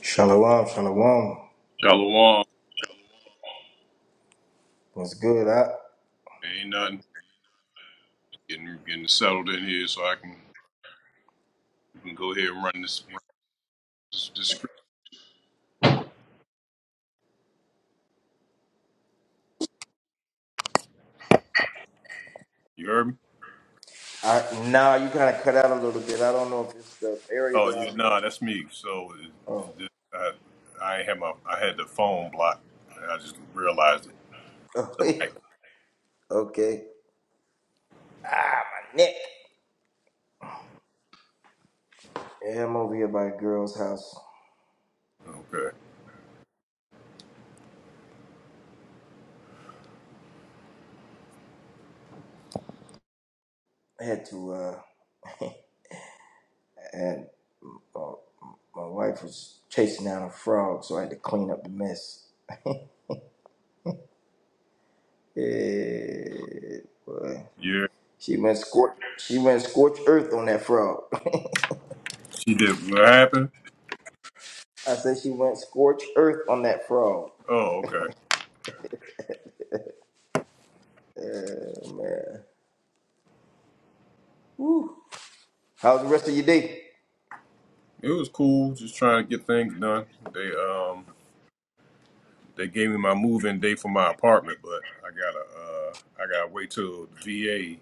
Shalom, shalom. Shalom. What's good? I, Ain't nothing getting getting settled in here, so I can, we can go ahead and run this run this, this script. You heard me? I now you kind of cut out a little bit. I don't know if it's the area Oh that yeah, I'm in. nah, that's me. So it, Oh, it, just- I I ain't had my I had the phone blocked. And I just realized it. The mic. okay. Ah, my neck. Yeah, I'm over here by a girl's house. Okay. I had to, uh, and my wife was chasing down a frog, so I had to clean up the mess. Yeah, boy. Yeah. She went scorch. She went scorch earth on that frog. She did. What happened? I said she went scorch earth on that frog. Oh, okay. Yeah, man. Woo. How's the rest of your day? It was cool. Just trying to get things done. They um they gave me my move-in date for my apartment, but I gotta uh I gotta wait till VA.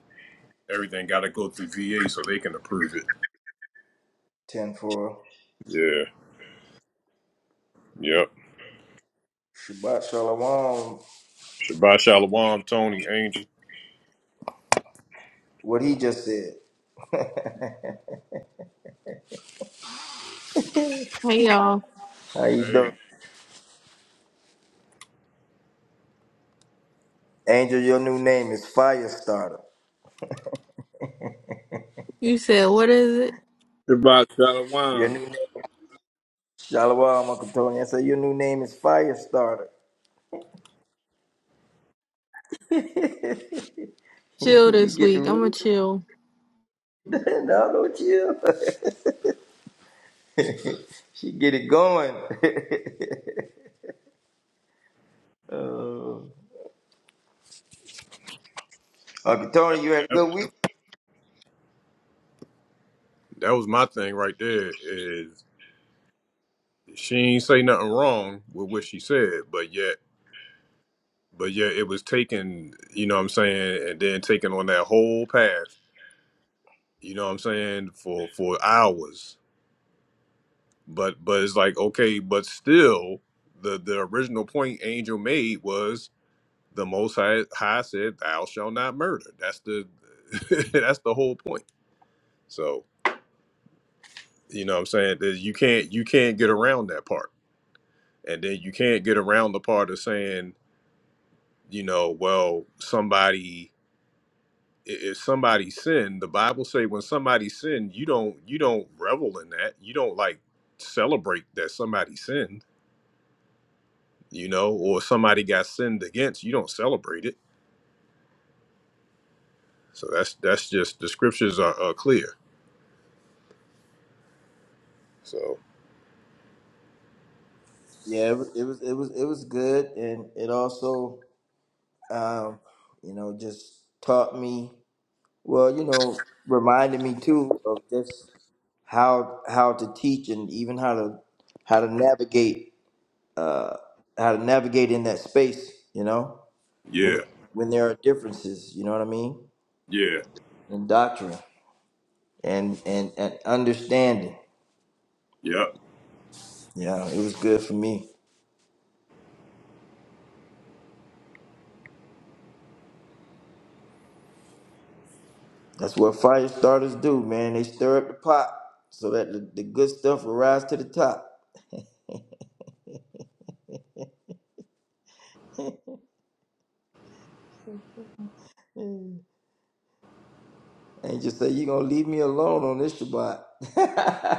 Everything gotta go through VA so they can approve it. Ten for Yeah. Yep. Shabbat Shalom. Shabbat Shalom, Tony, Angel. What he just said. Hey y'all, How you Hey, doing? Angel, your new name is Firestarter. you said what is it? Shabbat Your new Shalom, name is Shalom, Uncle Tony. I said your new name is Firestarter. Chill you this get the week. I'm gonna root? chill. no, not chill. she get it going. uh, Uncle Tony, you had a that, good week? that was my thing right there. Is she ain't say nothing wrong with what she said, but yet, but yet it was taken. You know what I'm saying, and then taken on that whole path. You know what I'm saying for for hours. But but it's like okay, but still, the the original point Angel made was the Most High, High said, "Thou shall not murder." That's the that's the whole point. So You know what I'm saying? That You can't you can't get around that part. And then you can't get around the part of saying, you know, well, somebody i- if somebody sinned, the Bible say when somebody sinned, you don't you don't revel in that. You don't like celebrate that somebody sinned, you know, or somebody got sinned against. You don't celebrate it. So that's that's just the scriptures are, are clear. So Yeah, it was it was it was, it was good and it also um, you know, just taught me Well, you know, reminded me too of just how how to teach and even how to how to navigate uh, how to navigate in that space. You know, when yeah, when there are differences, you know what I mean, yeah, in doctrine and and and understanding. yeah. Yeah, it was good for me. That's what fire starters do, man. They stir up the pot so that the, the good stuff will rise to the top. Mm. And just say, you're going to leave me alone on this Shabbat.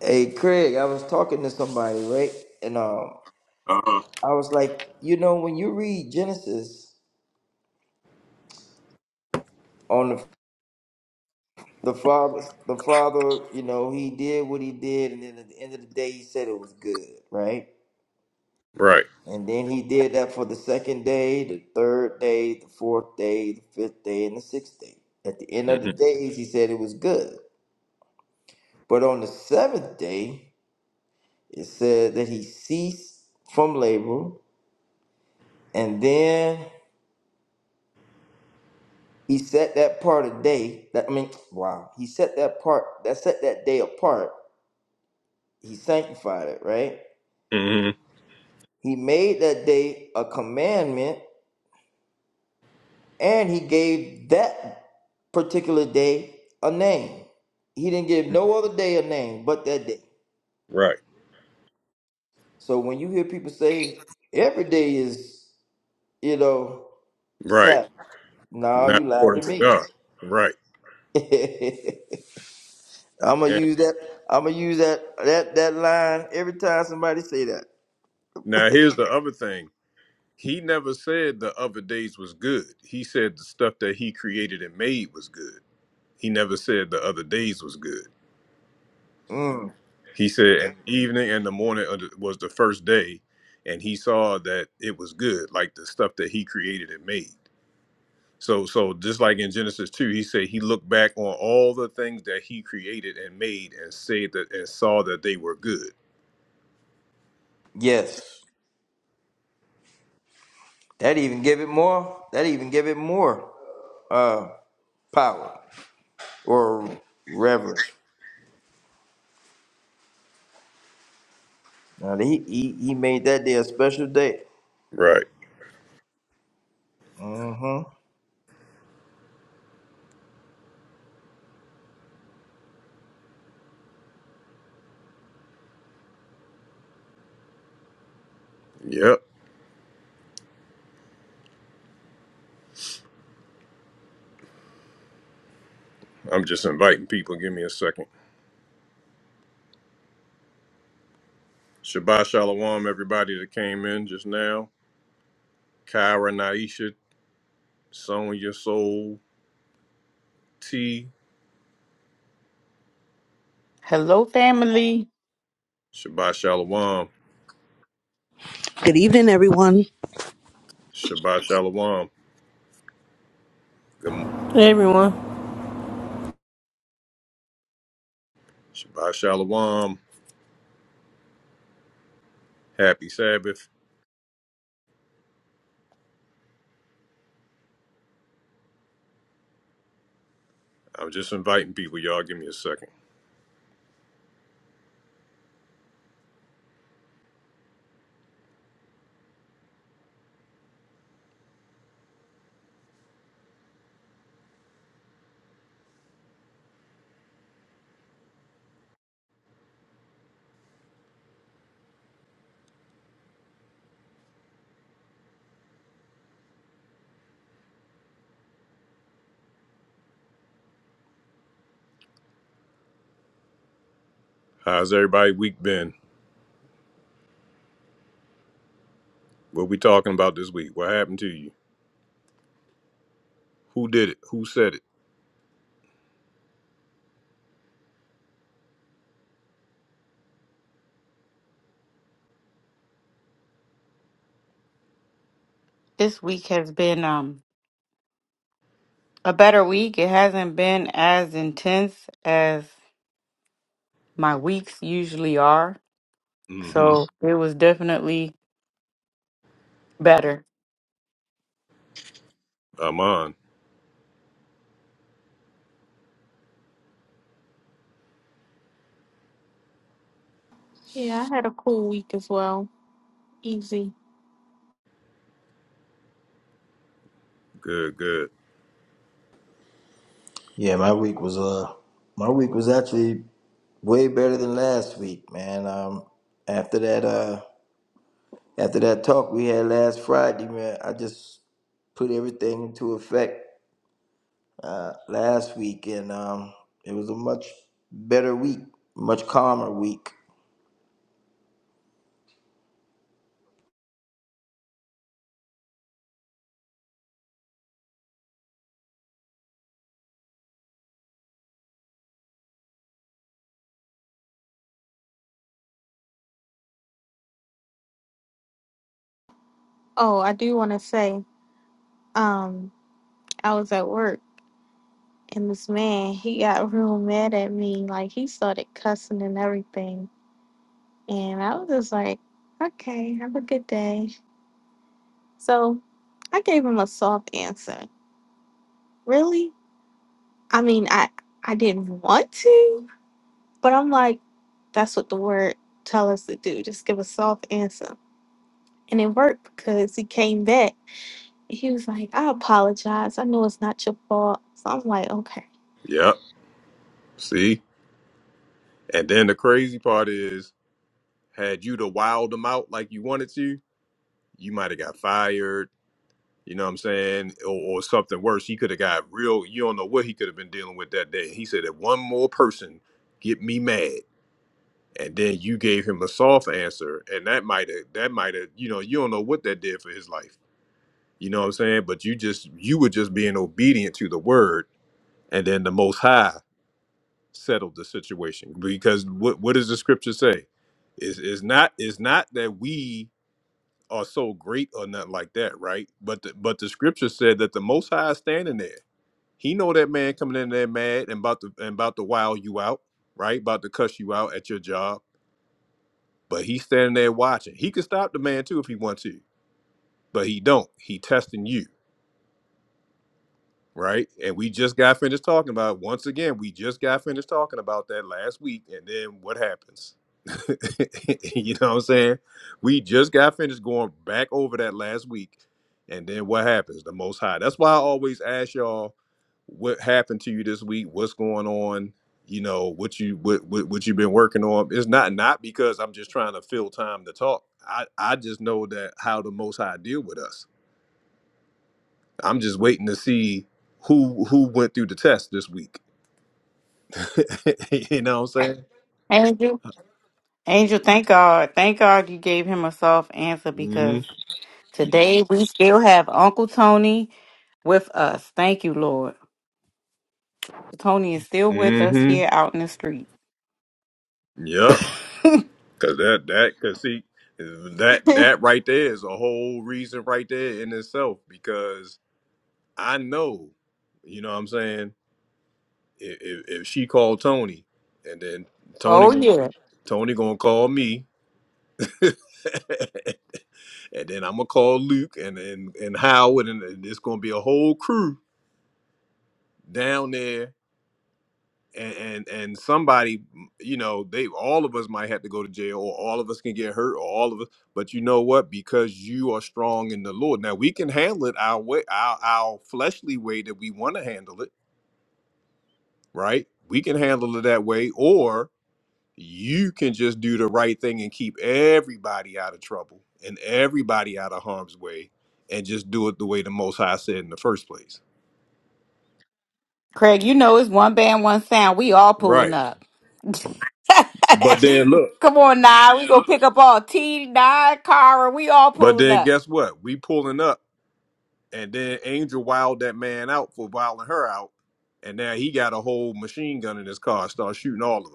Hey Craig, I was talking to somebody, right? And um, Uh huh. I was like, you know, when you read Genesis on the the father, the father, you know, he did what he did, and then at the end of the day, he said it was good, right? Right. And then he did that for the second day, the third day, the fourth day, the fifth day, and the sixth day. At the end of the hmm days, he said it was good. But on the seventh day, it said that he ceased from labor, and then He set that part of day. That I mean, wow. He set that part. That set that day apart. He sanctified it. Right. hmm He made that day a commandment, and he gave that particular day a name. He didn't give no other day a name but that day. Right. So when you hear people say every day is, you know, Right. Sabbath, no, Not you lied according to to me. God. Right. I'm gonna And use that. I'm gonna use that that that line every time somebody say that. now here's the other thing. He never said the other days was good. He said the stuff that he created and made was good. He never said the other days was good. Mm, He said and evening and the morning of the- was the first day, and he saw that it was good, like the stuff that he created and made. So, so just like in Genesis two, he said he looked back on all the things that he created and made, and said that and saw that they were good. yes. That even give it more. That even give it more uh, power or reverence. Now he, he he made that day a special day. Right. hmm Yep. I'm just inviting people. Give me a second. Shabbat Shalom, everybody that came in just now. Kyra, Naisha, Sonya, Soul, T. Hello, family. Shabbat Shalom. Good evening, everyone. Shabbat Shalom. Good m- Hey everyone. Shabbat Shalom. Happy Sabbath. I'm just inviting people. Y'all give me a second. How's everybody week been? What we talking about this week? What happened to you? Who did it? Who said it? This week has been um a better week. It hasn't been as intense as my weeks usually are. Mm-hmm. So it was definitely better. I'm on. Yeah, I had a cool week as well. Easy. Good, good. Yeah, my week was uh my week was actually way better than last week, man. Um, after that uh after that talk we had last Friday, man, I just put everything into effect uh, last week, and um, it was a much better week, much calmer week. Oh, I do want to say, um, I was at work and this man he got real mad at me. Like he started cussing and everything, and I was just like, okay, have a good day. So I gave him a soft answer. Really? I mean, I I didn't want to, but I'm like, that's what the word tell us to do. Just give a soft answer. And it worked because he came back. He was like, I apologize. I know it's not your fault. So I'm like, okay. Yep. See? And then the crazy part is Had you to wild them out like you wanted to, you might have got fired. You know what I'm saying? Or, or something worse. He could have got real. You don't know what he could have been dealing with that day. He said, if one more person get me mad, and then you gave him a soft answer, and that might have, that might have, you know, you don't know what that did for his life. You know what I'm saying? But you just, you were just being obedient to the word, and then the Most High settled the situation because what what does the scripture say? Is is not is not that we are so great or nothing like that, right? But the, but the scripture said that the Most High is standing there. He know that man coming in there mad and about to and about to wow you out, right? About to cuss you out at your job, but he's standing there watching. He can stop the man too if he wants to, but he don't. He testing you. right? And we just got finished talking about once again, we just got finished talking about that last week, and then what happens? you know what I'm saying? We just got finished going back over that last week, and then what happens? The most high. That's why I always ask y'all what happened to you this week, what's going on, you know, what you what what, what you've been working on. It's not not because I'm just trying to fill time to talk. I, I just know that how the most high deal with us I'm just waiting to see who who went through the test this week. you know what I'm saying? Angel. Angel, thank God. Thank God you gave him a soft answer because Mm-hmm. today we still have Uncle Tony with us. Thank you, Lord. Tony is still with us here Mm-hmm. out in the street. Yep. Cause that that cause see that that right there is a whole reason right there in itself because I know, you know what I'm saying, if, if, if she called Tony and then Tony oh gonna, yeah. Tony gonna call me and then I'm gonna call Luke and and, and Howard and it's gonna be a whole crew down there and and, and somebody you know they all of us might have to go to jail or all of us can get hurt or all of us but you know what because you are strong in the lord now we can handle it our way our, our fleshly way that we want to handle it right we can handle it that way or you can just do the right thing and keep everybody out of trouble and everybody out of harm's way and just do it the way the most high said in the first place Craig, you know it's one band, one sound. We all pulling right up. but then look Come on now, we gonna pick up all T nine Cara. We all but pulling then up. guess what we pulling up and then Angel wowed that man out for wilding her out, and now he got a whole machine gun in his car, and start shooting all of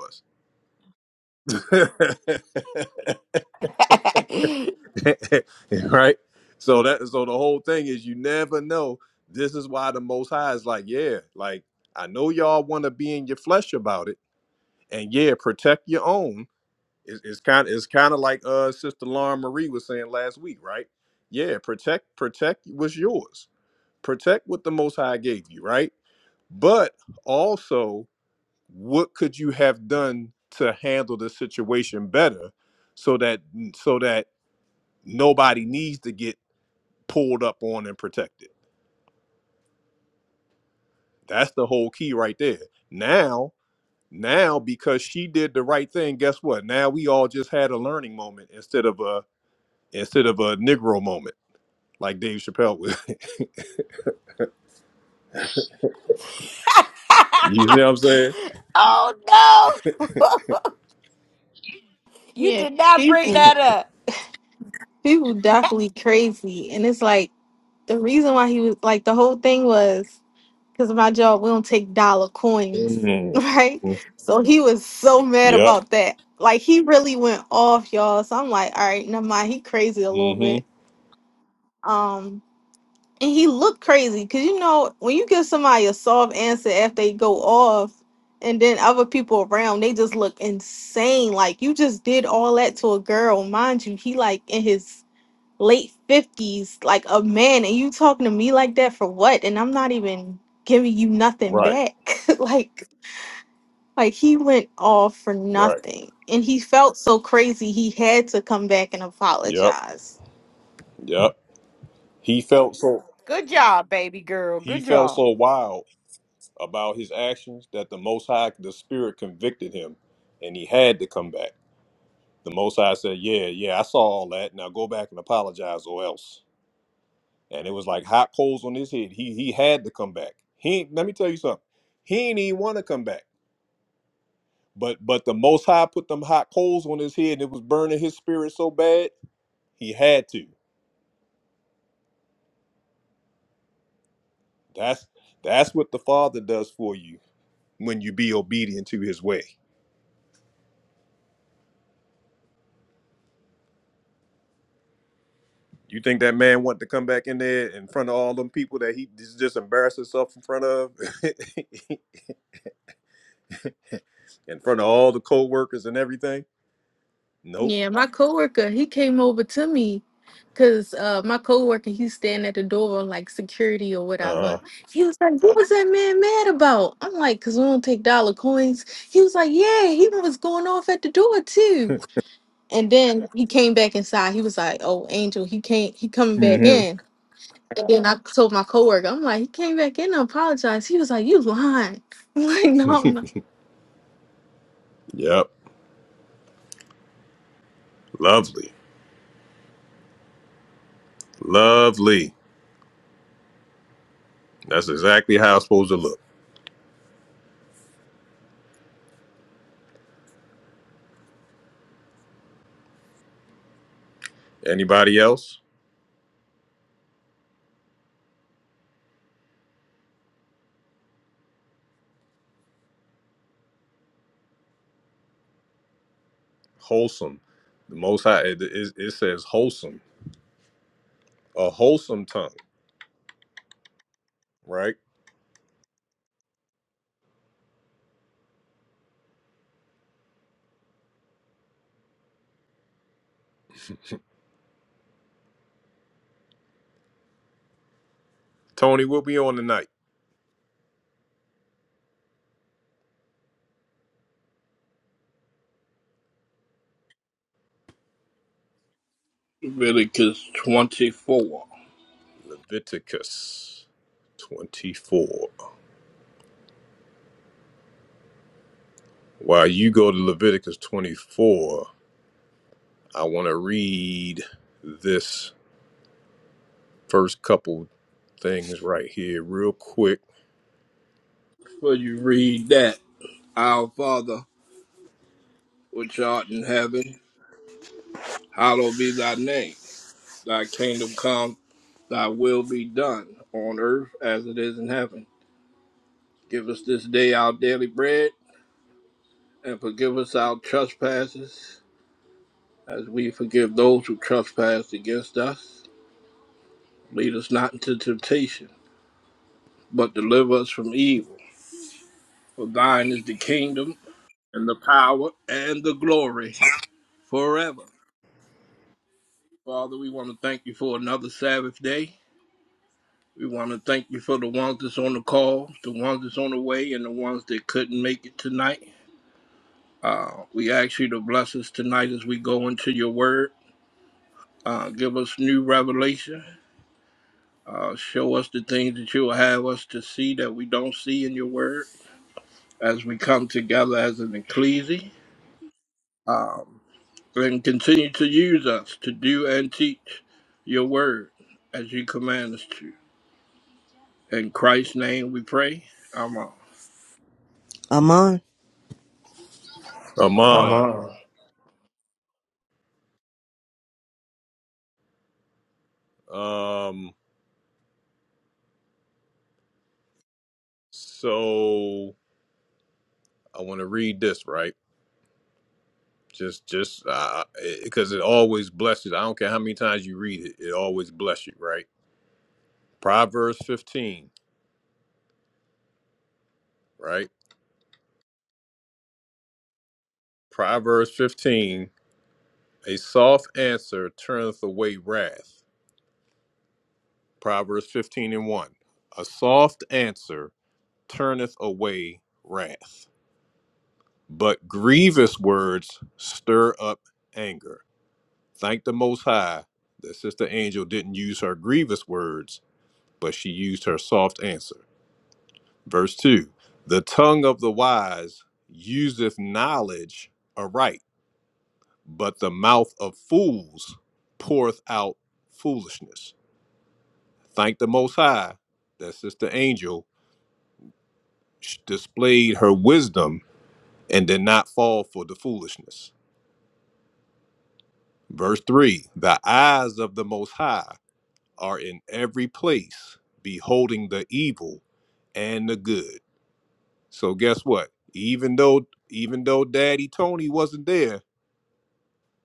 us, right? So that so the whole thing is you never know. This is why the Most High is like, yeah, like I know y'all want to be in your flesh about it, and yeah, protect your own. It's, it's kind of it's kind of like uh Sister Lauren Marie was saying last week, right? Yeah, protect protect what's yours. Protect what the Most High gave you, right? but also what could you have done to handle the situation better so that so that nobody needs to get pulled up on and protected that's the whole key right there now now because she did the right thing guess what now we all just had a learning moment instead of a instead of a negro moment like dave chappelle was you see what i'm saying oh no, you yeah, did not bring people, that up. people definitely crazy. And it's like, the reason why he was like, the whole thing was because of my job, we don't take dollar coins, right? mm-hmm. So he was so mad yep about that. Like, he really went off, y'all. So I'm like, all right, never mind. He crazy a little bit. mm-hmm. Um. And he looked crazy because you know when you give somebody a soft answer after they go off, and then other people around they just look insane. Like you just did all that to a girl, mind you. He like in his late fifties, like a man, and you talking to me like that for what? And I'm not even giving you nothing right back. like like he went off for right nothing, and he felt so crazy he had to come back and yep apologize. yep he felt so Good job, baby girl. He Good felt job. so wild about his actions that the Most High, the Spirit convicted him and he had to come back. The Most High said, Yeah, yeah, I saw all that. Now go back and apologize or else. And it was like hot coals on his head. He he had to come back. He ain't- let me tell you something. He ain't even want to come back. But but the most high put them hot coals on his head and it was burning his spirit so bad, he had to. That's that's what the Father does for you when you be obedient to his ways. You think that man wanted to come back in there in front of all them people that he just just embarrassed himself in front of, in front of all the co-workers and everything? Nope. Yeah, my coworker, he came over to me because uh my coworker he's standing at the door like security or Uh. whatever. He was like, What was that man mad about? I'm like, cause we don't take dollar coins. He was like, Yeah, he was going off at the door too. And then he came back inside. He was like, Oh, Angel, he can't he coming back hmm in. And then I told my coworker, I'm like, he came back in and apologized. He was like, You lying. I'm like, no, I'm not. Yep. Lovely. Lovely. That's exactly how it's supposed to look. Anybody else? Wholesome. The Most High. It, it, it says wholesome. A wholesome tongue. Right. Tony, we'll be on tonight. Leviticus 24. Leviticus 24. While you go to Leviticus 24. I want to read this first couple things right here real quick. Before you read that, Our Father, which art in heaven, hallowed be thy name. Thy kingdom come, thy will be done, on earth as it is in heaven. Give us this day our daily bread, and forgive us our trespasses, as we forgive those who trespass against us. Lead us not into temptation, but deliver us from evil. For thine is the kingdom, and the power, and the glory forever. Father, we want to thank you for another Sabbath day. We want to thank you for the ones that's on the call, the ones that's on the way, and the ones that couldn't make it tonight. Uh, we ask you to bless us tonight as we go into your word. Uh, give us new revelation. Uh, show us the things that you will have us to see that we don't see in your word as we come together as an ecclesia. Um, and continue to use us to do and teach your word as you command us to. In Christ's name we pray. Amen. I'm on. I'm on. I'm Amon, on um, so I want to read this right. Just, just uh, because it always blesses. I don't care how many times you read it, it always bless you, right? Proverbs fifteen, right? Proverbs fifteen. A soft answer turneth away wrath. Proverbs fifteen and one. A soft answer turneth away wrath But grievous words stir up anger. Thank the Most High that Sister Angel didn't use her grievous words, but she used her soft answer. Verse 2 The tongue of the wise useth knowledge aright, but the mouth of fools poureth out foolishness. Thank the Most High that Sister Angel sh- displayed her wisdom and did not fall for the foolishness. Verse 3 The eyes of the Most High are in every place, beholding the evil and the good. So, guess what? Even though even though Daddy Tony wasn't there,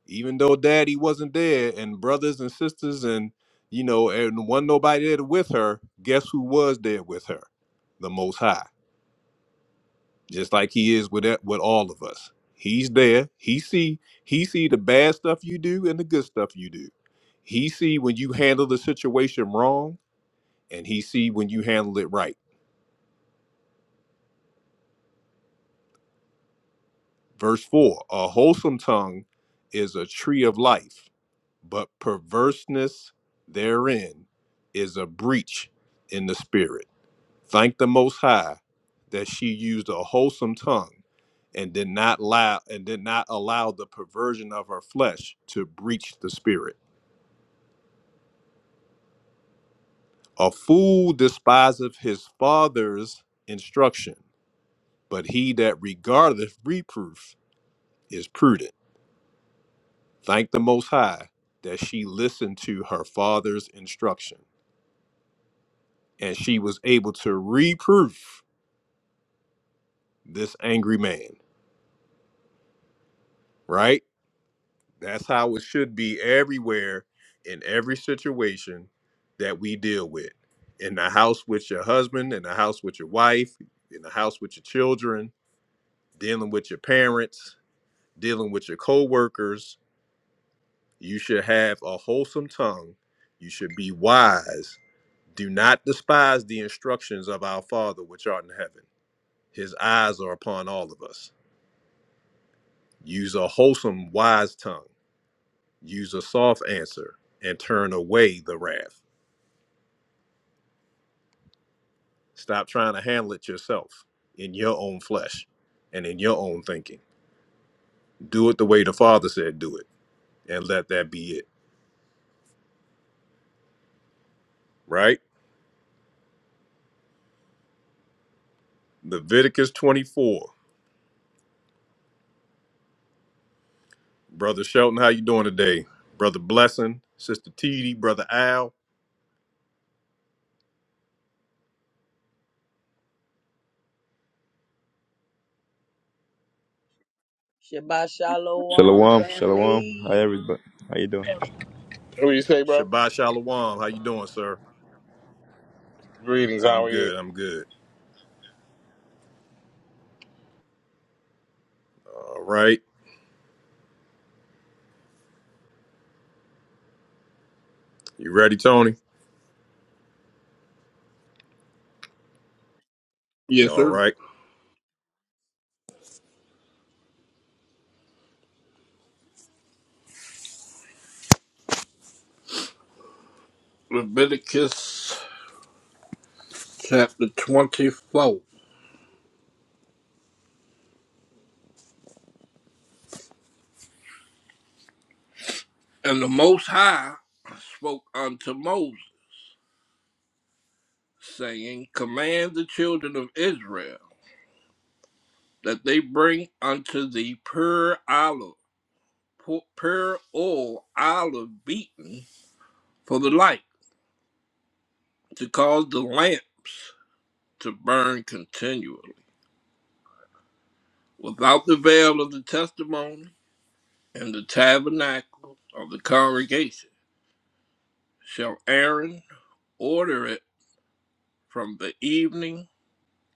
even though Daddy wasn't there, and brothers and sisters, and you know, and wasn't nobody there with her, guess who was there with her? The Most High. just like he is with that, with all of us. He's there. He see he see the bad stuff you do and the good stuff you do. He see when you handle the situation wrong and he see when you handle it right. Verse 4, a wholesome tongue is a tree of life, but perverseness therein is a breach in the spirit. Thank the Most High that she used a wholesome tongue and did not allow and did not allow the perversion of her flesh to breach the spirit. A fool despiseth his father's instruction, but he that regardeth reproof is prudent. Thank the Most High that she listened to her father's instruction and she was able to reproof this angry man, right? That's how it should be everywhere in every situation that we deal with. In the house with your husband, in the house with your wife, in the house with your children, dealing with your parents, dealing with your coworkers, you should have a wholesome tongue. You should be wise. Do not despise the instructions of our Father which art in heaven. His eyes are upon all of us. Use a wholesome, wise tongue. Use a soft answer and turn away the wrath. Stop trying to handle it yourself in your own flesh and in your own thinking. Do it the way the Father said do it, and let that be it. Right? Leviticus 24. Brother Shelton, how you doing today? Brother Blessing, Sister T.D., Brother Al, Shabbat shalom, Shalom, shalom. Hi family. everybody. How you doing? What do you say, bro? Shabbat Shalom. How you doing, Shalom. sir? Greetings. I'm How are you? good. I'm good. All right. You ready, Tony? Yes, All sir. right. Leviticus chapter 24. And the Most High spoke unto Moses, saying, Command the children of Israel that they bring unto thee pure olive, pu- pure oil, olive beaten for the light, to cause the lamps to burn continually, without the veil of the testimony and the tabernacle of the congregation shall Aaron order it from the evening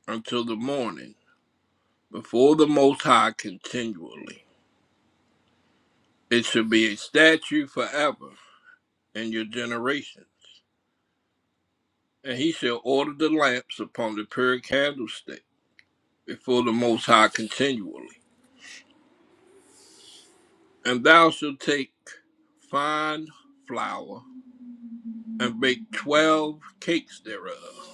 until the morning before the Most High continually. It shall be a statue forever in your generations. And he shall order the lamps upon the pure candlestick before the Most High continually. And thou shalt take fine flour and bake twelve cakes thereof.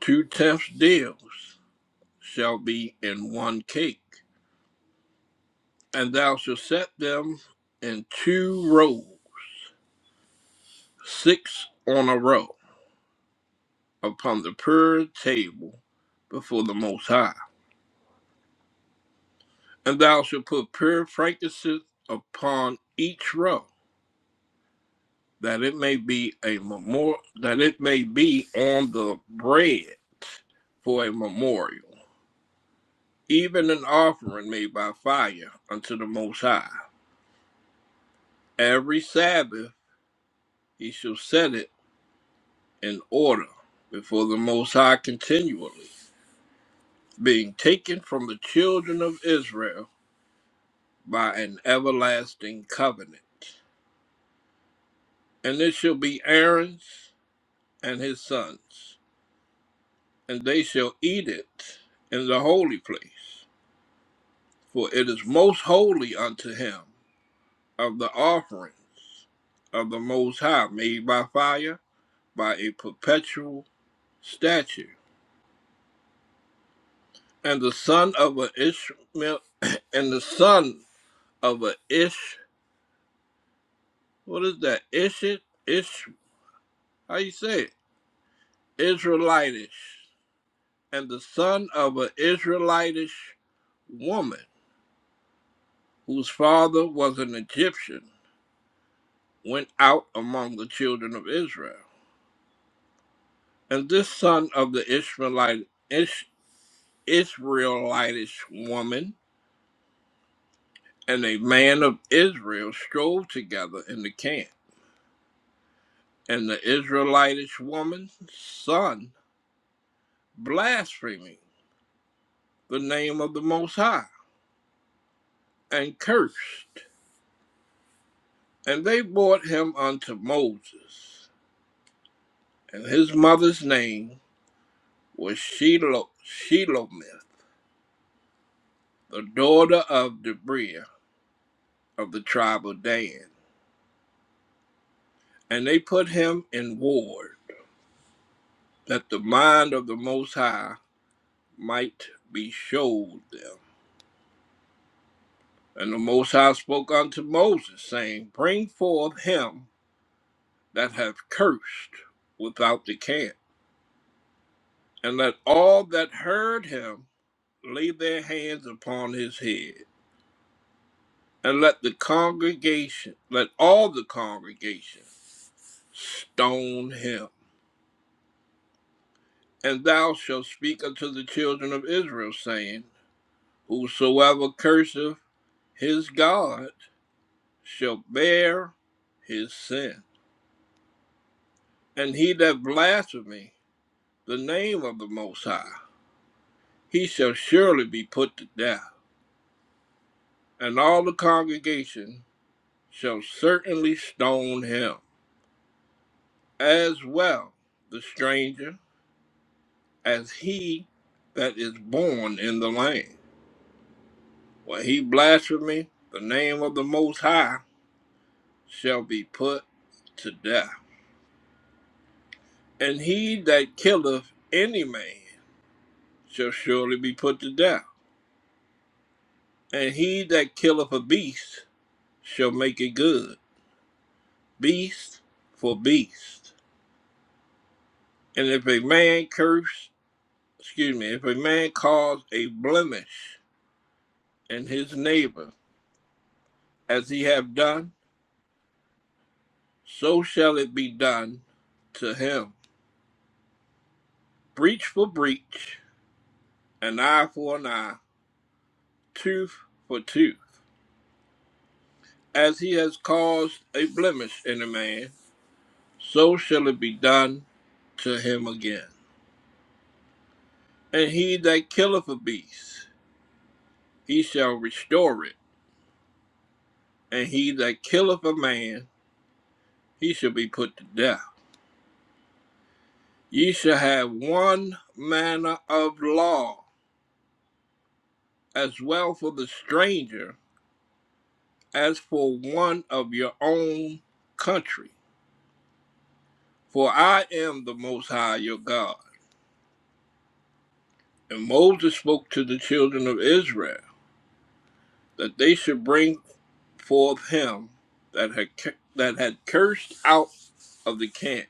Two tenths deals shall be in one cake and thou shalt set them in two rows, six on a row, upon the pure table before the Most High. And thou shalt put pure frankincense upon each row, that it may be a memorial, that it may be on the bread for a memorial, even an offering made by fire unto the Most High. Every Sabbath he shall set it in order before the Most High continually. being taken from the children of Israel by an everlasting covenant. And it shall be Aaron's and his sons, and they shall eat it in the holy place, for it is most holy unto him of the offerings of the Most High made by fire, by a perpetual statute. And the son of a Ishmael, and the son of a Ish, what is that? Ishit? Ish, how you say it? Israelitish, and the son of an Israelitish woman, whose father was an Egyptian, went out among the children of Israel. And this son of the Ishmaelite, Ish, Israelitish woman and a man of Israel strove together in the camp. And the Israelitish woman's son blaspheming the name of the Most High and cursed. And they brought him unto Moses. and his mother's name was Shelo- Shelomith, the daughter of Deborah of the tribe of Dan. And they put him in ward, that the mind of the Most High might be showed them. And the Most High spoke unto Moses, saying, Bring forth him that hath cursed without the camp, and let all that heard him lay their hands upon his head. and let the congregation, let all the congregation stone him. And thou shalt speak unto the children of Israel, saying, Whosoever curseth his God shall bear his sin. And he that blasphemy the name of the Most High, he shall surely be put to death. And all the congregation shall certainly stone him. As well, the stranger as he that is born in the land. When he blasphemeth the name of the Most High shall be put to death. And he that killeth any man shall surely be put to death. And he that killeth a beast shall make it good, beast for beast. And if a man curse, excuse me, if a man cause a blemish in his neighbor, as he have done, so shall it be done to him breach for breach, an eye for an eye, tooth for tooth. As he has caused a blemish in a man, so shall it be done to him again. And he that killeth a beast, he shall restore it. And he that killeth a man, he shall be put to death. Ye shall have one manner of law, as well for the stranger as for one of your own country. For I am the Most High your God And Moses spoke to the children of Israel that they should bring forth him that had that had cursed out of the camp,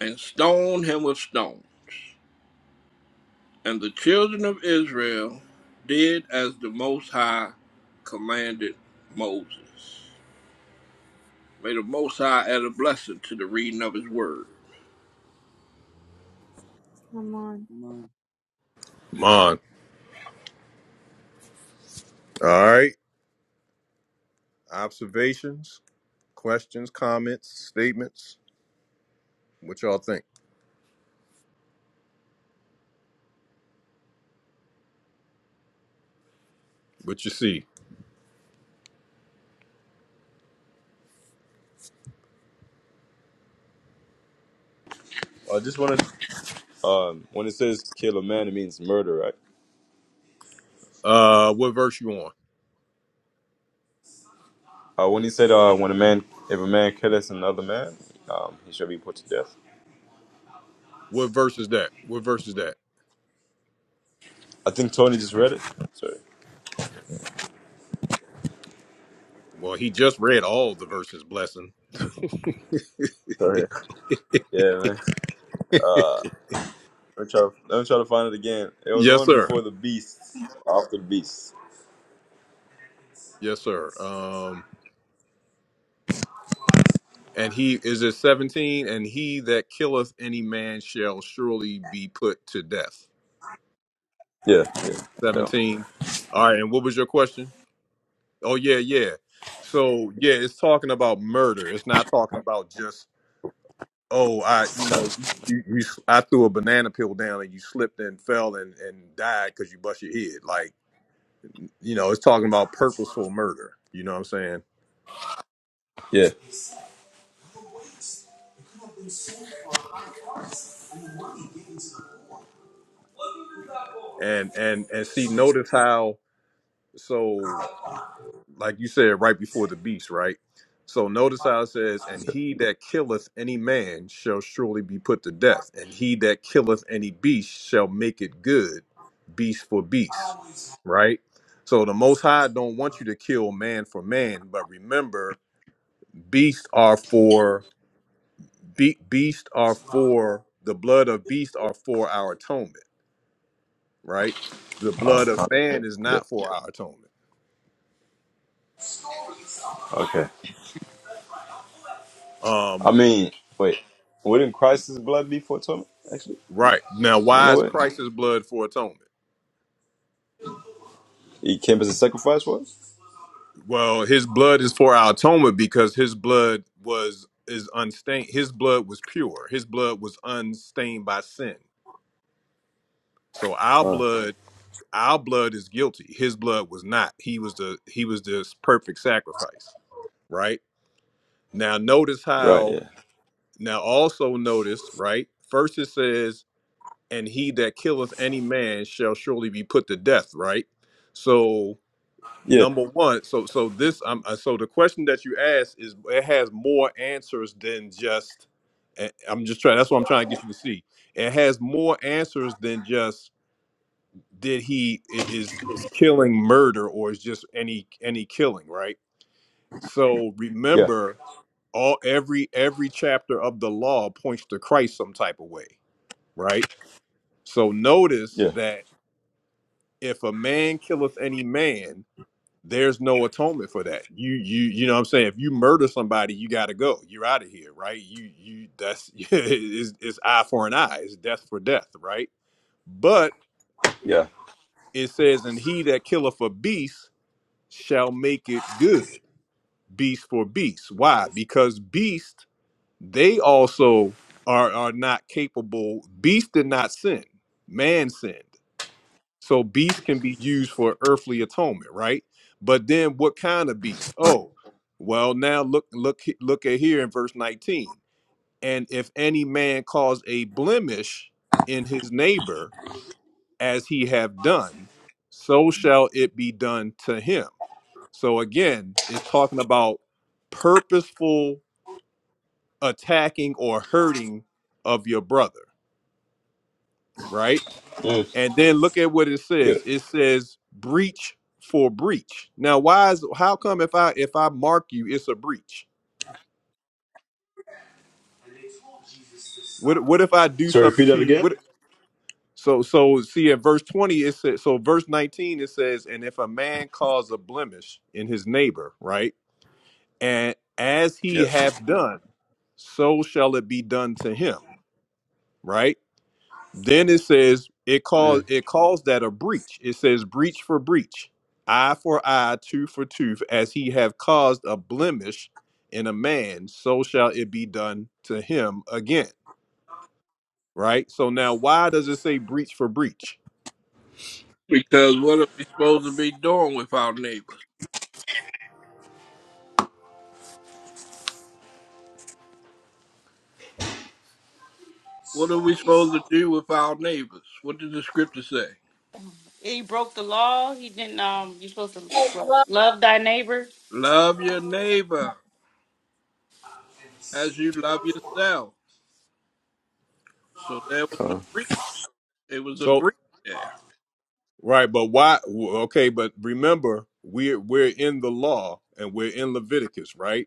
and stone him with stone. And the children of Israel did as the Most High commanded Moses. May the Most High add a blessing to the reading of His Word. Come on. Mm, Mon. All right. Observations, questions, comments, statements. What y'all think? What you see? I just wanted um when it says kill a man it means murder, right? Uh, what verse you on? Uh when he said uh when a man if a man kills another man, um he shall be put to death. What verse is that? What verse is that? I think Tony just read it. Sorry. Well, he just read all the verses, blessing. Sorry. Yeah, man. Let me try let me try to find it again. It was the yes, one sir. before the beast. After the beast. Yes, sir. Um, and he is it 17, and he that killeth any man shall surely be put to death. Yeah, yeah. No. 17. All right, and what was your question? Oh, yeah, yeah. So yeah, it's talking about murder. It's not talking about just oh, I, you know, you, you, I threw a banana peel down and you slipped and fell and, and died because you bust your head. Like, you know, it's talking about purposeful murder. You know what I'm saying? Yeah. And and and see, notice how so. like you said right before the beast, right? So notice how it says, "And he that killeth any man shall surely be put to death, and he that killeth any beast shall make it good, beast for beast." Right? So the Most High don't want you to kill man for man, but remember, beasts are for be, beasts are for the blood of beasts are for our atonement, right? The Oh blood con- of man is yeah. not for our atonement. Okay. I Um, mean, wait. Wouldn't Christ's blood be for atonement, actually? right now, You why know is what? Christ's blood for atonement? He came as a sacrifice for us? Well, his blood is for our atonement because his blood was is unstained. His blood was pure. His blood was unstained by sin. So our Ah, blood, our blood is guilty. His blood was not. He was the he was this perfect sacrifice, right? Now notice right, how yeah. now also notice, right? First it says, and he that killeth any man shall surely be put to death, right? So Yeah, number one so so this um, uh, so the question that you asked is it has more answers than just eh, i'm just trying that's what i'm trying to get you to see it has more answers than just did he i- is is killing murder or is just any any killing right so yeah, remember all every every chapter of the law points to christ some type of way right so notice yeah, that if a man killeth any man there's no atonement for that you you you know what i'm saying if you murder somebody you got to go you're out of here right you you that's it's, it's eye for an eye it's death for death right but yeah. it says and he that killeth a beast shall make it good beast for beast why because beast they also are are not capable beast did not sin man sinned So beasts can be used for earthly atonement, right? But then what kind of beast? Oh, well now look look look at here in verse 19. And if any man cause a blemish in his neighbor as he have done, so shall it be done to him. So again, it's talking about purposeful attacking or hurting of your brother, right? Mm, And then look at what it yeah. says. It says breach for breach. Now, why is how come if I if I mark you, it's a breach? What what if I do So repeat something to that you? again? What so so see at verse 20 it says so verse 19 it says, and if a man cause a blemish in his neighbor, right? And as he Yeah. hath done, so shall it be done to him, right? Then it says it calls Mm. it calls that a breach. It says breach for breach, eye for eye, tooth for tooth, as he have caused a blemish in a man, so shall it be done to him again. Right? So now why does it say breach for breach? Because what are we supposed to be doing with our neighbors? What are we supposed to do with our neighbors? What does the Scripture say? He broke the law. He didn't. Um, you're supposed to I love love thy neighbor. Love your neighbor as you love yourself. So there was a Karma. breach. It was a So breach there. right, but why w- okay, but remember we're we're in the law and we're in Leviticus, right?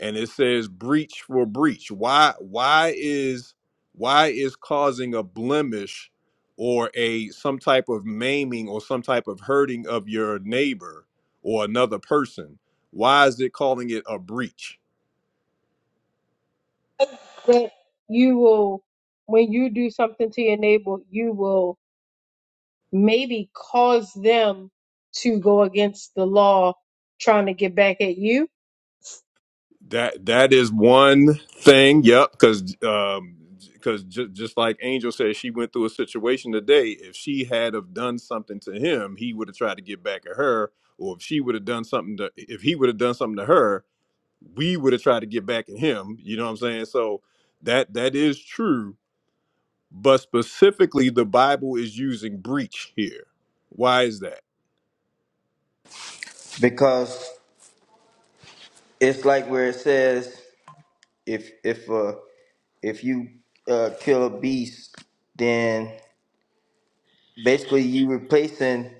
and it says breach for breach why why is why is causing a blemish or a some type of maiming or some type of hurting of your neighbor or another person why is it calling it a breach that you will, when you do something to your neighbor, you will maybe cause them to go against the law trying to get back at you. that that is one thing yep because um because j- just like angel said she went through a situation today if she had have done something to him he would have tried to get back at her or if she would have done something to if he would have done something to her we would have tried to get back at him. You know what I'm saying? So that that is true, but specifically the Bible is using breach here. Why is that? because it's like where it says if if uh if you uh kill a beast, then basically you replacing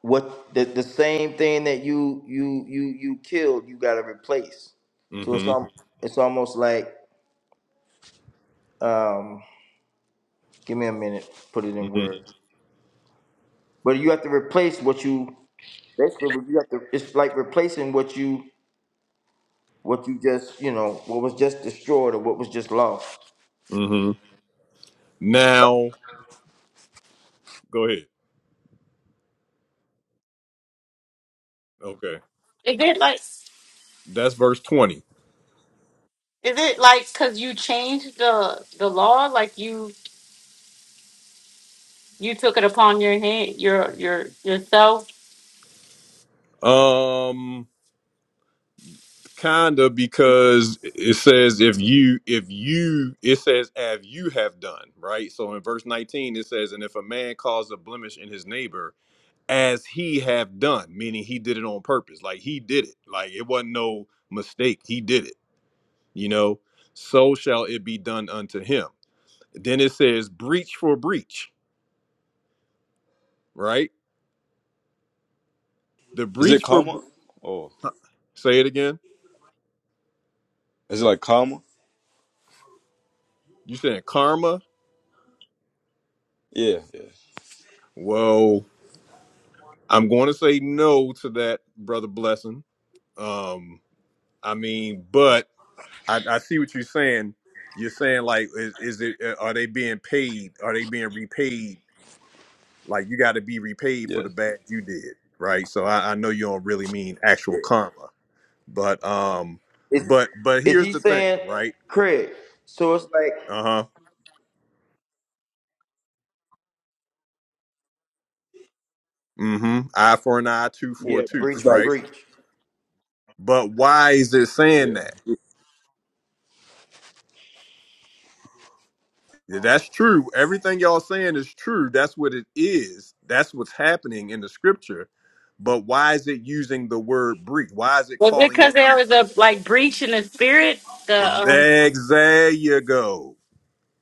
what the the same thing that you you you you killed, you got to replace. So it's hmm al- it's almost like um give me a minute, put it in hmm words. But you have to replace what you basically you have to it's like replacing what you what you just, you know, what was just destroyed or what was just lost. hmm Now go ahead. Okay. Is it like? That's verse 20. Is it like because you changed the the law? Like you you took it upon your hand your your yourself Um kinda because it says if you if you it says as you have done, right? So in verse 19 it says, and if a man calls a blemish in his neighbor as he have done, meaning he did it on purpose. Like he did it. Like it wasn't no mistake. He did it. You know, so shall it be done unto him. Then it says breach for breach, right? The Is it breach for karma? br- Oh, huh, say it again. is it like karma? You saying karma? Yeah, yeah, Well, I'm going to say no to that, brother. Blessing. Um, I mean, but I, I see what you're saying. You're saying like, is, is it? uh, Are they being paid? Are they being repaid Like you got to be repaid yeah. for the bad you did, right? So I, I know you don't really mean yeah. actual karma, but um, Is but but is here's he the thing, saying right? Craig? So it's like Uh huh. Mm-hmm. Eye for an eye, tooth yeah. for a yeah, tooth, breach It's for like, right? breach. But why is it saying yeah. that? Yeah, That's true. Everything y'all saying is true. That's what it is. That's what's happening in the scripture. But why is it using the word breach? Why is it Was it calling because it? A, there was a like breach in the spirit? it The um, there you go.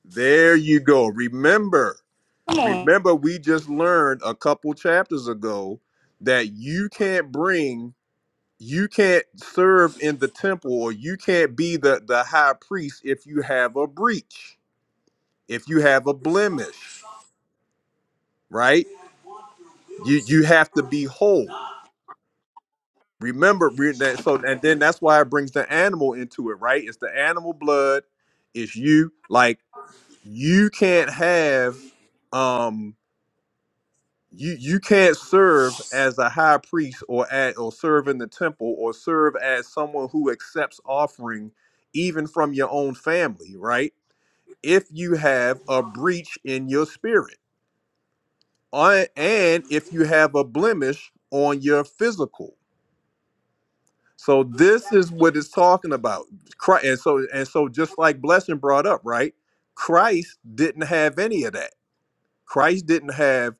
There you go. Remember, come on. Remember, we just learned a couple chapters ago that you can't bring, you can't serve in the temple, or you can't be the, the high priest if you have a breach, if you have a blemish, right? You you have to be whole. Remember re- that. So and then that's why it brings the animal into it, right? It's the animal blood. It's you. Like you can't have. um you you can't serve as a high priest or at or serve in the temple or serve as someone who accepts offering even from your own family right if you have a breach in your spirit on- and if you have a blemish on your physical so this is what it's talking about Christ, and so and so just like blessing brought up right christ didn't have any of that christ didn't have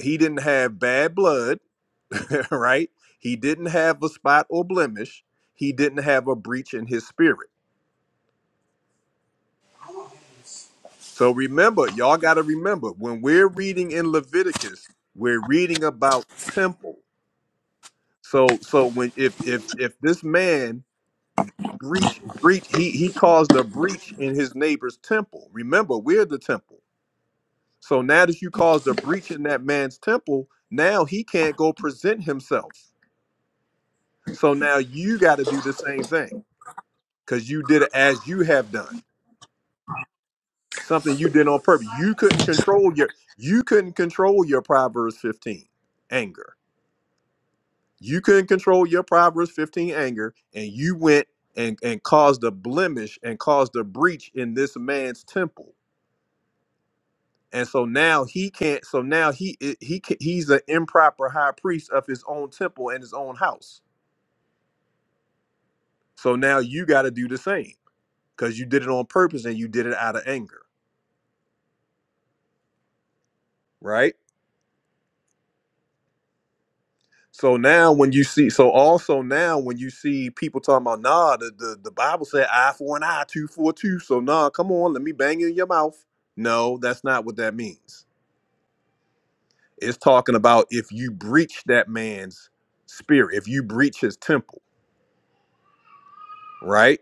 he didn't have bad blood right? He didn't have a spot or blemish. He didn't have a breach in his spirit. So remember, y'all got to remember when we're reading in Leviticus, we're reading about temple. So so when if if if this man breach breach he he caused a breach in his neighbor's temple. Remember, we're the temple. So now that you caused a breach in that man's temple, now he can't go present himself. So now you got to do the same thing because you did it as you have done. Something you did on purpose. You couldn't control your you couldn't control your Proverbs 15 anger. You couldn't control your Proverbs 15 anger, and you went and, and caused a blemish and caused a breach in this man's temple. And so now he can't. So now he he he ca- he's an improper high priest of his own temple and his own house. So now you got to do the same because you did it on purpose and you did it out of anger, right? So now when you see, so also now when you see people talking about, nah, the, the, the Bible said eye for an eye, two for a two. So nah, come on, let me bang you in your mouth. No, that's not what that means. It's talking about if you breach that man's spirit, if you breach his temple, right?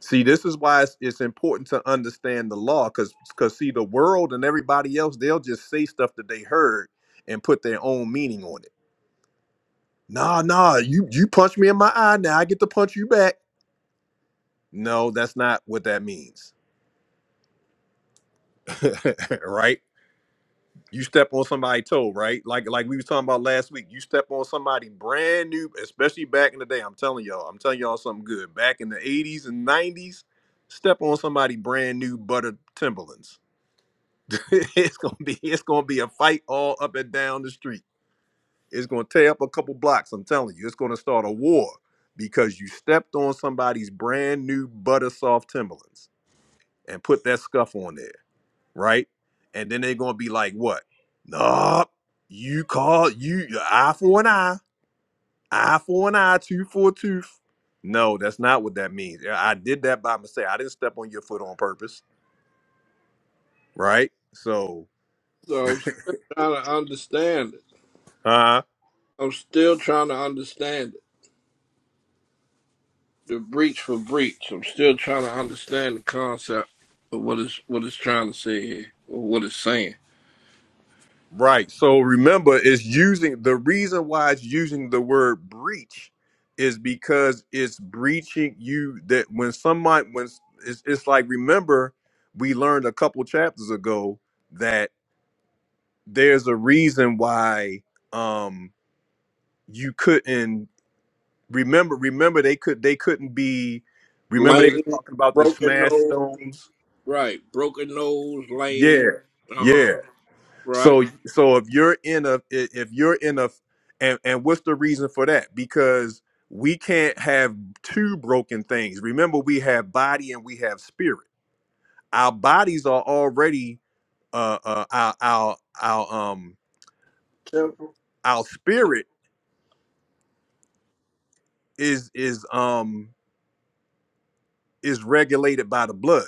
See, this is why it's, it's important to understand the law, because because see, the world and everybody else, they'll just say stuff that they heard and put their own meaning on it. Nah, nah, you you punch me in my eye, now I get to punch you back No, that's not what that means. right? You step on somebody's toe, right? Like like we was talking about last week. You step on somebody brand new, especially back in the day. I'm telling y'all, I'm telling y'all something good. Back in the 80s and 90s, step on somebody brand new butter Timberlands. it's gonna be it's gonna be a fight all up and down the street. It's gonna tear up a couple blocks. I'm telling you, it's gonna start a war because you stepped on somebody's brand new butter soft Timberlands and put that scuff on there. right? And then they're gonna be like, what? Nah, you call you eye for an eye, eye for an eye, tooth for a tooth. No, that's not what that means. Yeah, I did that by mistake. I didn't step on your foot on purpose, right? So, So I'm still trying to understand it. huh? I'm still trying to understand it. The breach for breach. I'm still trying to understand the concept of what it's what it's trying to say here, or what it's saying. Right. So remember, it's using the reason why it's using the word breach is because it's breaching you that when somebody when it's, it's like remember we learned a couple chapters ago that. there's a reason why um you couldn't remember remember they could they couldn't be remember they Lane, was talking about the broken smash nose, stones right? Broken nose, yeah lane. Uh huh. yeah Right. so so if you're in a i- if you're in a and and what's the reason for that because we can't have two broken things remember we have body and we have spirit our bodies are already uh, uh our our our um Temple. our spirit is is um is regulated by the blood,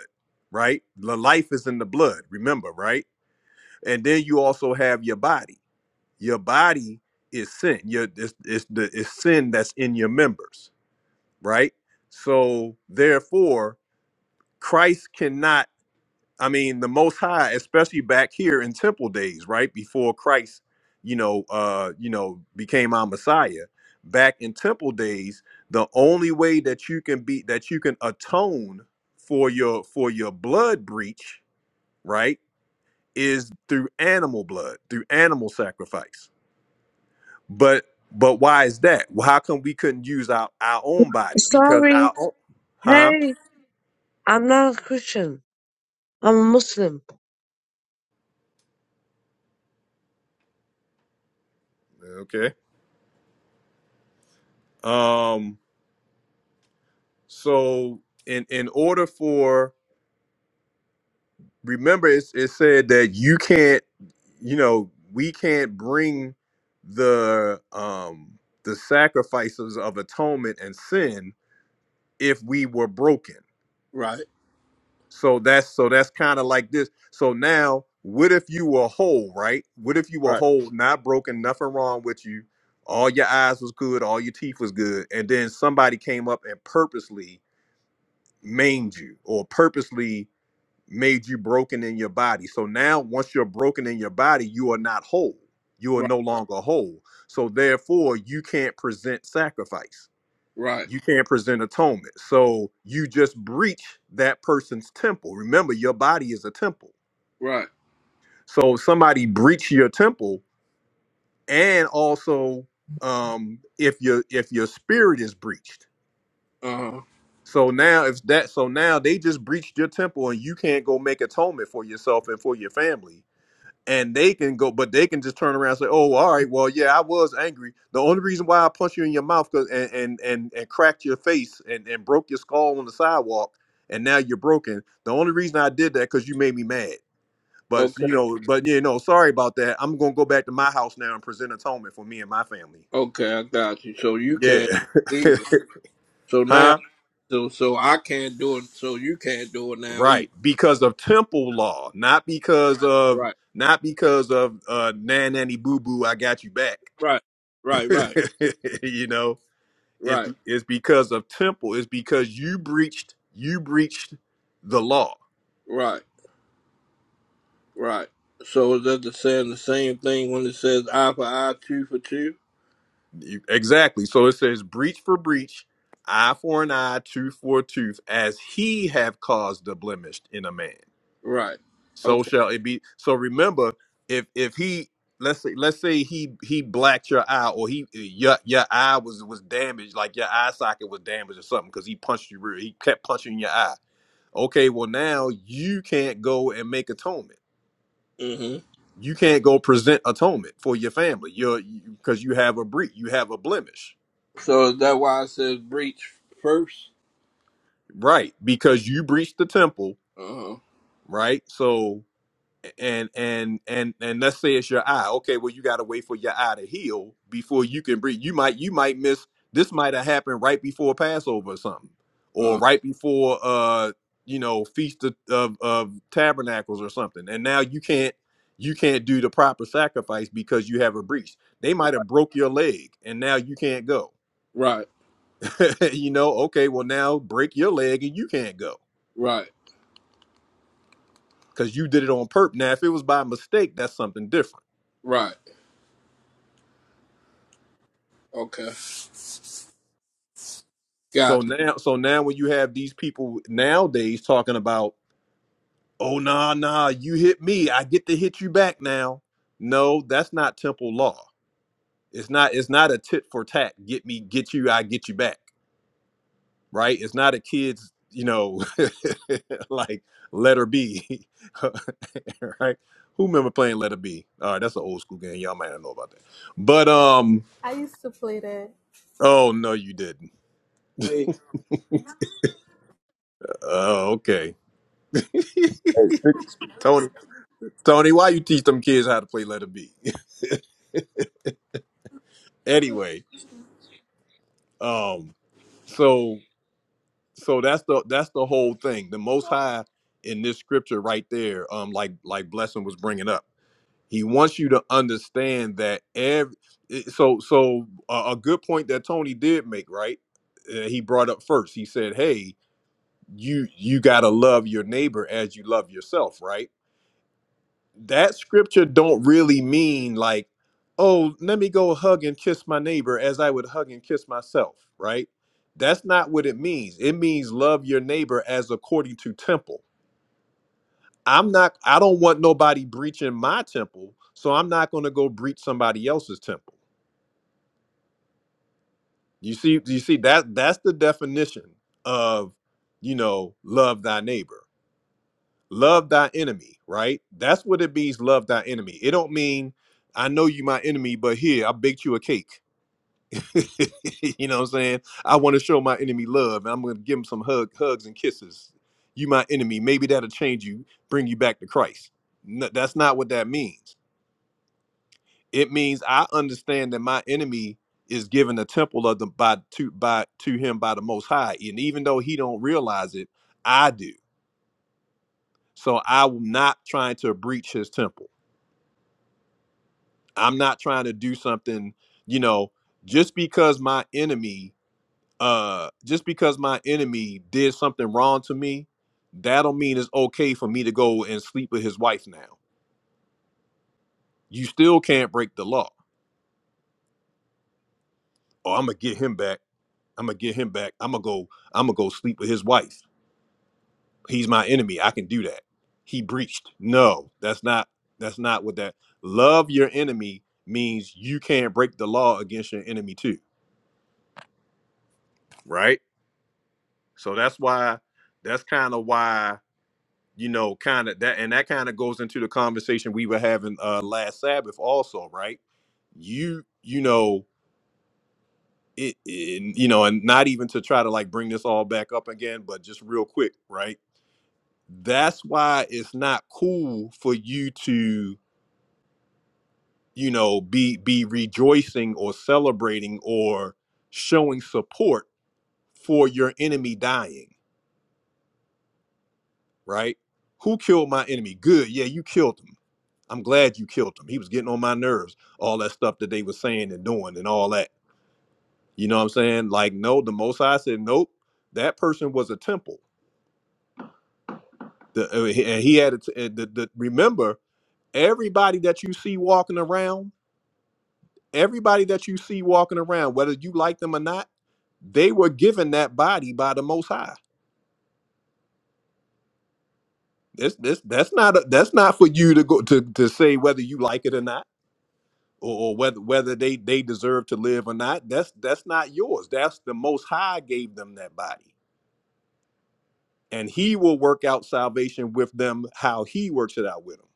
right? The life is in the blood, remember, right? And then you also have your body. Your body is sin. Your it's, it's the it's sin that's in your members, right? So therefore, Christ cannot I mean, the Most High, especially back here in Temple days, right before Christ, you know, uh, you know, became our Messiah. Back in Temple days, the only way that you can be that you can atone for your for your blood breach, right, is through animal blood, through animal sacrifice. But but why is that? Well, how come we couldn't use our our own body? Because Sorry. our own, huh? Hey, I'm not a Christian. I'm a Muslim. Okay. Um. So in in order for remember it's, it said that you can't you know we can't bring the um the sacrifices of atonement and sin if we were broken Right. so that's so that's kind of like this so now what if you were whole right what if you were Right. whole not broken nothing wrong with you all your eyes was good all your teeth was good and then somebody came up and purposely maimed you or purposely made you broken in your body. So now, once you're broken in your body, you are not whole. You are Right. no longer whole. So therefore, you can't present sacrifice. Right. You can't present atonement. So you just breach that person's temple. Remember, your body is a temple. Right. So if somebody breach your temple, and also um, if your if your spirit is breached. Uh huh. So now, if that so now they just breached your temple, and you can't go make atonement for yourself and for your family and they can go, but they can just turn around and say, "Oh, all right, well, yeah, I was angry. The only reason why I punched you in your mouth 'cause- and, and and and cracked your face and and broke your skull on the sidewalk, and now you're broken. The only reason I did that because you made me mad. But Okay. you know, but you know, sorry about that. I'm gonna go back to my house now and present atonement for me and my family. Okay. I got you. So you can't Yeah, leave So now, huh? so so I can't do it. So you can't do it now Right, either. because of temple law, not because of Right, not because of uh, nan nanny boo boo. I got you back. right, right, right, you know It's right, be- it's because of temple. It's because you breached you breached the law. right, right. So is that the saying the same thing when it says eye for eye, two for two? You- exactly. So it says breach for breach, eye for an eye, tooth for a tooth, as he have caused the blemish in a man. Right. So Okay. shall it be. So remember, if if he let's say let's say he he blacked your eye or he your your eye was was damaged, like your eye socket was damaged or something, because he punched you real. He kept punching your eye. Okay, well now you can't go and make atonement hmm you can't go present atonement for your family you're because you have a breach you have a blemish So is that why it says breach first? right because you breached the temple Uh-huh. right so and and and and let's say it's your eye. Okay, well you got to wait for your eye to heal before you can breathe. You might you might miss this might have happened right before Passover or something, or Uh, right before uh you know feast of, of of tabernacles or something, and now you can't you can't do the proper sacrifice because you have a breach. They might have broke your leg, and now you can't go. right, you know, okay, well now break your leg and you can't go right, because you did it on purpose. Now if it was by mistake, that's something different right. Okay. So Gotcha. now, so now when you have these people nowadays talking about, oh nah nah, you hit me, I get to hit you back now. No, that's not temple law. It's not. It's not a tit for tat. Get me, get you, I get you back. Right? It's not a kid's. You know, like letter B. right? Who remember playing letter B? All right, that's an old school game. Y'all might not know about that. But um, I used to play that. oh no, you didn't. Oh, okay. Hey, Tony, Tony, why you teach them kids how to play letter B? anyway, um, so so that's the that's the whole thing. The Most High in this scripture right there, um, like like Blessing was bringing up, he wants you to understand that every. it- So so a, a good point that Tony did make, right? Uh, he brought up first. He said, "Hey, you you gotta love your neighbor as you love yourself, right?" that scripture don't really mean like oh let me go hug and kiss my neighbor as i would hug and kiss myself right that's not what it means it means love your neighbor as according to temple i'm not i don't want nobody breaching my temple so i'm not going to go breach somebody else's temple you see you see that that's the definition of you know love thy neighbor love thy enemy right that's what it means love thy enemy it don't mean i know you my enemy but here i baked you a cake you know what i'm saying i want to show my enemy love and i'm gonna give him some hug, hugs and kisses you my enemy maybe that'll change you bring you back to christ no, that's not what that means it means i understand that my enemy is given a temple of the by to by to him by the most high and even though he don't realize it i do so i'm not trying to breach his temple I'm not trying to do something, you know, just because my enemy uh just because my enemy did something wrong to me, that'll mean it's okay for me to go and sleep with his wife now. You still can't break the law. Oh, I'm gonna get him back. I'm gonna get him back. I'm gonna go I'm gonna go sleep with his wife. He's my enemy. I can do that. He breached. No, that's not that's not what that love your enemy means you can't break the law against your enemy too, right? So that's why that's kind of why you know kind of that and that kind of goes into the conversation we were having uh last Sabbath also, right? You you know it, it you know and not even to try to like bring this all back up again, but just real quick, right? That's why it's not cool for you to you know be be rejoicing or celebrating or showing support for your enemy dying, right? Who killed my enemy? Good. Yeah, you killed him I'm glad you killed him. He was getting on my nerves. All that stuff that they were saying and doing and all that. You know what I'm saying? Like, no, the Most High said, nope. That person was a temple. The, uh, he- and he had it. uh, The, the, remember, everybody that you see walking around, everybody that you see walking around, whether you like them or not, they were given that body by the Most High. This, this, that's not a, that's not for you to go to to say whether you like it or not or, or whether whether they they deserve to live or not that's that's not yours that's the most high gave them that body and he will work out salvation with them how he works it out with them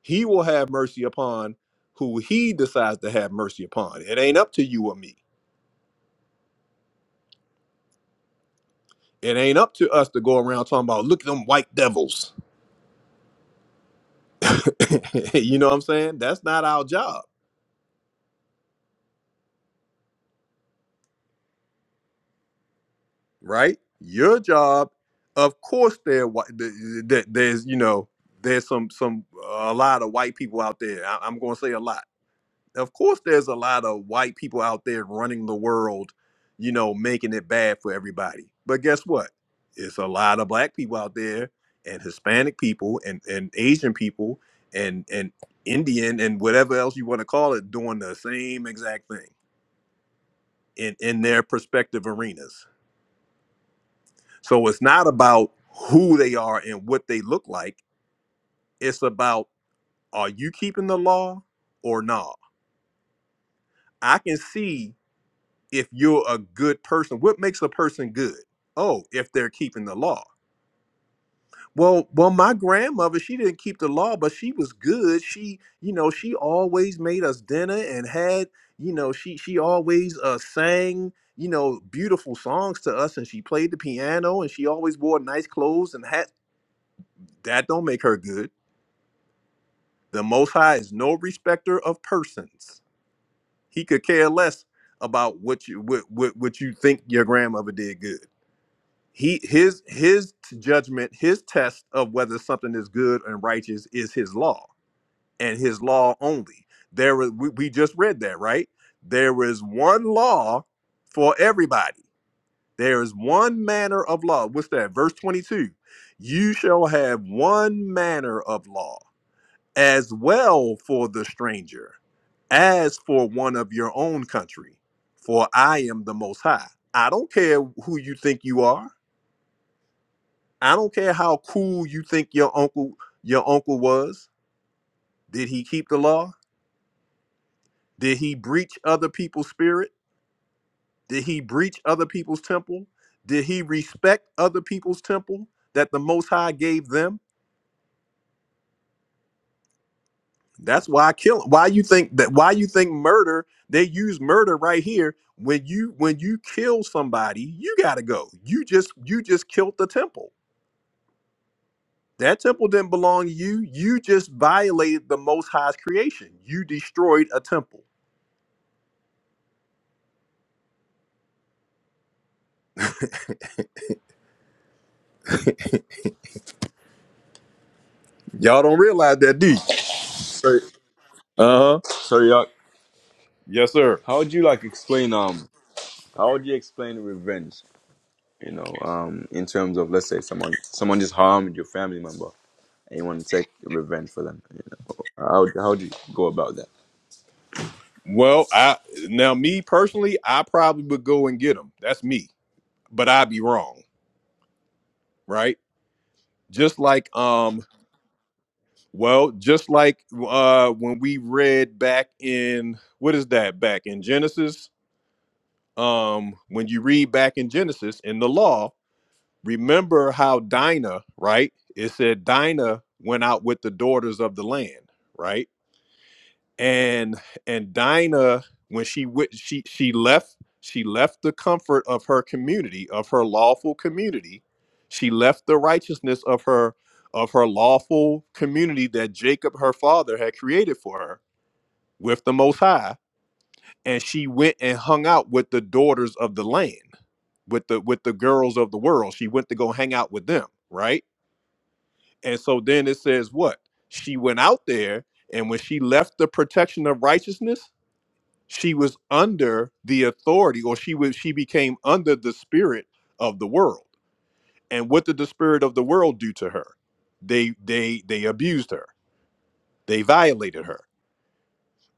he will have mercy upon who he decides to have mercy upon it ain't up to you or me it ain't up to us to go around talking about look at them white devils you know what i'm saying that's not our job right? Your job, of course, there whi- th- th- there's you know there's some some a lot of white people out there. I, I'm going to say a lot. Of course, there's a lot of white people out there running the world, you know, making it bad for everybody. But guess what? It's a lot of black people out there, and Hispanic people, and and Asian people, and and Indian, and whatever else you want to call it, doing the same exact thing in in their prospective arenas So it's not about who they are and what they look like. It's about are you keeping the law or not? I can see if you're a good person. What makes a person good? Oh, if they're keeping the law. Well, well, my grandmother, she didn't keep the law, but she was good. She, you know, she always made us dinner and had, you know, she she always uh, sang, you know, beautiful songs to us, and she played the piano, and she always wore nice clothes and hats. That don't make her good The Most High is no respecter of persons. He could care less about what you what, what, what you think your grandmother did good. He his his judgment, his test of whether something is good and righteous is his law and his law only. There is, we, we just read that right. There is one law for everybody. There is one manner of law. What's that? Verse twenty two. You shall have one manner of law as well for the stranger as for one of your own country. For I am the Most High. I don't care who you think you are. I don't care how cool you think your uncle your uncle was. Did he keep the law? Did he breach other people's spirit? Did he breach other people's temple? Did he respect other people's temple that the Most High gave them? That's why I kill. Why you think that? Why you think murder? They use murder right here. When you when you kill somebody, you gotta go. You just you just killed the temple. That temple didn't belong to you. You just violated the Most High's creation. You destroyed a temple. Y'all don't realize that, do you? sorry, Uh huh. sorry, Yak. How would you like explain, um, how would you explain revenge? You know, um, in terms of, let's say someone, someone just harmed your family member and you want to take revenge for them. You know, how, how do you go about that? Well, I now me personally, I probably would go and get them. That's me, but I'd be wrong, right? Just like um, Well, just like uh, when we read back in what is that back in Genesis? Um, when you read back in Genesis in the law, remember how Dinah, right? It said Dinah went out with the daughters of the land, right? and and Dinah when she wi- she she left she left the comfort of her community of her lawful community she left the righteousness of her of her lawful community that Jacob her father had created for her with the most high and she went and hung out with the daughters of the land with the with the girls of the world she went to go hang out with them right and so then it says what she went out there and when she left the protection of righteousness she was under the authority or she was she became under the spirit of the world and what did the spirit of the world do to her they they they abused her they violated her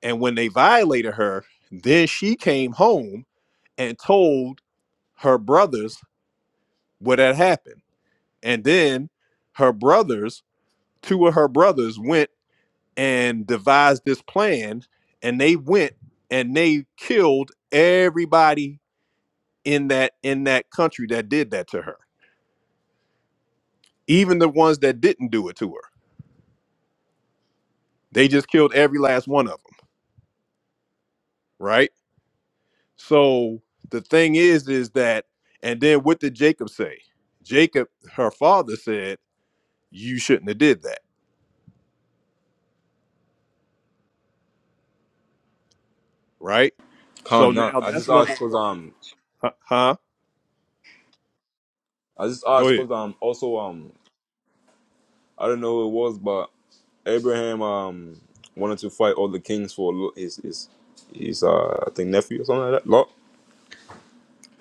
and when they violated her then she came home and told her brothers what had happened and then her brothers two of her brothers went and devised this plan and they went and they killed everybody in that in that country that did that to her. Even the ones that didn't do it to her, they just killed every last one of them, right? So the thing is, is that, and then what did Jacob say? Jacob, her father said, "You shouldn't have did that," right? So Can't not. now I that's just number asked cause one, um, huh? huh? I just Go asked ahead. cause um, also um, I don't know who it was, but Abraham um wanted to fight all the kings for Lo- his his his uh I think nephew or something like that. Lot.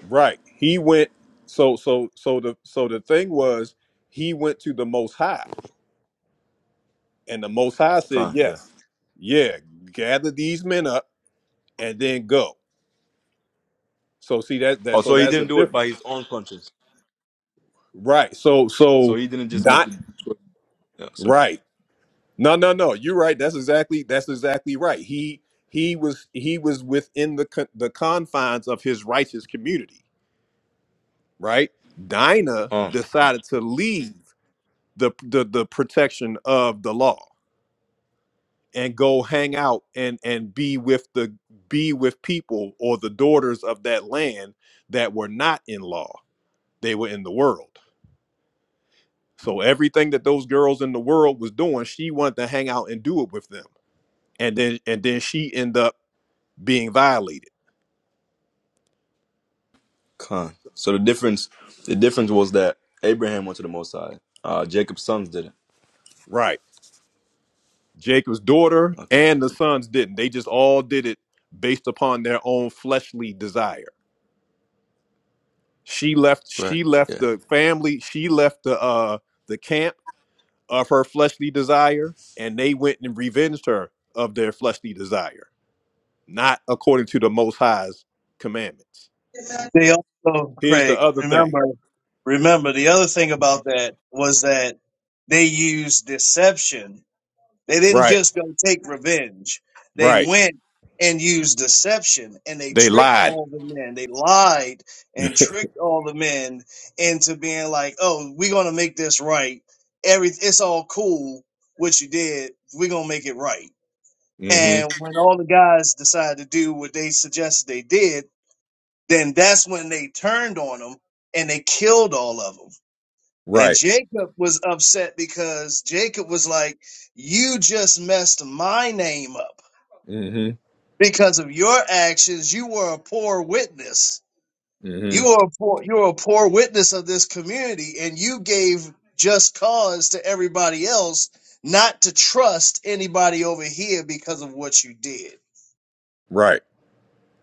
Right. He went. So so so the so the thing was, he went to the Most High, and the Most High said, Con, yeah. "Yes, yeah, gather these men up and then go." So see that Oh, that so so he that's a didn't do it by difference. his own conscience. Right. So So so he didn't just make the not choice. Yeah, sorry. right. No, no, no. You're right. That's exactly that's exactly right. He he was he was within the con- the confines of his righteous community, right? Dinah Con, decided to leave the the the protection of the law and go hang out and and be with the be with people or the daughters of that land that were not in law. They were in the world So everything that those girls in the world was doing, she wanted to hang out and do it with them. And then and then she ended up being violated. con. So the difference, the difference was that Abraham went to the Most High. Uh, Jacob's sons didn't. Right. Jacob's daughter Okay. and the sons didn't. They just all did it based upon their own fleshly desire. She left Right. she left Yeah. the family, she left the uh the camp of her fleshly desire, and they went and revenged her of their fleshly desire, not according to the most high's commandments. They also, Here's the Craig, other thing. remember, remember the other thing about that was that they used deception. They didn't Right, just go take revenge. They right. went and used deception and they They tricked lied. all the men. They lied and tricked all the men into being like, oh, we're going to make this right. Every, it's all cool what you did. We're going to make it right. hmm And when all the guys decided to do what they suggested they did, then that's when they turned on him and they killed all of them. And Right. Jacob was upset because Jacob was like, You just messed my name up hmm because of your actions. You were a poor witness. hmm You were a poor, you were a poor witness of this community, and you gave just cause to everybody else not to trust anybody over here because of what you did. Right.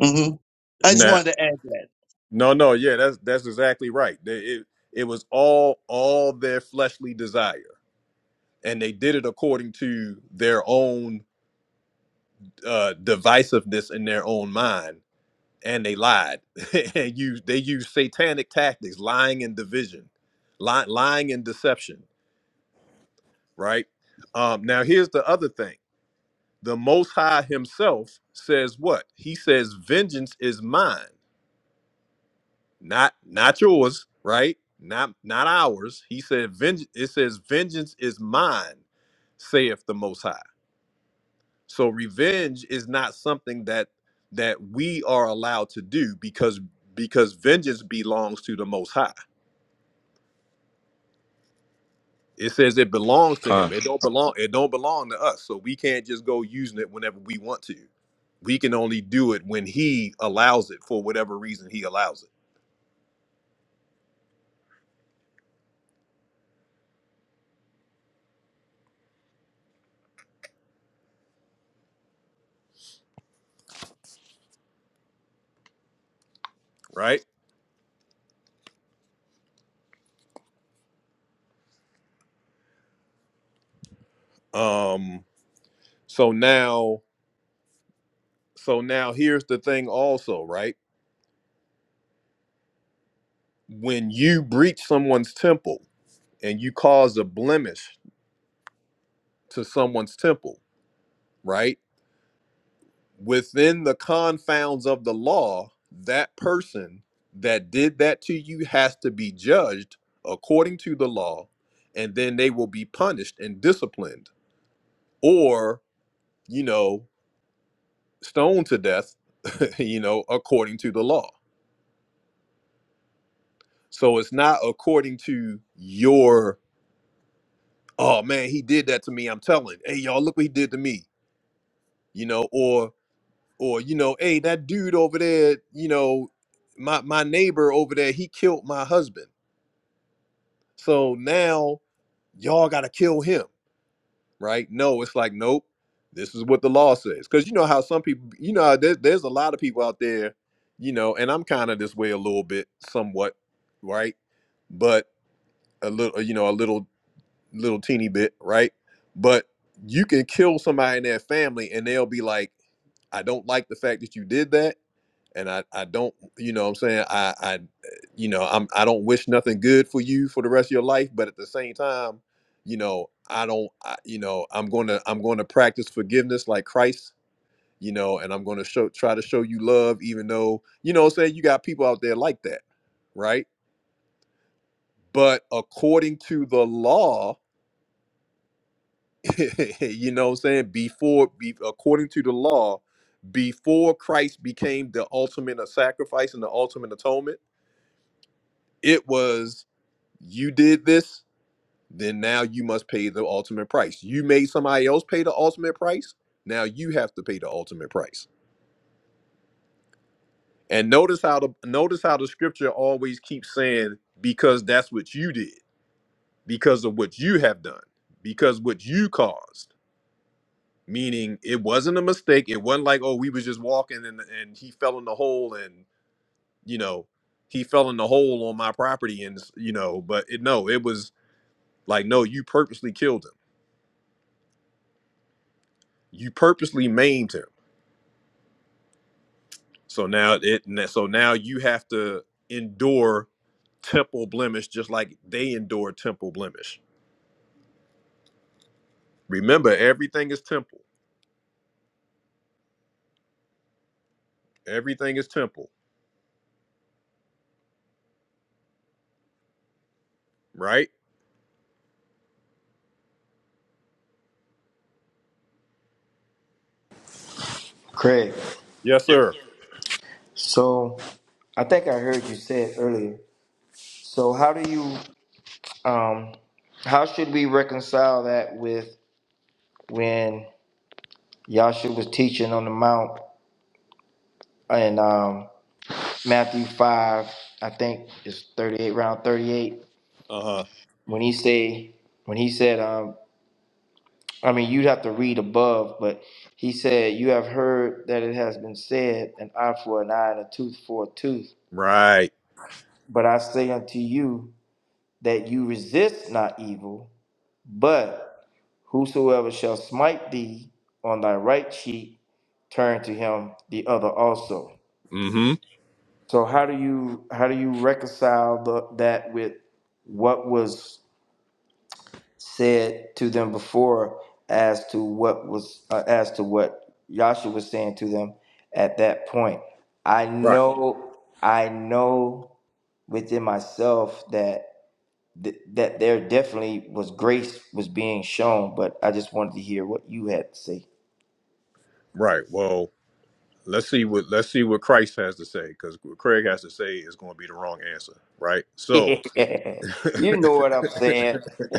hmm I just Now, wanted to add that. no, no, yeah, that's that's exactly right. They, it it was all all their fleshly desire, and they did it according to their own uh, divisiveness in their own mind, and they lied and used they used satanic tactics, lying and division, ly- lying and deception. Right. Um, now, here's the other thing. the most high himself says what he says vengeance is mine not not yours right not not ours he said vengeance it says vengeance is mine saith the most high so revenge is not something that that we are allowed to do because because vengeance belongs to the most high It says it belongs to Con. him. It don't belong. It don't belong to us. So we can't just go using it whenever we want to. We can only do it when he allows it for whatever reason he allows it. Right. Um. So now, so now here's the thing. Also, right. When you breach someone's temple and you cause a blemish to someone's temple, right? within the confounds of the law, that person that did that to you has to be judged according to the law, and then they will be punished and disciplined or, you know, stoned to death, you know, according to the law. So it's not according to your, oh man, he did that to me. I'm telling, hey, y'all, look what he did to me, you know, or, or, you know, hey, that dude over there, you know, my, my neighbor over there, he killed my husband So now y'all got to kill him, right? No, it's like, nope, this is what the law says. Because you know how some people, you know, there, there's a lot of people out there, you know, and I'm kind of this way a little bit, somewhat, right? But a little, you know, a little, little teeny bit, right? But you can kill somebody in their family and they'll be like, I don't like the fact that you did that and I, I don't you know what I'm saying I I you know I'm I don't wish nothing good for you for the rest of your life but at the same time you know I don't I, you know I'm going to I'm going to practice forgiveness like Christ you know and I'm going to show try to show you love even though you know what I'm saying you got people out there like that right but according to the law you know what I'm saying before be, according to the law before Christ became the ultimate sacrifice and the ultimate atonement it was you did this, then now you must pay the ultimate price. You made somebody else pay the ultimate price. Now you have to pay the ultimate price. And notice how the notice how the scripture always keeps saying, because that's what you did, because of what you have done, because what you caused. Meaning it wasn't a mistake. It wasn't like, oh, we was just walking and and he fell in the hole and you know, he fell in the hole on my property and you know, but it no, it was like, no, you purposely killed him. You purposely maimed him So now it so now you have to endure temple blemish just like they endure temple blemish. Remember, everything is temple. Everything is temple, right? Craig, Yes, sir. so I think I heard you say it earlier. So how do you um how should we reconcile that with when Yahshua was teaching on the mount in um Matthew five, I think it's thirty eight round thirty eight, Uh-huh. when he say when he said um. I mean, you'd have to read above, but he said, You have heard that it has been said, an eye for an eye and a tooth for a tooth. Right. But I say unto you that you resist not evil, but whosoever shall smite thee on thy right cheek, turn to him the other also. Mm-hmm. So how do you how do you reconcile the, that with what was said to them before as to what was uh, as to what Yasha was saying to them at that point. I Right. know I know within myself that th- that there definitely was grace was being shown, but I just wanted to hear what you had to say. Right. Well, let's see what let's see what Christ has to say, because what Craig has to say is going to be the wrong answer, right? So you know what I'm saying.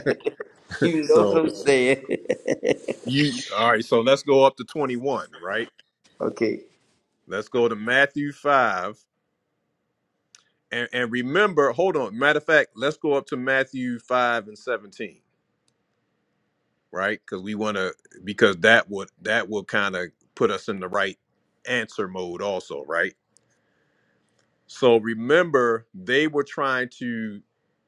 you know what so I'm saying. you all right, so let's go up to 21, right? okay. Let's go to Matthew 5 and, and remember, hold on. Matter of fact, let's go up to Matthew five and seventeen, right? Because we want to, because that would that will kind of put us in the right answer mode, also, right? So remember, they were trying to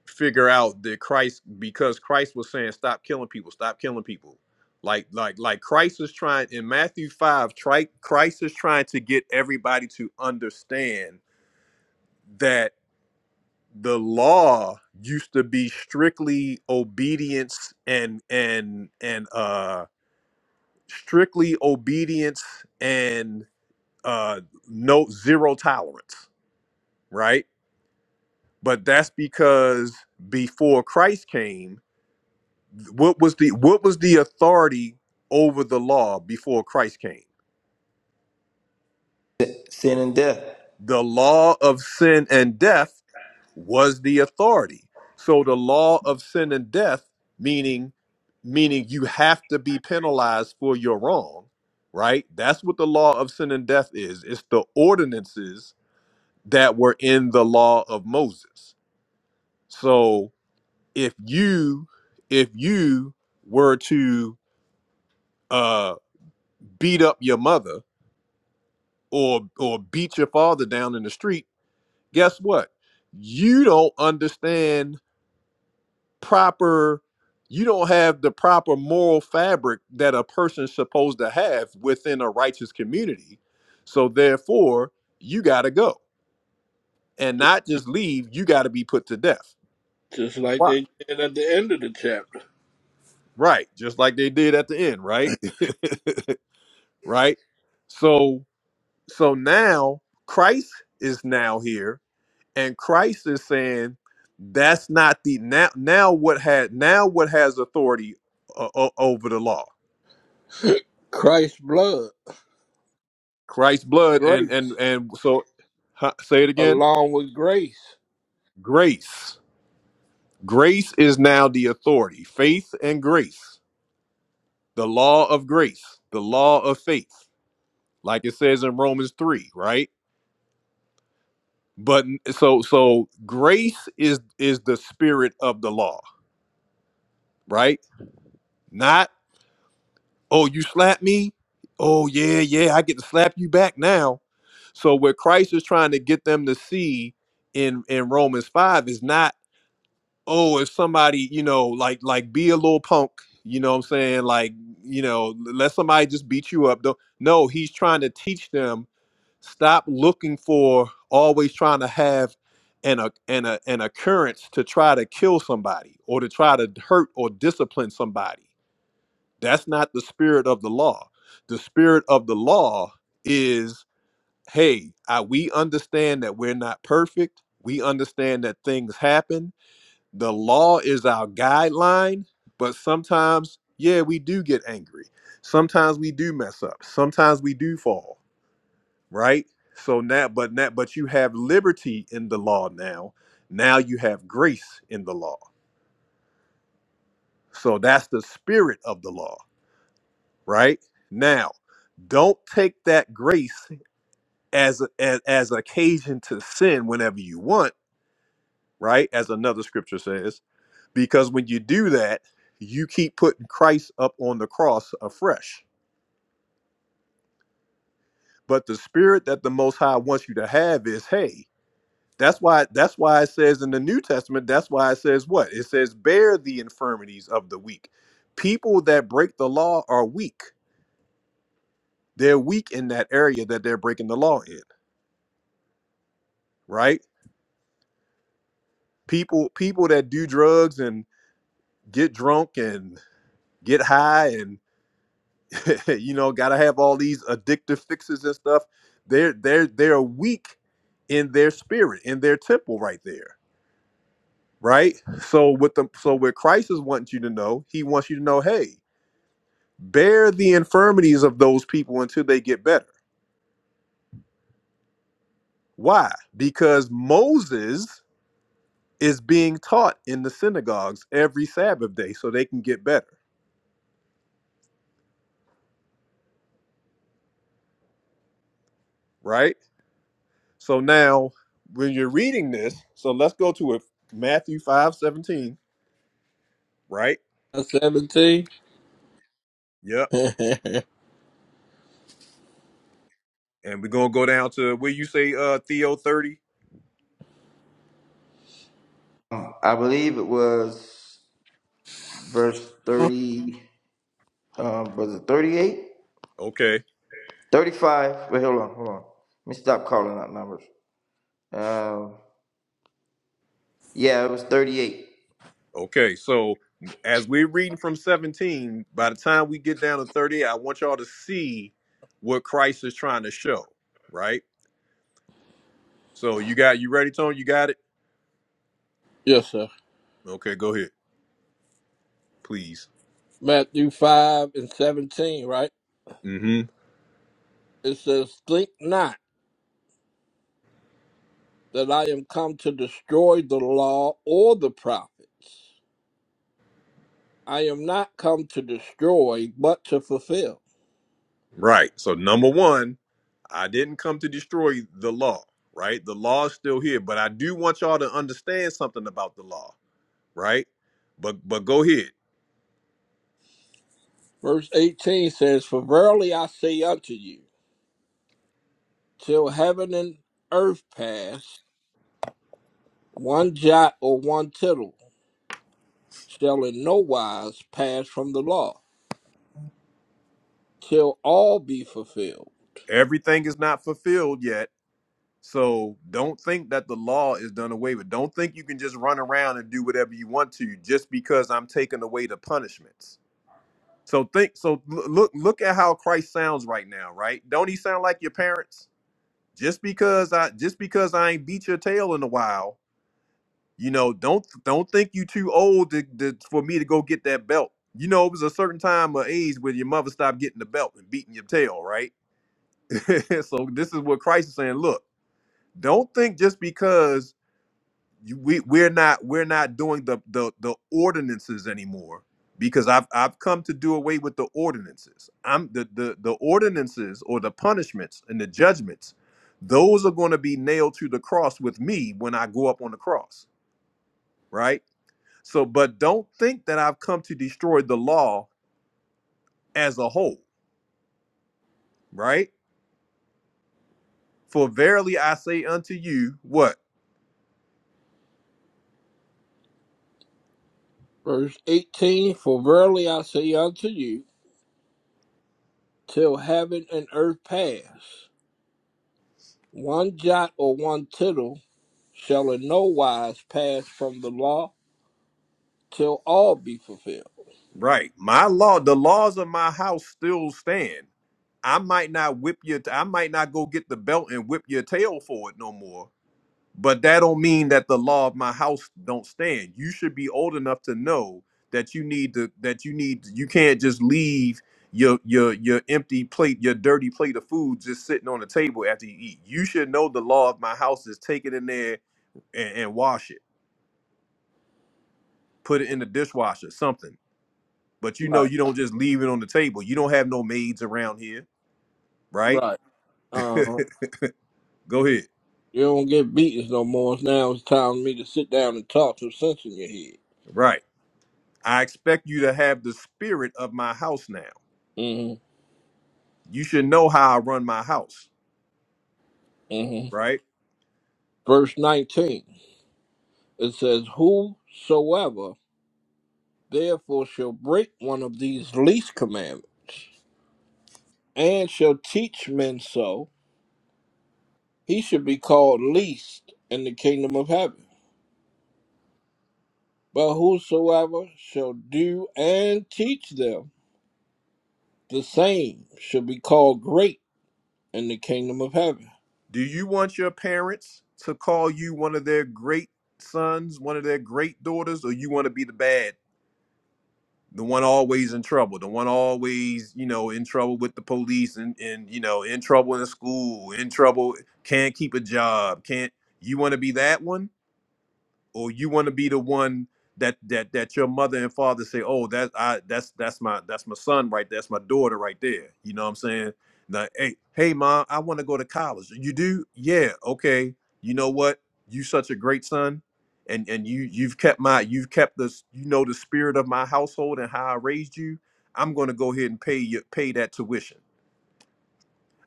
figure out that Christ, because Christ was saying, "Stop killing people, stop killing people." Like, like, like Christ is trying in Matthew five. Tri- Christ is trying to get everybody to understand that. the law used to be strictly obedience and and and uh strictly obedience and uh no zero tolerance right but that's because before christ came what was the what was the authority over the law before christ came Sin and death. the law of sin and death was the authority. So the law of sin and death, meaning meaning you have to be penalized for your wrong, right? That's what the law of sin and death is. It's the ordinances that were in the law of Moses. So if you if you were to uh beat up your mother or or beat your father down in the street, guess what? You don't understand proper you don't have the proper moral fabric that a person's supposed to have within a righteous community so therefore you got to go and not just leave you got to be put to death Just like Right. they did at the end of the chapter. right just like they did at the end right right so so now christ is now here and christ is saying that's not the now now what had now what has authority o- over the law Christ's blood, Christ's blood and and grace, and so huh, say it again. along with grace. Grace. Grace is now the authority. Faith and grace. The law of grace. The law of faith. Like it says in Romans 3, right? But n- so so grace is is the spirit of the law, right? Not oh you slap me. Oh yeah, yeah, I get to slap you back now. So what Christ is trying to get them to see in in Romans 5 is not oh, if somebody, you know, like like be a little punk, you know what I'm saying? Like, you know, let somebody just beat you up. Don't, no, he's trying to teach them stop looking for always trying to have an a, an a, an occurrence to try to kill somebody or to try to hurt or discipline somebody. That's not the spirit of the law. The spirit of the law is hey, I, we understand that we're not perfect. We understand that things happen the law is our guideline, but sometimes, yeah, we do get angry. Sometimes we do mess up. Sometimes we do fall, right? So now, but now, but you have liberty in the law now. Now you have grace in the law. So that's the spirit of the law, right? Now, don't take that grace as as, as occasion to sin whenever you want, right? As another scripture says Because when you do that, you keep putting Christ up on the cross afresh. But the spirit that the Most High wants you to have is, hey, that's why that's why it says in the New Testament, that's why it says what? It says, bear the infirmities of the weak. People that break the law are weak. They're weak in that area that they're breaking the law in, right? People people that do drugs and get drunk and get high and. you know, gotta have all these addictive fixes and stuff. They're they're they're weak in their spirit, in their temple right there. Right? So with the so what Christ is wanting you to know, he wants you to know, hey, bear the infirmities of those people until they get better. Why? Because Moses is being taught in the synagogues every Sabbath day so they can get better. Right? So now when you're reading this, so let's go to it Matthew 5 17, right? That's 17. Yep and we're gonna go down to where you say uh Theo 30. Um, I believe it was verse 30. Um, was it 38? Okay, 35. Wait, hold on, hold on. Let me stop calling out numbers. Um, yeah, it was 38. okay. So as we're reading from 17, by the time we get down to 30, I want y'all to see what Christ is trying to show, right? So you got you ready, Tony? You got it? yes, sir. Okay, go ahead, please. Matthew 5 and 17, right? Mm-hmm. It says, Think not that I am come to destroy the law or the prophets. I am not come to destroy, but to fulfill. Right. So number one, I didn't come to destroy the law, right? The law is still here, but I do want y'all to understand something about the law, right? But but go ahead. Verse 18 says, For verily I say unto you, till heaven and earth pass, one jot or one tittle shall in no wise pass from the law, till all be fulfilled. Everything is not fulfilled yet So don't think that the law is done away with. Don't think you can just run around and do whatever you want to just because I'm taking away the punishments. So think so l- look look at how Christ sounds right now, right? Don't he sound like your parents? Just because I just because I ain't beat your tail in a while, you know, don't don't think you too old to, to, for me to go get that belt. You know, it was a certain time of age when your mother stopped getting the belt and beating your tail, right? so this is what Christ is saying, look, don't think just because you, we we're not we're not doing the the the ordinances anymore because I've I've come to do away with the ordinances. I'm the the the ordinances or the punishments and the judgments. Those are going to be nailed to the cross with me when I go up on the cross, right? So but don't think that I've come to destroy the law as a whole, right? For verily I say unto you, what? Verse 18, For verily I say unto you, till heaven and earth pass. One jot or one tittle shall in no wise pass from the law till all be fulfilled. Right. My law, the laws of my house still stand I might not whip your I might not go get the belt and whip your tail for it no more. But that don't mean that the law of my house don't stand. You should be old enough to know that you need to that you need you can't just leave your your your empty plate, your dirty plate of food just sitting on the table after you eat. You should know the law of my house is take it in there and, and wash it. Put it in the dishwasher, something. But you know Right, you don't just leave it on the table. You don't have no maids around here, right? right. Uh, Go ahead. you don't get beatings no more. Now it's time for me to sit down and talk to sense in your head. Right. I expect you to have the spirit of my house now. Mm-hmm, You should know how I run my house, mm-hmm. right? Verse 19, it says, Whosoever therefore shall break one of these least commandments, and shall teach men so, he should be called least in the kingdom of heaven. But whosoever shall do and teach them, the same shall be called great in the kingdom of heaven. Do you want your parents to call you one of their great sons, one of their great daughters, or you want to be the bad, the one always in trouble, the one always, you know, in trouble with the police and, and you know, in trouble in the school, in trouble, can't keep a job, can't you want to be that one? or you want to be the one that that that your mother and father say, "Oh, that I that's that's my that's my son right there. That's my daughter right there." You know what I'm saying? Now, hey, hey, mom, I want to go to college. You do? Yeah, okay. You know what? You such a great son, and and you you've kept my you've kept this you know the spirit of my household and how I raised you. I'm gonna go ahead and pay you pay that tuition.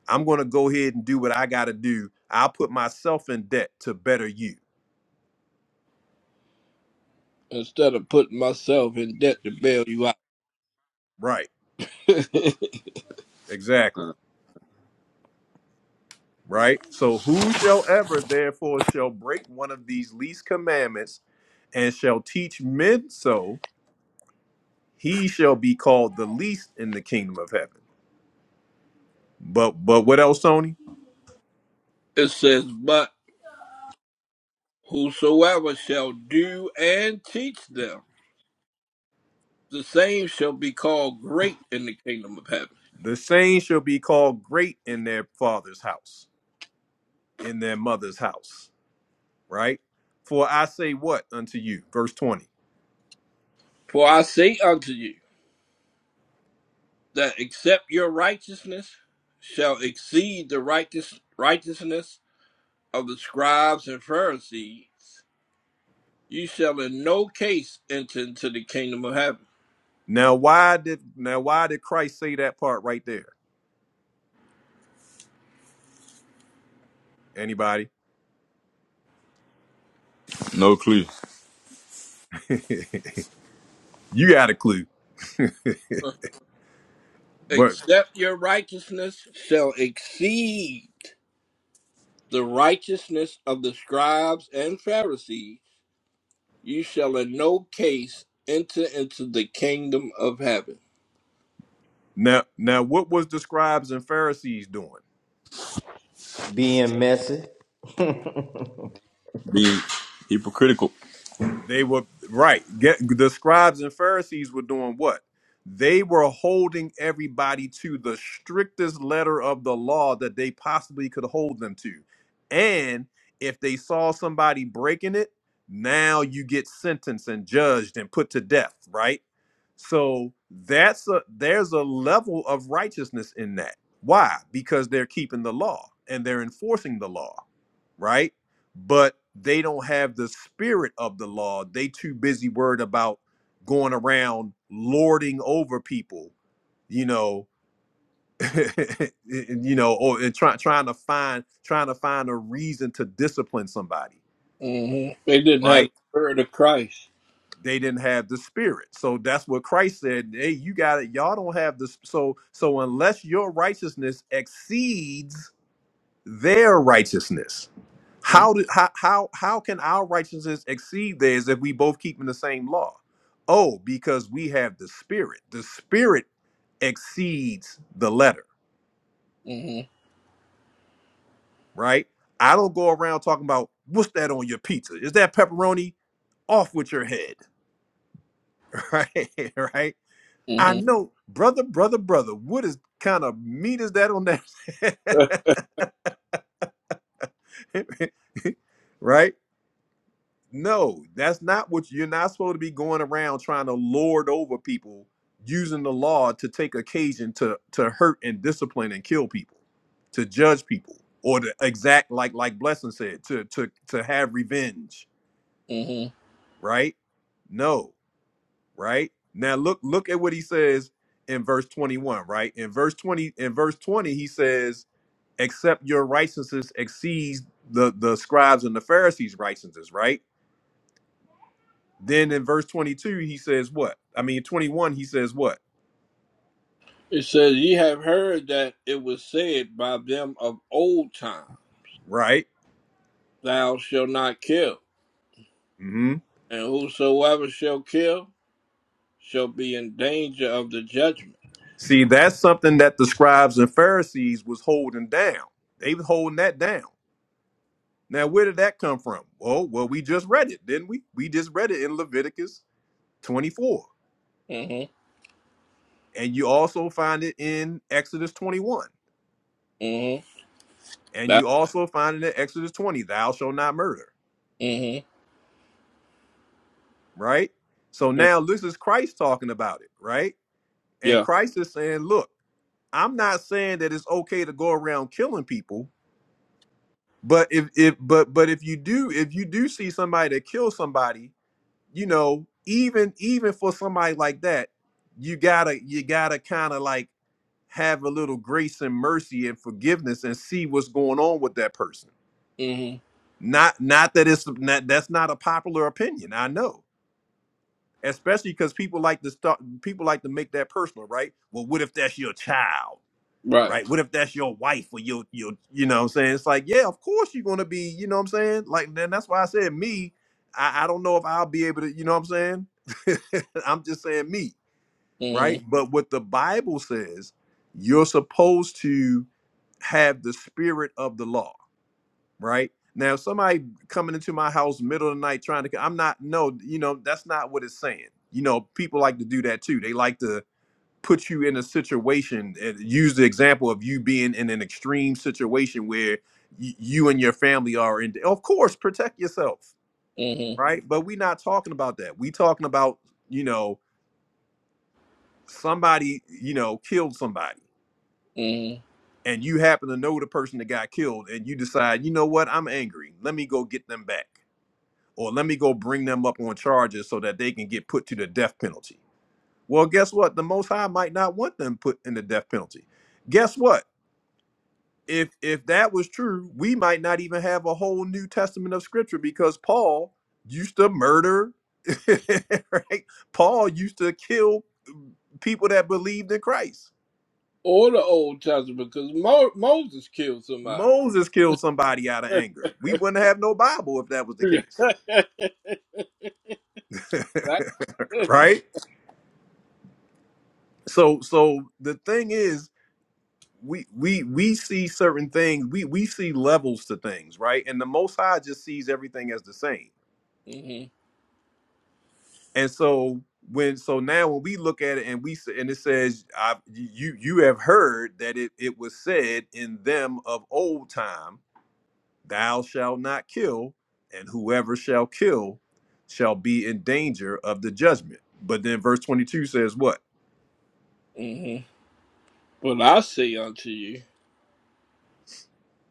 I'm gonna go ahead and do what I gotta do. I'll put myself in debt to better you. Instead of putting myself in debt to bail you out, Right. it Exactly. right? So whosoever therefore shall break one of these least commandments and shall teach men so, he shall be called the least in the kingdom of heaven. But but what else, Tony? says, But whosoever shall do and teach them, the same shall be called great in the kingdom of heaven. The saints shall be called great in their father's house, in their mother's house, right? For I say what unto you, verse 20. For I say unto you, that except your righteousness shall exceed the righteous, righteousness of the scribes and Pharisees, You shall in no case enter into the kingdom of heaven, Now why did now why did Christ say that part right there? Anybody? No clue. You got a clue. But except your righteousness shall exceed the righteousness of the scribes and Pharisees. You shall in no case enter into the kingdom of heaven. Now, now, what was the scribes and Pharisees doing? Being messy. Being hypocritical. They were right. Get the scribes and Pharisees were doing what? They were holding everybody to the strictest letter of the law that they possibly could hold them to. And if they saw somebody breaking it, now you get sentenced and judged and put to death, right? So that's a there's a level of righteousness in that. Why? Because they're keeping the law and they're enforcing the law right? But they don't have the spirit of the law. They too busy worried about going around lording over people, you know, and- you know, or and try, trying to find trying to find a reason to discipline somebody, hmm They didn't have right? the spirit of Christ. They didn't have the spirit, so that's what Christ said. Hey, you got it. Y'all don't have this. So, so unless your righteousness exceeds their righteousness, How did how how how can our righteousness exceed theirs if we both keeping the same law? Oh, because we have the spirit. The spirit exceeds the letter, Mm-hmm. right? I don't go around talking about what's that on your pizza? Is that pepperoni? Off with your head, right? right? I hmm know, brother, brother, brother. What is kind of meat is that on that? right? No, that's not what you're not supposed to be going around trying to lord over people using the law to take occasion to to hurt and discipline and kill people, to judge people, or to exact like like Blessing said, to to to have revenge, hmm right? No, right? Now look look at what he says in verse 21, right? In verse 20, in verse 20, he says, except your righteousness exceeds the the scribes and the Pharisees' righteousness, right? Then in verse 22, he says what? I mean, 21, he says what? It says, Ye have heard that it was said by them of old time, Right? Thou shalt not kill, hmm and whosoever shall kill. shall be in danger of the judgment. See, that's something that the scribes and Pharisees was holding down. They was holding that down. Now, where did that come from? Oh, well, we just read it, didn't we? We just read it in Leviticus 24. Mm-hmm. And you also find it in Exodus 21. Mm-hmm. And That. you also find it in Exodus 20, thou shalt not murder, Mm-hmm. right? So now this is Christ talking about it, right? And Yeah. Christ is saying, look, I'm not saying that it's okay to go around killing people, but if if but but if you do if you do see somebody that kills somebody, you know, even even for somebody like that, you gotta you gotta kind of like have a little grace and mercy and forgiveness and see what's going on with that person. Mm-hmm. Not not that it's not, that's not a popular opinion. I know, especially because people like to start people like to make that personal, right? Well, what if that's your child? Right. right? What if that's your wife or your your you know what I'm saying? It's like, yeah, of course you're gonna be, you know what I'm saying? Like then that's why I said me, I, I don't know if I'll be able to, you know what I'm saying? I'm just saying me, right? Mm-hmm. But what the Bible says, you're supposed to have the spirit of the law, right? Now, if somebody coming into my house middle of the night trying to, I'm not, no, you know, that's not what it's saying. You know, people like to do that too. They like to put you in a situation and use the example of you being in an extreme situation where y- you and your family are in of course protect yourself Mm-hmm. right but we're not talking about that we talking about you know somebody you know killed somebody Mm-hmm. and you happen to know the person that got killed and you decide you know what i'm angry let me go get them back or let me go bring them up on charges so that they can get put to the death penalty well guess what the most high might not want them put in the death penalty guess what if if that was true, we might not even have a whole New Testament of Scripture because Paul used to murder, right? Paul used to kill people that believed in Christ. Or the Old Testament, because Mo- Moses killed somebody. Moses killed somebody out of anger. We wouldn't have no Bible if that was the case, Right. right? So so the thing is, we we we see certain things. We we see levels to things, right? And the Most High just sees everything as the same. Mhm, And so when so now when we look at it and we s- and it says I, you you have heard that it it was said in them of old time, thou shalt not kill, and whoever shall kill shall be in danger of the judgment. But then verse 22 says what? mhm. But I say unto you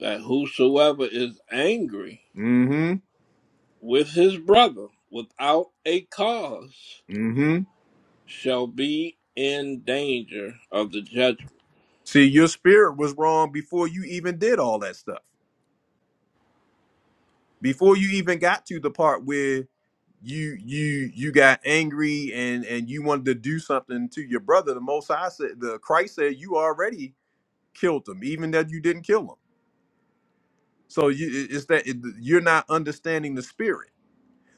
that whosoever is angry Mm-hmm. with his brother without a cause Mm-hmm. shall be in danger of the judgment. See, your spirit was wrong before you even did all that stuff. before you even got to the part where you you you got angry and and you wanted to do something to your brother the most High said the christ said you already killed him even that you didn't kill him so you it- it's that it- you're not understanding the spirit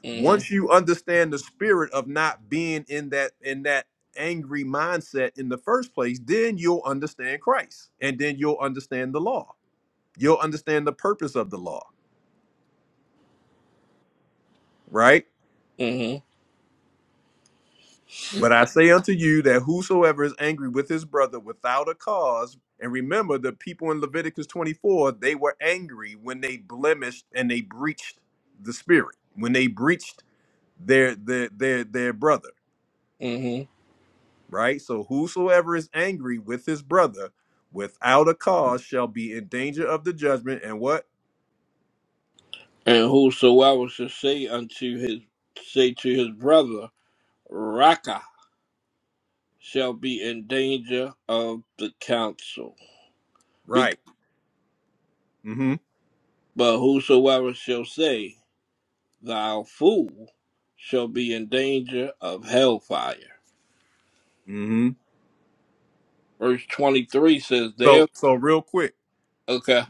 once you understand the spirit of not being in that in that angry mindset in the first place then you'll understand christ and then you'll understand the law you'll understand the purpose of the law right hmm But I say unto you that whosoever is angry with his brother without a cause, and remember the people in Leviticus 24, they were angry when they blemished and they breached the spirit, when they breached their their their their brother, hmm right? So whosoever is angry with his brother without a cause shall be in danger of the judgment and what? And whosoever shall say unto his say to his brother, Raka, shall be in danger of the council. Bec- Right. Mhm. but whosoever shall say, Thou fool, shall be in danger of hellfire. Mhm. Verse twenty three says there So so real quick, okay.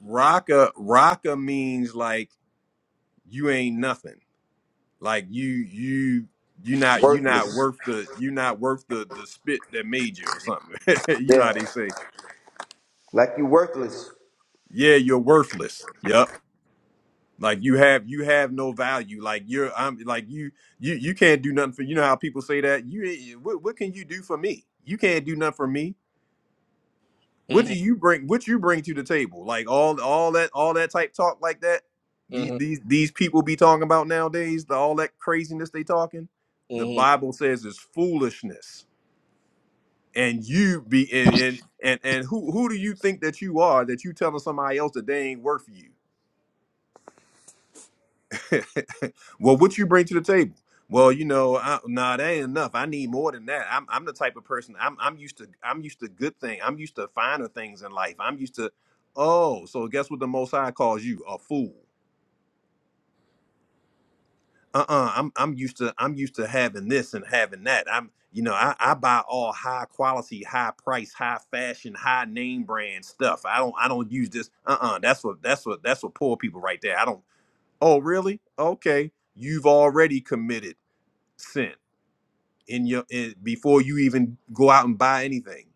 raka raka means like you ain't nothing Like you you you not you not worthless. worth the you not worth the the spit that made you or something. you know Yeah. how they say, Like you worthless. yeah, you're worthless. Yup. Like you have you have no value. Like you're I'm like you you you can't do nothing for you know how people say that you ain't- what what can you do for me? You can't do nothing for me. What do hmm you bring? What you bring to the table? Like all all that all that type talk like that. These Mm-hmm. these these people be talking about nowadays. The, all that craziness they talking. The Mm-hmm. Bible says is foolishness and you be and and and, and who who do you think that you are that you telling somebody else that they ain't worth you? well, what you bring to the table? Well, you know, I, nah, that ain't enough. I need more than that. I'm I'm the type of person. I'm I'm used to I'm used to good thing. I'm used to finer things in life. I'm used to oh, so guess what the Most High calls you a fool. uh-uh i'm i'm used to i'm used to having this and having that i'm you know i, I buy all high quality high price high fashion high name brand stuff i don't i don't use this uh-uh that's what that's what that's what poor people right there i don't oh really okay you've already committed sin in your in, before you even go out and buy anything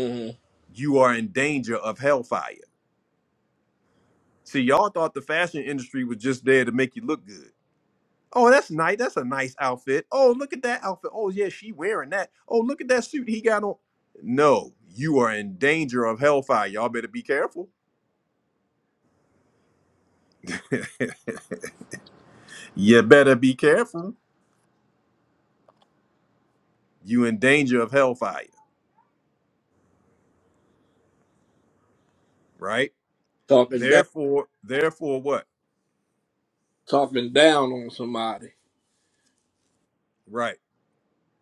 Mm-hmm. you are in danger of hellfire see y'all thought the fashion industry was just there to make you look good Oh, that's nice. That's a nice outfit. Oh, look at that outfit. Oh, yeah, she wearing that. Oh, look at that suit he got on. No, you are in danger of hellfire. Y'all better be careful. you better be careful. You in danger of hellfire, right? Talking down Therefore, therefore what? talking down on somebody. Right.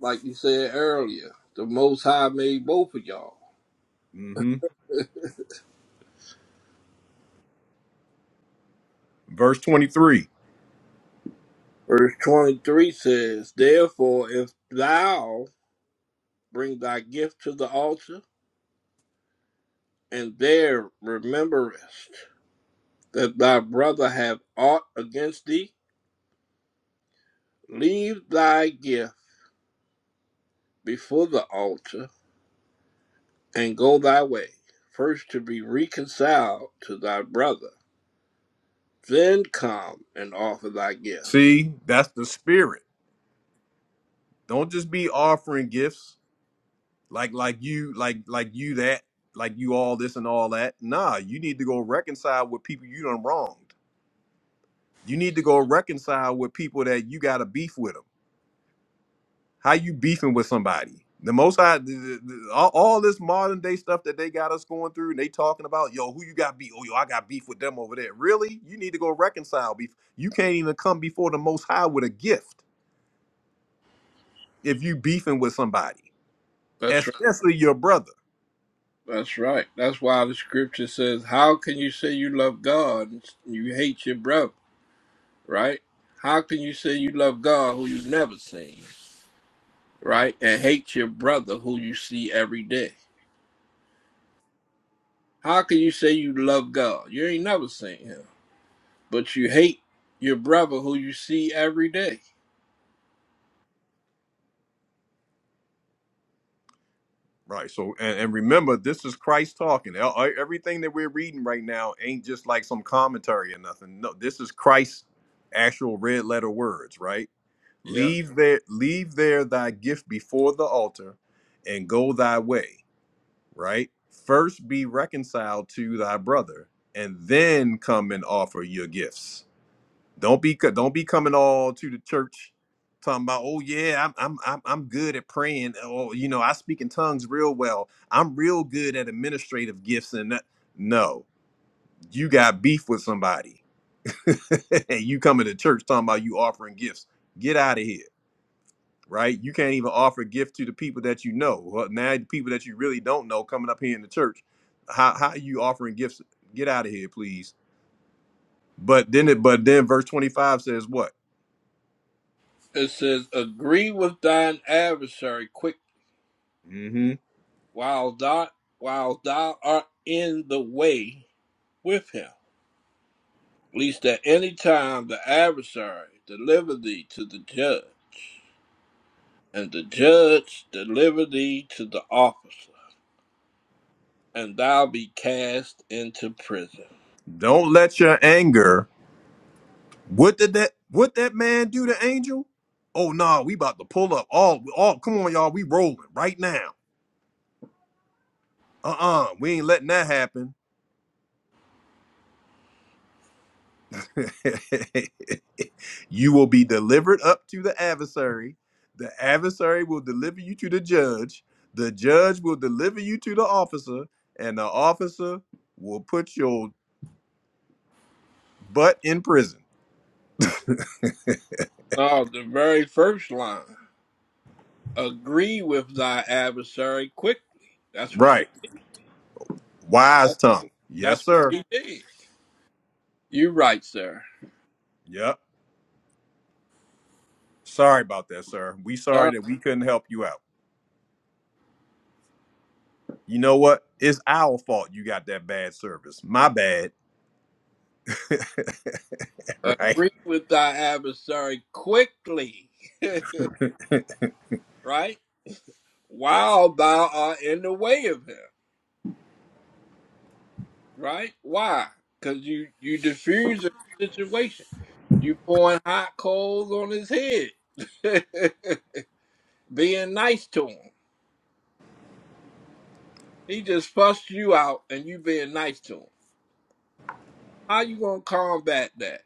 Like you said earlier, the most high made both of y'all. hmm Verse 23. Verse 23 says, Therefore, if thou bring thy gift to the altar, and there rememberest that thy brother hath aught against thee, leave thy gift before the altar, and go thy way, first to be reconciled to thy brother, then come and offer thy gift. See, that's the spirit. Don't just be offering gifts like like you like like you that like you all this and all that. Nah, you need to go reconcile with people you done wronged. You need to go reconcile with people that you got a beef with them. How you beefing with somebody? The most I the, the, the- all, all this modern day stuff that they got us going through, and they talking about yo, who you got beef? Oh, yo, I got beef with them over there. Really? You need to go reconcile beef. You can't even come before the Most High with a gift if you beefing with somebody, That's right. especially your brother. That's right. That's why the scripture says, How can you say you love God and you hate your brother? right? How can you say you love God who you've never seen, right? And hate your brother who you see every day? How can you say you love God? You ain't never seen him, but you hate your brother who you see every day. Right. So, and, and remember, this is Christ talking. E- e- Everything that we're reading right now ain't just like some commentary or nothing. No, this is Christ's actual red letter words. Right Yeah. leave there leave there thy gift before the altar and go thy way right first be reconciled to thy brother and then come and offer your gifts don't be co- don't be coming all to the church talking about oh yeah i'm i'm i'm, I'm good at praying oh you know i speak in tongues real well i'm real good at administrative gifts and that. no you got beef with somebody and you coming to church talking about you offering gifts get out of here right? You can't even offer gift to the people that you know. Well, now the people that you really don't know coming up here in the church, how how are you offering gifts? Get out of here, please. But then it, but then verse twenty five says what? It says, agree with thine adversary quick hmm while thou, while thou art in the way with him, lest at any time the adversary deliver thee to the judge, and the judge deliver thee to the officer and thou be cast into prison. Don't let your anger. What did that? What that man do to Angel? Oh no, we about to pull up all all. Come on, y'all, we rolling right now. Uh uh we ain't letting that happen you will be delivered up to the adversary. The adversary will deliver you to the judge. The judge will deliver you to the officer, and the officer will put your butt in prison. Now, the very first line agree with thy adversary quickly. That's what Right. she Wise that- tongue. Yes, that's what sir. she did. You're right, sir. Yep. Sorry about that, sir. We sorry Sir, that we couldn't help you out. You know what? It's our fault you got that bad service. My bad. Right. agree with thy adversary quickly, right? While thou art in the way of him, right? Why? Because you you diffuse the situation. You pouring hot coals on his head, being nice to him. He just fussed you out and you being nice to him. How you gonna combat that?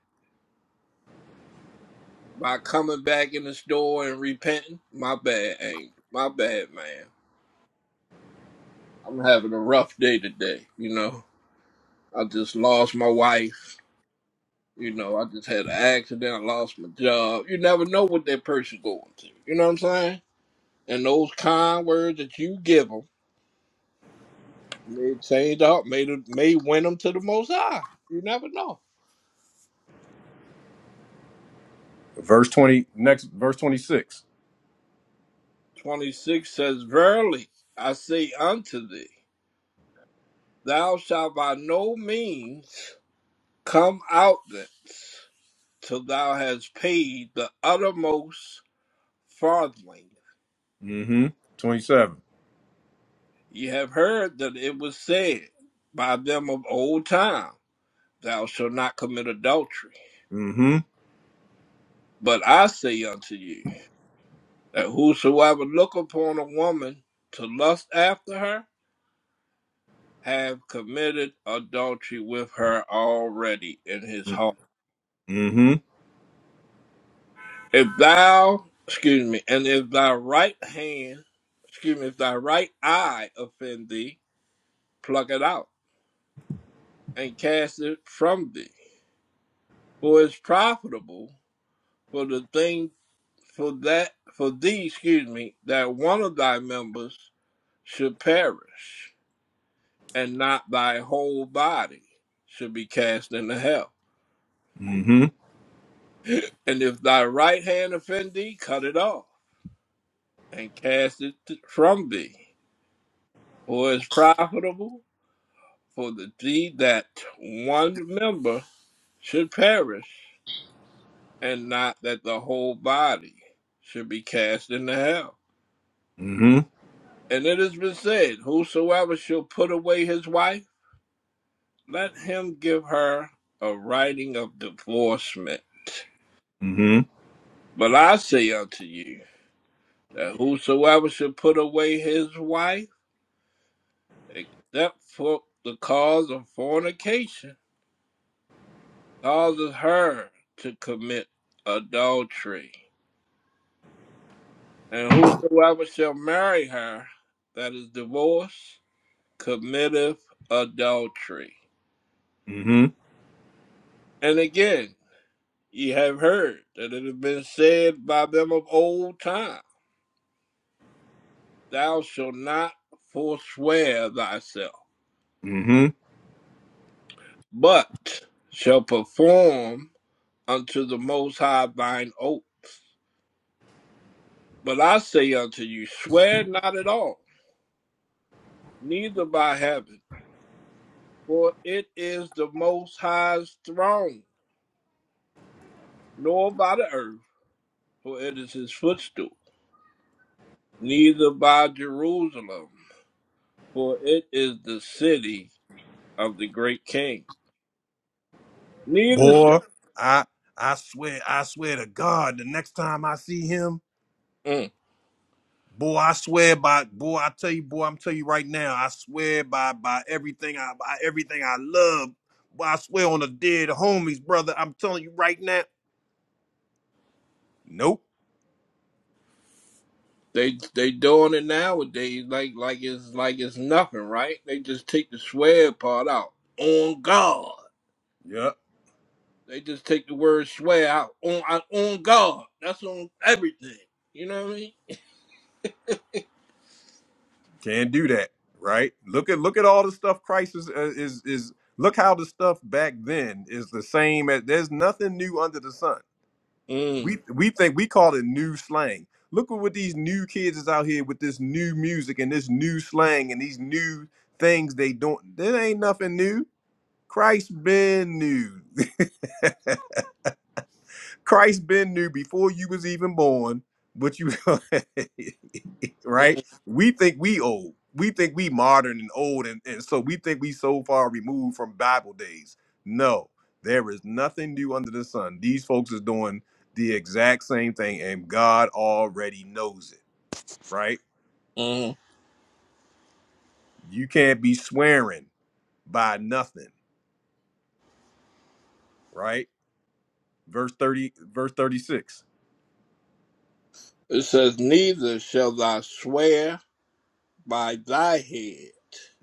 By coming back in the store and repenting? My bad, Angel. My bad, man. I'm having a rough day today, you know. I just lost my wife. You know, I just had an accident. I lost my job. You never know what that person going through. You know what I'm saying? And those kind words that you give them may change up, may, may win them to the most high. You never know. Verse 20, next verse 26. 26 says, Verily I say unto thee, thou shalt by no means come out thence till thou hast paid the uttermost farthing. Mm-hmm. 27. Ye have heard that it was said by them of old time, Thou shalt not commit adultery. Mm-hmm. But I say unto you, that whosoever look upon a woman to lust after her, have committed adultery with her already in his heart. Mm-hmm. If thou, excuse me, and if thy right hand, excuse me, if thy right eye offend thee, pluck it out and cast it from thee. For it's profitable for the thing, for that, for thee, excuse me, that one of thy members should perish, and not thy whole body should be cast into hell. Mm-hmm. And if thy right hand offend thee, cut it off and cast it t- from thee. For it's profitable for the deed that one member should perish, and not that the whole body should be cast into hell. Mm-hmm. And it has been said, Whosoever shall put away his wife, let him give her a writing of divorcement. Mm-hmm. But I say unto you that whosoever shall put away his wife, except for the cause of fornication, causes her to commit adultery And whosoever shall marry her that is divorced committeth adultery. Mm-hmm. And again, ye have heard that it has been said by them of old time, Thou shalt not forswear thyself, Mm-hmm. but shall perform unto the Most High thine oath. But I say unto you, swear not at all, neither by heaven, for it is the Most High's throne, nor by the earth for it is his footstool, neither by Jerusalem, for it is the city of the great king. Neither shall Boy, I I swear, I swear to God, the next time I see him, Mm. boy, I swear by boy, I tell you, boy, I'm telling you right now, I swear by by everything I by everything I love. Boy, I swear on the dead homies, brother. I'm telling you right now. Nope. they they doing it nowadays like like it's like it's nothing, right? They just take the swear part out on God. Yeah, They just take the word swear out on out- on God. That's on everything. You know what I mean? Can't do that. Right? Look at look at all the stuff Christ is uh, is is look how the stuff back then is the same as there's nothing new under the sun We Mm, we think we call it new slang. Look at what these new kids is out here with this new music and this new slang and these new things they don't. There ain't nothing new. Christ been new. Christ been new before you was even born. But you right? mm, We think we old. We think we modern and old, and, and so we think we so far removed from Bible days. No, there is nothing new under the sun. These folks is doing the exact same thing, and God already knows it, right? mm. You can't be swearing by nothing, right? Verse 30, verse 36. It says, "Neither shall thou swear by thy head."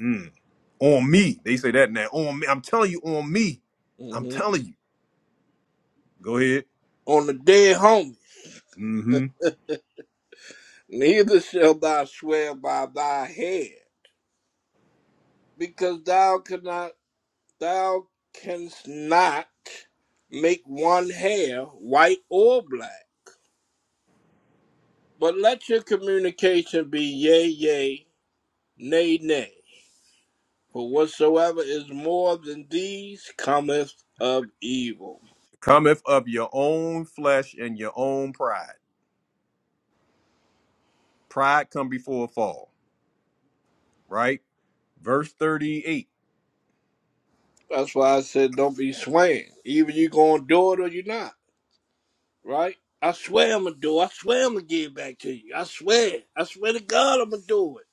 Mm, on me. They say that now. On me. I'm telling you, on me. I'm Mm-hmm. telling you. Go ahead. on the dead homie. Mm-hmm. Neither shall thou swear by thy head, because thou cannot thou canst not make one hair white or black. But let your communication be yea yea, nay nay. For whatsoever is more than these cometh of evil. cometh of your own flesh and your own pride. Pride come before a fall, right? Verse 38. That's why I said don't be swaying. Either you gonna do it or you're not. right? I swear I'm gonna do. it. I swear I'm gonna give it back to you. I swear. I swear to God I'm gonna do it,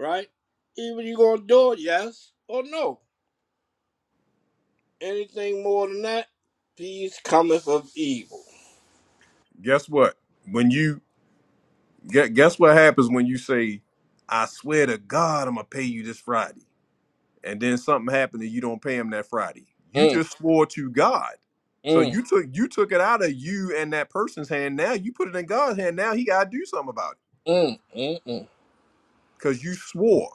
right? Even you gonna do it, yes or no? Anything more than that, peace cometh of evil. Guess what? When you get guess what happens when you say, I swear to God I'm gonna pay you this Friday. And then something happened and you don't pay him that Friday. You Mm, just swore to God. So mm, you took you took it out of you and that person's hand. Now you put it in God's hand. Now he gotta do something about it. mm, mm, mm, Cause you swore.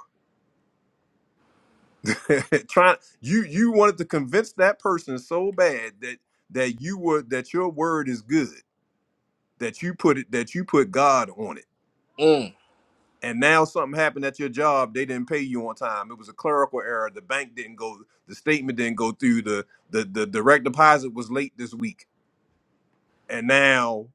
trying you you wanted to convince that person so bad that that you were that your word is good that you put it that you put god on it mm, and now something happened at your job they didn't pay you on time it was a clerical error the bank didn't go the statement didn't go through the the, the direct deposit was late this week and now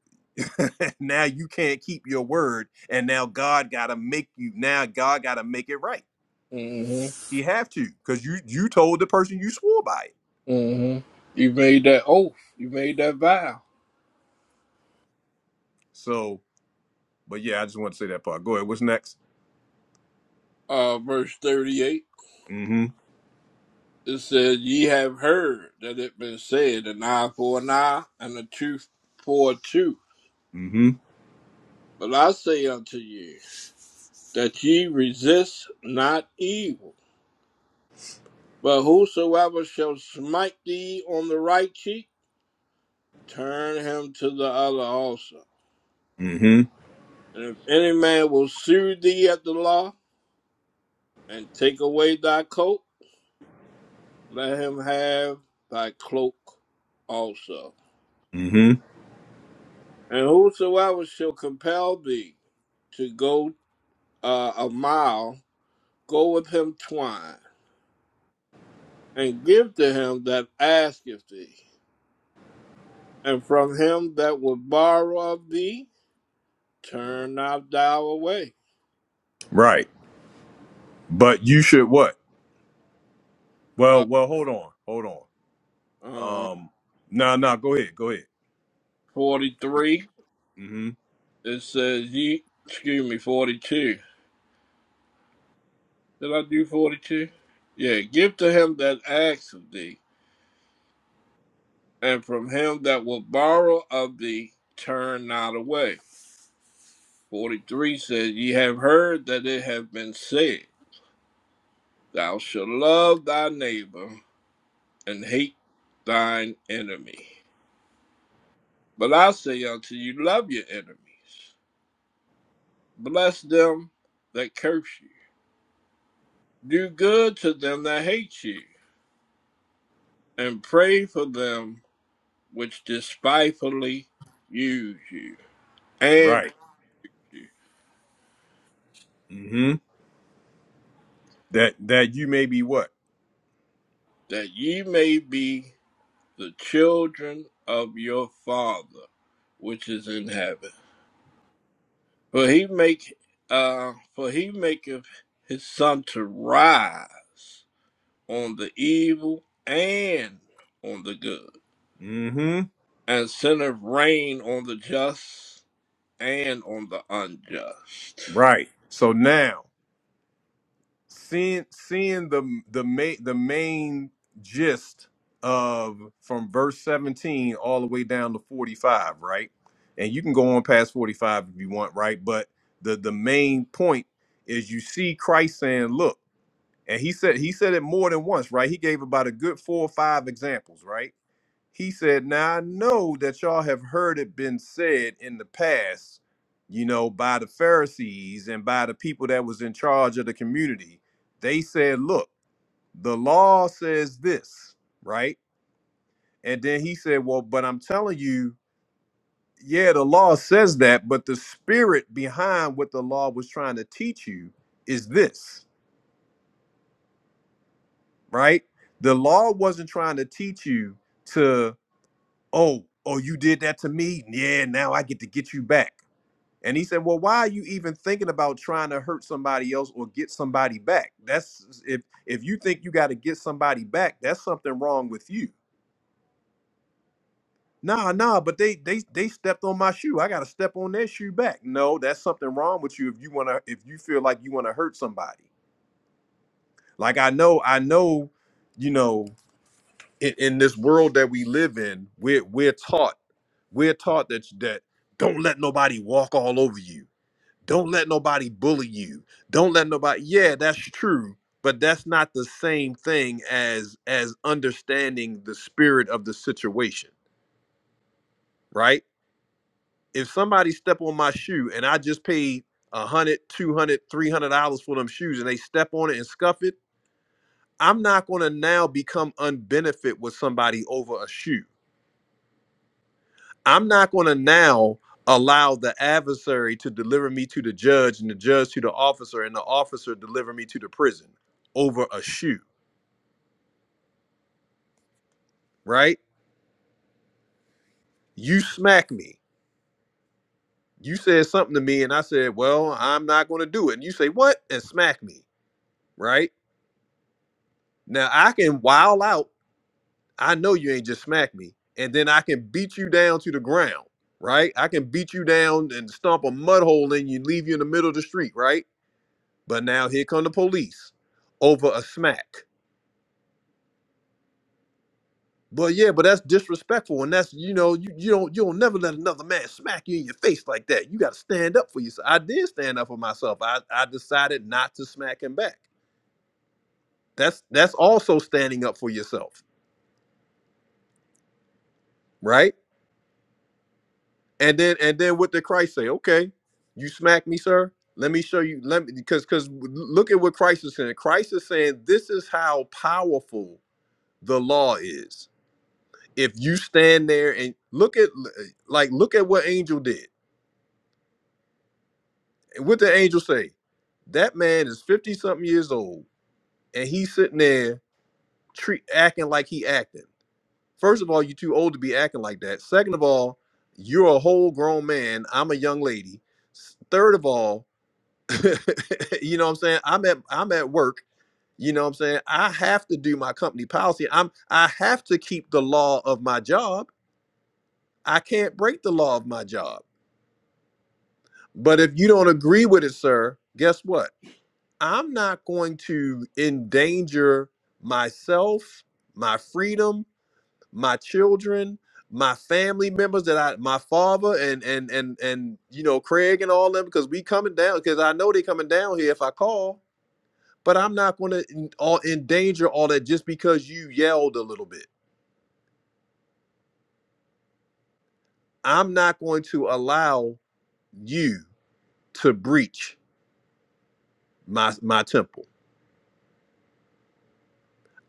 now you can't keep your word and now god gotta make you now god gotta make it right mm-hmm, he have to because you you told the person you swore by it mm-hmm. You made that oath. You made that vow. so But yeah, I just want to say that part. Go ahead. What's next? Uh, verse thirty-eight. Mm-hmm. It says, "Ye have heard that it been said, an eye for an eye, and a tooth for a tooth." Mm-hmm. But I say unto you that ye resist not evil, but whosoever shall smite thee on the right cheek, turn him to the other also. Mm-hmm. And if any man will sue thee at the law and take away thy coat, let him have thy cloak also. Mm-hmm. And whosoever shall compel thee to go uh, a mile, go with him twine, and give to him that asketh thee and from him that would borrow of thee, turn not thou away. Right. But you should what? Well, Uh, well, hold on. Hold on. uh, Um nah, nah, go ahead. Go ahead. 43, Mm-hmm. it says, ye, excuse me, 42. Did I do 42? Yeah, give to him that asks of thee, and from him that will borrow of thee, turn not away. 43 says, Ye have heard that it hath been said, Thou shalt love thy neighbor and hate thine enemy. But I say unto you, love your enemies Bless them that curse you. Do good to them that hate you, and pray for them which despitefully use you and Right. persecute you, Mm-hmm. That that you may be what? that ye may be the children of your Father which is in heaven. For he make uh for he maketh his sun to rise on the evil and on the good, Mm-hmm. and sendeth rain on the just and on the unjust. Right. So now seeing seeing the the main the main gist of from verse 17 all the way down to 45 right and you can go on past 45 if you want right but the the main point is you see christ saying look and he said he said it more than once right he gave about a good four or five examples right he said, Now I know that y'all have heard it been said in the past, you know, by the Pharisees and by the people that was in charge of the community. They said, Look, the law says this, right? And then he said, Well, but I'm telling you, yeah, the law says that, but the spirit behind what the law was trying to teach you is this, right? The law wasn't trying to teach you to, oh, oh, you did that to me. Yeah, now I get to get you back And he said, "Well, why are you even thinking about trying to hurt somebody else or get somebody back? That's if if you think you got to get somebody back, that's something wrong with you." Nah, nah, but they they they stepped on my shoe. I got to step on their shoe back. No, that's something wrong with you if you want to if you feel like you want to hurt somebody. Like I know, I know, you know, in, in this world that we live in, we're we're taught we're taught that that don't let nobody walk all over you Don't let nobody bully you. Don't let nobody. Yeah, that's true, but that's not the same thing as as understanding the spirit of the situation, right? If somebody step on my shoe and I just paid a hundred, two hundred, three hundred dollars for them shoes, and they step on it and scuff it, I'm not going to now become unbenefit with somebody over a shoe I'm not going to now allow the adversary to deliver me to the judge and the judge to the officer and the officer deliver me to the prison over a shoe, right? You smack me. You said something to me and I said, "Well, I'm not going to do it." And you say, "What?" and smack me, right? Now I can wild out. I know you ain't just smack me. And then I can beat you down to the ground, right? I can beat you down and stomp a mud hole in you, leave you in the middle of the street, right? But now here come the police over a smack. But yeah, but that's disrespectful, and that's you know you you don't you don't never let another man smack you in your face like that. You got to stand up for yourself. I did stand up for myself. I I decided not to smack him back. That's that's also standing up for yourself, right? And then and then what did Christ say? Okay, you smack me, sir. Let me show you. Let me because because look at what Christ is saying. Christ is saying this is how powerful the law is if you stand there and look at like look at what angel did and what the angel say that man is 50 something years old and he's sitting there treat acting like he acting first of all you're too old to be acting like that second of all you're a whole grown man i'm a young lady S- third of all you know what i'm saying i'm at i'm at work you know what i'm saying i have to do my company policy i'm i have to keep the law of my job i can't break the law of my job But if you don't agree with it, sir, guess what? I'm not going to endanger myself, my freedom, my children, my family members that I my father and and and and you know Craig and all them because we coming down because I know they coming down here if I call, but I'm not going to all endanger all that just because you yelled a little bit. I'm not going to allow you to breach my my temple.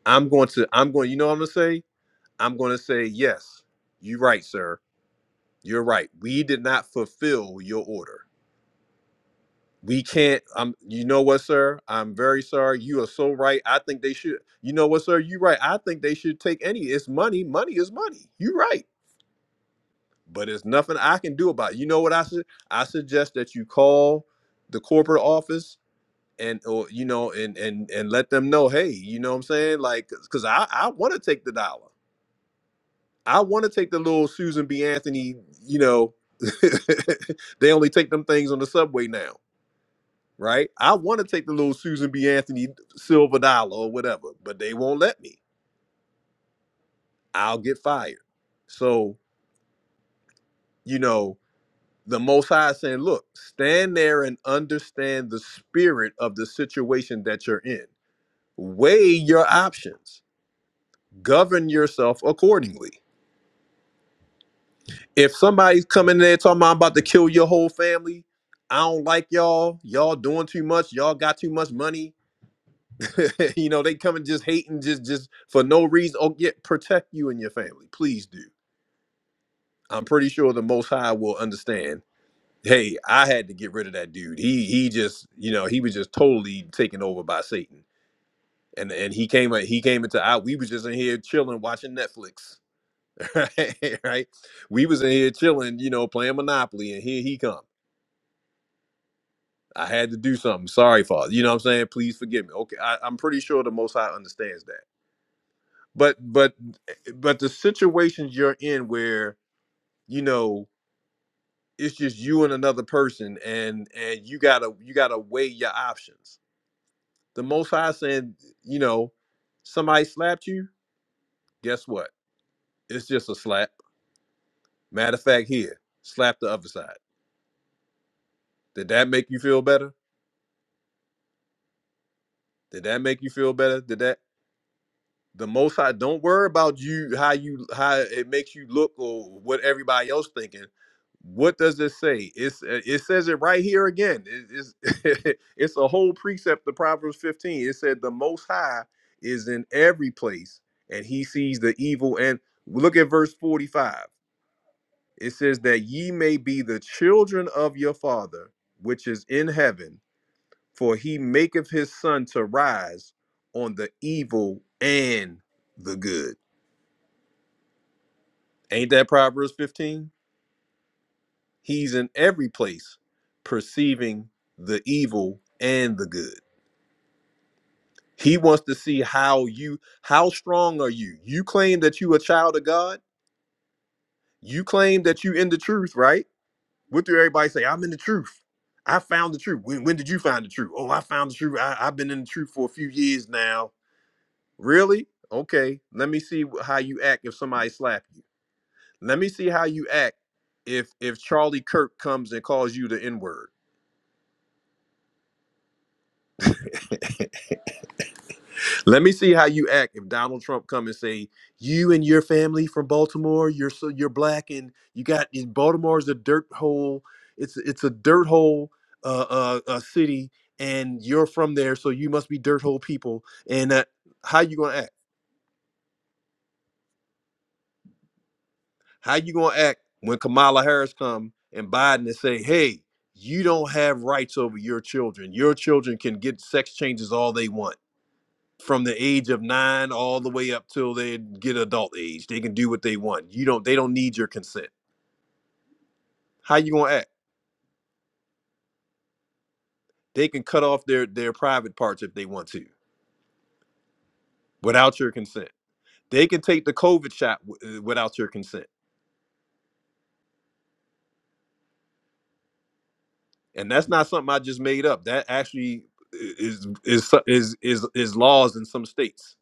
I'm going to I'm going you know what I'm going to say? I'm going to say, yes, you're right, sir. You're right. We did not fulfill your order. We can't. Um, you know what, sir? I'm very sorry. You are so right. I think they should. You know what, sir? You're right. I think they should take any. It's money. Money is money. You're right. But it's nothing I can do about. It. You know what I said? I suggest that you call the corporate office and or you know and and and let them know. Hey, you know what I'm saying? Like, cause I I want to take the dollar. I want to take the little Susan B. Anthony, you know, they only take them things on the subway now, right? I want to take the little Susan B. Anthony silver dollar or whatever, but they won't let me. I'll get fired. So, you know, the Most High is saying, look, stand there and understand the spirit of the situation that you're in. Weigh your options, govern yourself accordingly. if somebody's coming in there talking about I'm about to kill your whole family, I don't like y'all. Y'all doing too much. Y'all got too much money. you know, they come and just hating just just for no reason. Oh, yeah, protect you and your family. Please do. I'm pretty sure the most high will understand. Hey, I had to get rid of that dude. He he just, you know, he was just totally taken over by Satan. And and he came he came into out. We was just in here chilling, watching Netflix. right? Right? We was in here chilling, you know, playing Monopoly, and here he come. I had to do something. Sorry, Father. You know what I'm saying? Please forgive me. Okay, I, I'm pretty sure the Most High understands that. But but eh, but the situations you're in where you know it's just you and another person, and and you gotta you gotta weigh your options. The Most High is saying, you know, somebody slapped you. Guess what? It's just a slap. Matter of fact, here, slap the other side. Did that make you feel better? Did that make you feel better? Did that? The Most High don't worry about you how you how it makes you look or what everybody else thinking. What does it say? It's uh, it says it right here again. It- it's it's a whole precept of Proverbs 15. It said the Most High is in every place, and He sees the evil. And look at verse 45. It says that ye may be the children of your Father which is in heaven, for He maketh His sun to rise on the evil and the good. Ain't that Proverbs 15? He's in every place perceiving the evil and the good. He wants to see how you how strong are you? You claim that you a child of God? You claim that you in the truth, right? What do everybody say? I'm in the truth. I found the truth. When, when did you find the truth? Oh, I found the truth. I, I've been in the truth for a few years now. Really? Okay. Let me see wh- how you act if somebody slap you. Let me see how you act if if Charlie Kirk comes and calls you the N word. Let me see how you act if Donald Trump come and say you and your family from Baltimore, you're so you're black and you got Baltimore is a dirt hole. It's it's a dirt hole uh, uh, uh, city, and you're from there, so you must be dirt hole people. And that, how you gonna act? How you gonna act when Kamala Harris come and Biden and say, hey, you don't have rights over your children. Your children can get sex changes all they want from the age of nine all the way up till they get adult age. They can do what they want. You don't. They don't need your consent. How you gonna act? They can cut off their their private parts if they want to without your consent. They can take the COVID shot w- uh, without your consent, and that's not something I just made up. That actually uh, is is so- is is is laws in some states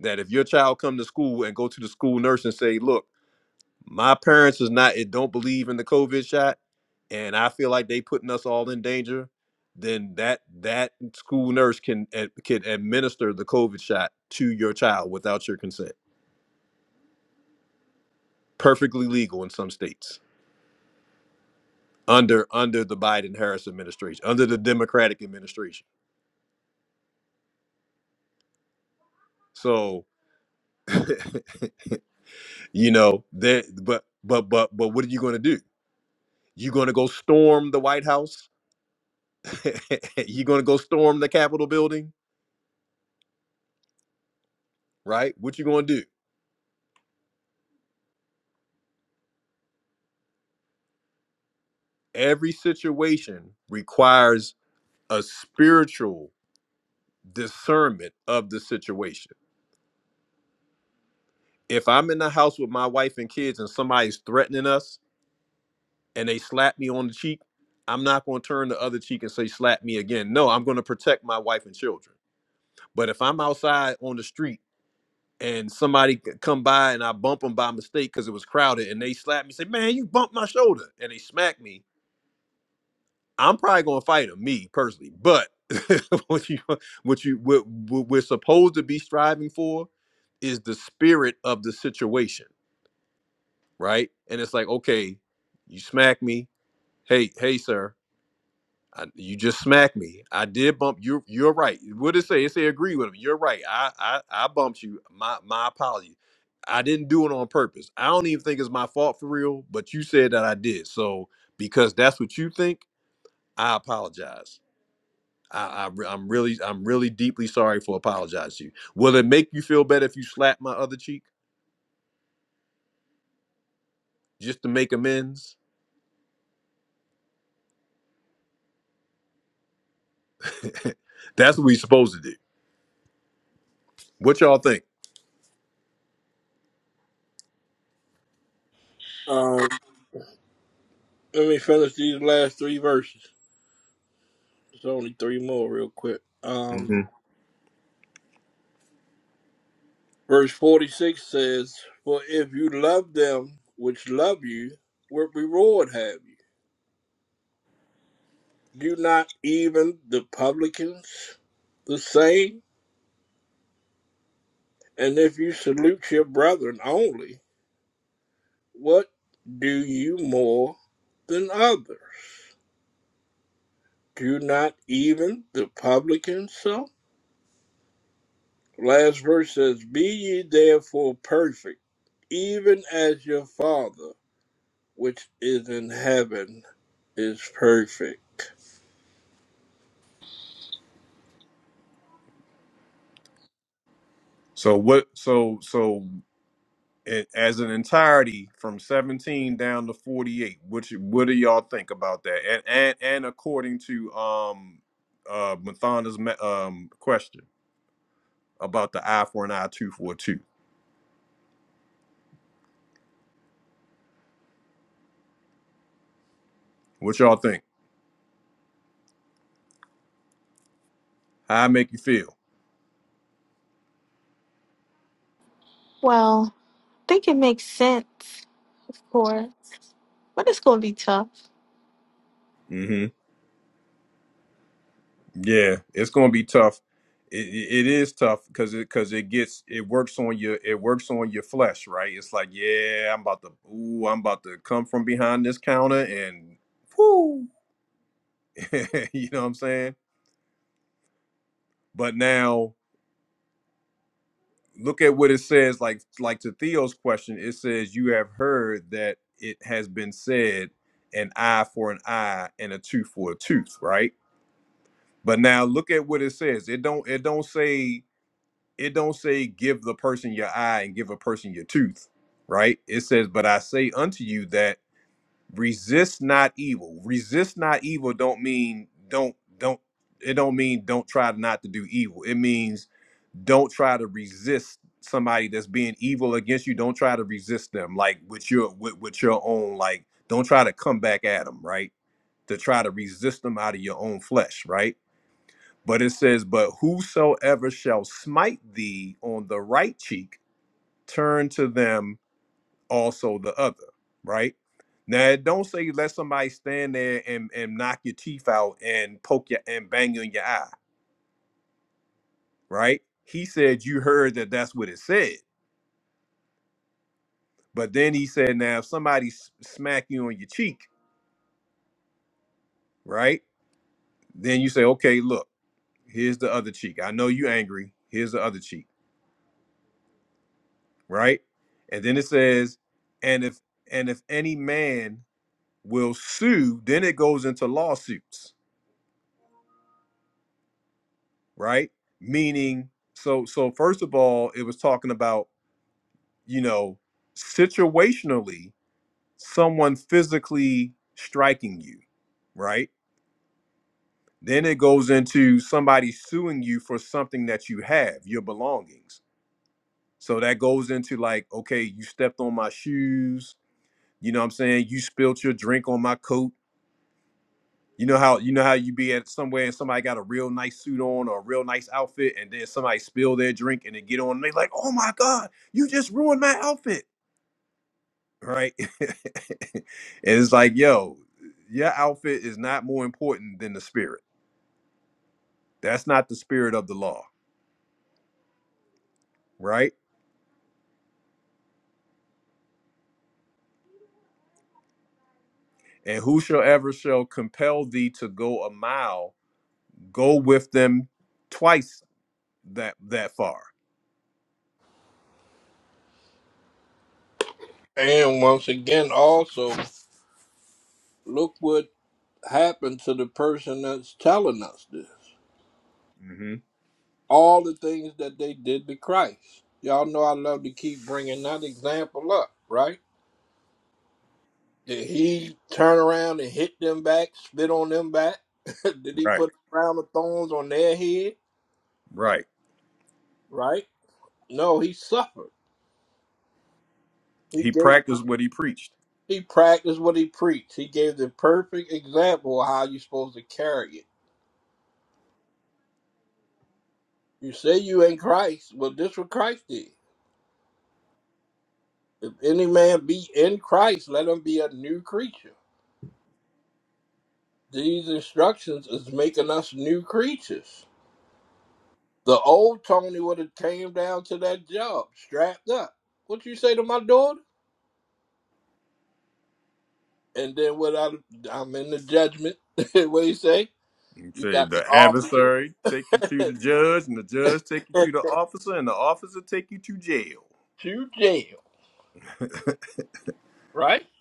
that if your child come to school and go to the school nurse and say, "Look." My parents is not it don't believe in the COVID shot, and I feel like they putting us all in danger. Then that that school nurse can ad- can administer the COVID shot to your child without your consent. Perfectly legal in some states under under the Biden Harris administration, under the Democratic administration. So you know that, but but but but what are you going to do? You going to go storm the White House? you going to go storm the Capitol building? Right? What you going to do? every situation requires a spiritual discernment of the situation. If I'm in the house with my wife and kids and somebody's threatening us and they slap me on the cheek, I'm not going to turn the other cheek and say, slap me again. No, I'm going to protect my wife and children. But if I'm outside on the street and somebody c- come by and I bump them by mistake because it was crowded and they slap me, say, man, you bumped my shoulder. And they smack me I'm probably gonna fight him, me personally. But what you what you what, what we're supposed to be striving for is the spirit of the situation, right? And it's like, okay, you smack me. Hey, hey, sir, I, you just smacked me. I did bump you. You're right. What it say? It say agree with him. You're right. I I I bumped you. My my apology. I didn't do it on purpose. I don't even think it's my fault for real. But you said that I did. So because that's what you think, I apologize I, I, I'm really, I'm really deeply sorry for apologizing to you. Will it make you feel better if you slap my other cheek just to make amends? That's what we supposed to do. What y'all think? Um, let me finish these last three verses. It's only three more, real quick. Um, hmm verse 46 says, For if you love them which love you, what reward have you? Do not even the publicans the same? And if you salute your brethren only, what do you more than others? Do not even the publicans so? Last verse says, Be ye therefore perfect, even as your Father which is in heaven is perfect. So what? So so a- as an entirety from 17 down to 48. What you- what do y'all think about that? And and and according to um uh Mathana's me- um question about the eye for an eye, two for a two. What y'all think? How I make you feel? Well, think it makes sense, of course, but it's gonna be tough. Yeah, it's going to be tough. It, it it is tough because it because it gets it works on your it works on your flesh, right? It's like, yeah, I'm about to ooh, I'm about to come from behind this counter and whoo, you know what I'm saying? But now look at what it says. Like like to Theo's question, it says you have heard that it has been said, an eye for an eye and a tooth for a tooth, right? But now look at what it says. It don't it don't say it don't say give the person your eye and give a person your tooth, right? It says, but I say unto you that resist not evil. Resist not evil don't mean don't don't it don't mean don't try not to do evil. It means don't try to resist somebody that's being evil against you. Don't try to resist them like with your with, with your own like don't try to come back at them, right? To try to resist them out of your own flesh, right? But it says, But whosoever shall smite thee on the right cheek, turn to them also the other, right? Now it don't say let somebody stand there and, and knock your teeth out and poke your and bang you in your eye, right? He said you heard that that's what it said. But then he said, now if somebody s- smack you on your cheek, right? Then you say, okay, look, here's the other cheek. I know you angry. Here's the other cheek right? And then it says, and if and if any man will sue, then it goes into lawsuits, right? Meaning, so so first of all, it was talking about, you know, situationally, someone physically striking you, right? Then it goes into somebody suing you for something that you have, your belongings. So that goes into like, okay, you stepped on my shoes, you know what I'm saying? You spilled your drink on my coat You know how you know how you be at somewhere and somebody got a real nice suit on or a real nice outfit, and then somebody spill their drink and they get on and they like, "Oh my god, you just ruined my outfit!" Right? and it's like, yo, your outfit is not more important than the spirit. That's not the spirit of the law, right? And whosoever shall compel thee to go a mile, go with them twice that that far. And once again, also, look what happened to the person that's telling us this. Mhm. All the things that they did to Christ. Y'all know I love to keep bringing that example up, right? Did he turn around and hit them back, spit on them back? did he Right, put a crown of thorns on their head, right. right? No, he suffered. He He gave practiced what he preached. he practiced what he preached. He gave the perfect example of how you're supposed to carry it. You say you ain't Christ. Well, this what Christ did. If any man be in Christ, let him be a new creature. These instructions is making us new creatures. The old Tony would have came down to that job strapped up. What you say to my daughter? And then what I, I'm in the judgment. what he say? You You Say got the the officer. adversary take you to the judge, and the judge take you to the officer, and the officer take you to jail. shoot jail, right?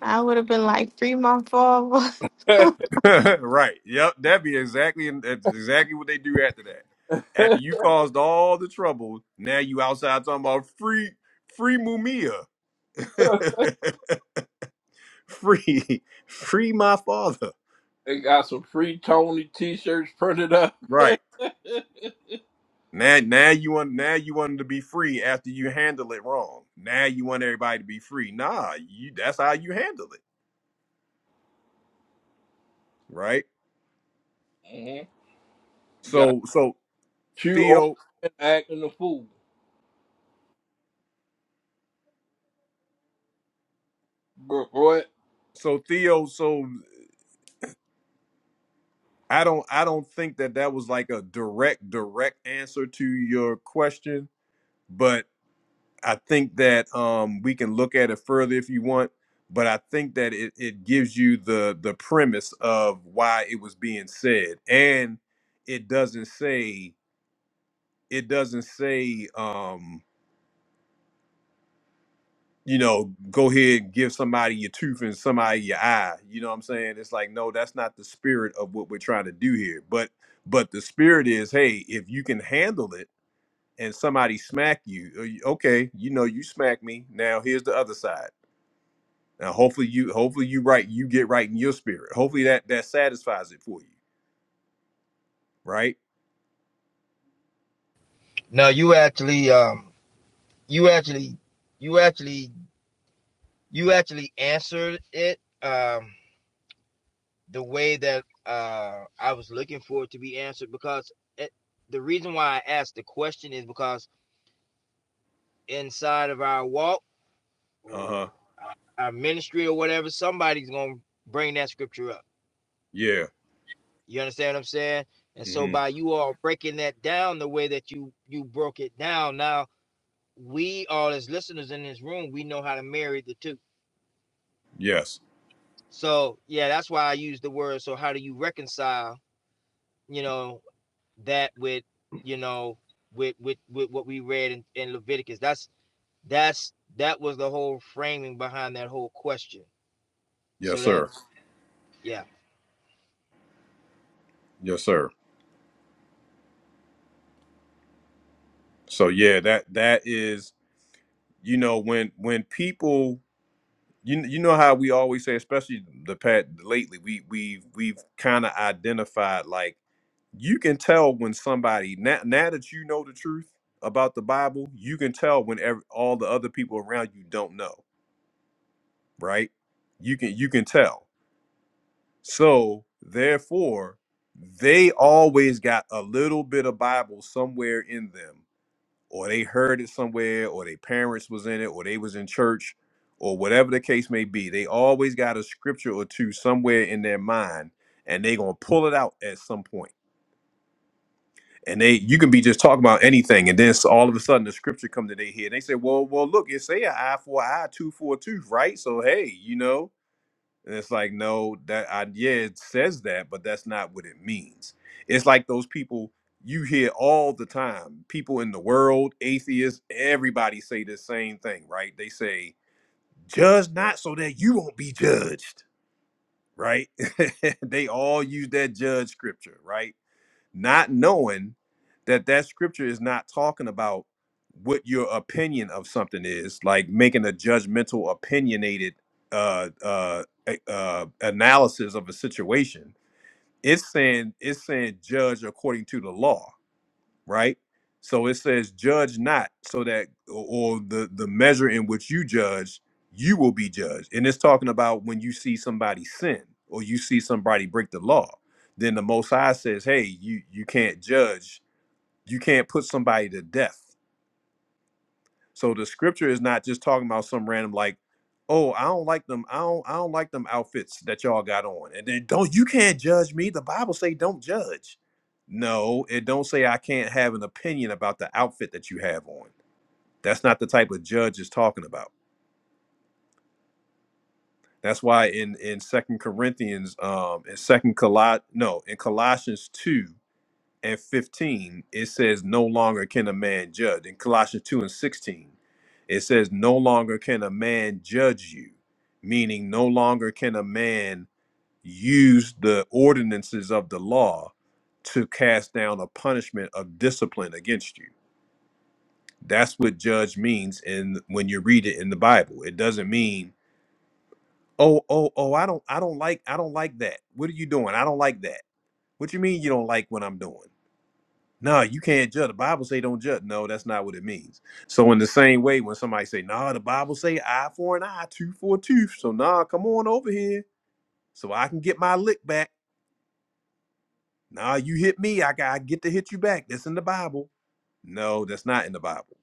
I would have been like three month off. I right? Yep, that'd be exactly that's exactly what they do after that. After you caused all the trouble, now you outside talking about free, free Mumia, free, free my father. They got some free Tony t-shirts printed up. hmm Right now, now you want now you wanted to be free after you handle it wrong. Now you want everybody to be free. Nah, you that's how you handle it, right? You got So so chew over Theo. and acting a fool. But what? So Theo. So I don't. I don't think that that was like a direct, direct answer to your question, but I think that um we can look at it further if you want. But I think that it, it gives you the the premise of why it was being said, and it doesn't say it doesn't say. um you know, go ahead and give somebody your tooth and somebody your eye. You know what I'm saying? It's like, no, that's not the spirit of what we're trying to do here. But but the spirit is, hey, if you can handle it and somebody smack you, uh, you- okay, you know, you smack me. Now here's the other side. Now hopefully you hopefully you right, you get right in your spirit. Hopefully that that satisfies it for you, right? No, you actually, um, you actually, you actually, you actually answered it um, the way that uh, I was looking for it to be answered. Because it, the reason why I asked the question is because inside of our walk, or Uh-huh. our ministry or whatever, somebody's gonna bring that scripture up. Yeah. You understand what I'm saying? And so hmm by you all breaking that down the way that you you broke it down, now we all as listeners in this room, we know how to marry the two. Yes. So yeah, that's why I use the word. So how do you reconcile, you know, that with, you know, with with with what we read in, in Leviticus? That's that's that was the whole framing behind that whole question. So Yes, that sir. yeah. Yes, sir. So yeah, that that is, you know, when when people you you know how we always say, especially the pat lately, we we we've kind of identified like you can tell when somebody now now that you know the truth about the Bible, you can tell when ev- all the other people around you don't know, right? You can you can tell. So therefore, they always got a little bit of Bible somewhere in them or they heard it somewhere or their parents was in it or they was in church or whatever the case may be they always got a scripture or two somewhere in their mind and they gonna pull it out at some point point. and they you can be just talking about anything and then s- all of a sudden the scripture come to their head they say well well look it say an eye for an eye two for a tooth right so hey you know and it's like, no, that I yeah, it says that, but that's not what it means. It's like those people you hear all the time. People in the world, atheists, everybody say the same thing, right? They say, judge not so that you won't be judged, right? they all use that judge scripture, right? not knowing that that scripture is not talking about what your opinion of something is like making a judgmental opinionated uh uh a- uh analysis of a situation it's saying it's saying judge according to the law right? So it says, judge not, so that or the the measure in which you judge, you will be judged. And it's talking about when you see somebody sin or you see somebody break the law. Then the Most High says, hey, you you can't judge, you can't put somebody to death so the scripture is not just talking about some random like, oh, I don't like them. I don't I don't like them outfits that y'all got on. And then don't you can't judge me. The Bible say don't judge. No, it don't say I can't have an opinion about the outfit that you have on. That's not the type of judge it's talking about. That's why in in Second Corinthians, um, in Second Col no, in Colossians two, and 15, it says, No longer can a man judge. In Colossians 2 and 16, it says, No longer can a man judge you, meaning no longer can a man use the ordinances of the law to cast down a punishment of discipline against you. That's what judge means in when you read it in the Bible. It doesn't mean, oh, oh, oh, I don't I don't like I don't like that. What are you doing? I don't like that. What you mean you don't like what I'm doing? No, you can't judge. The Bible say don't judge. No, that's not what it means. So in the same way, when somebody say, "No, the Bible say eye for an eye, tooth for a tooth," so nah, come on over here, so I can get my lick back. Nah, you hit me, I got I get to hit you back. That's in the Bible. No, that's not in the Bible.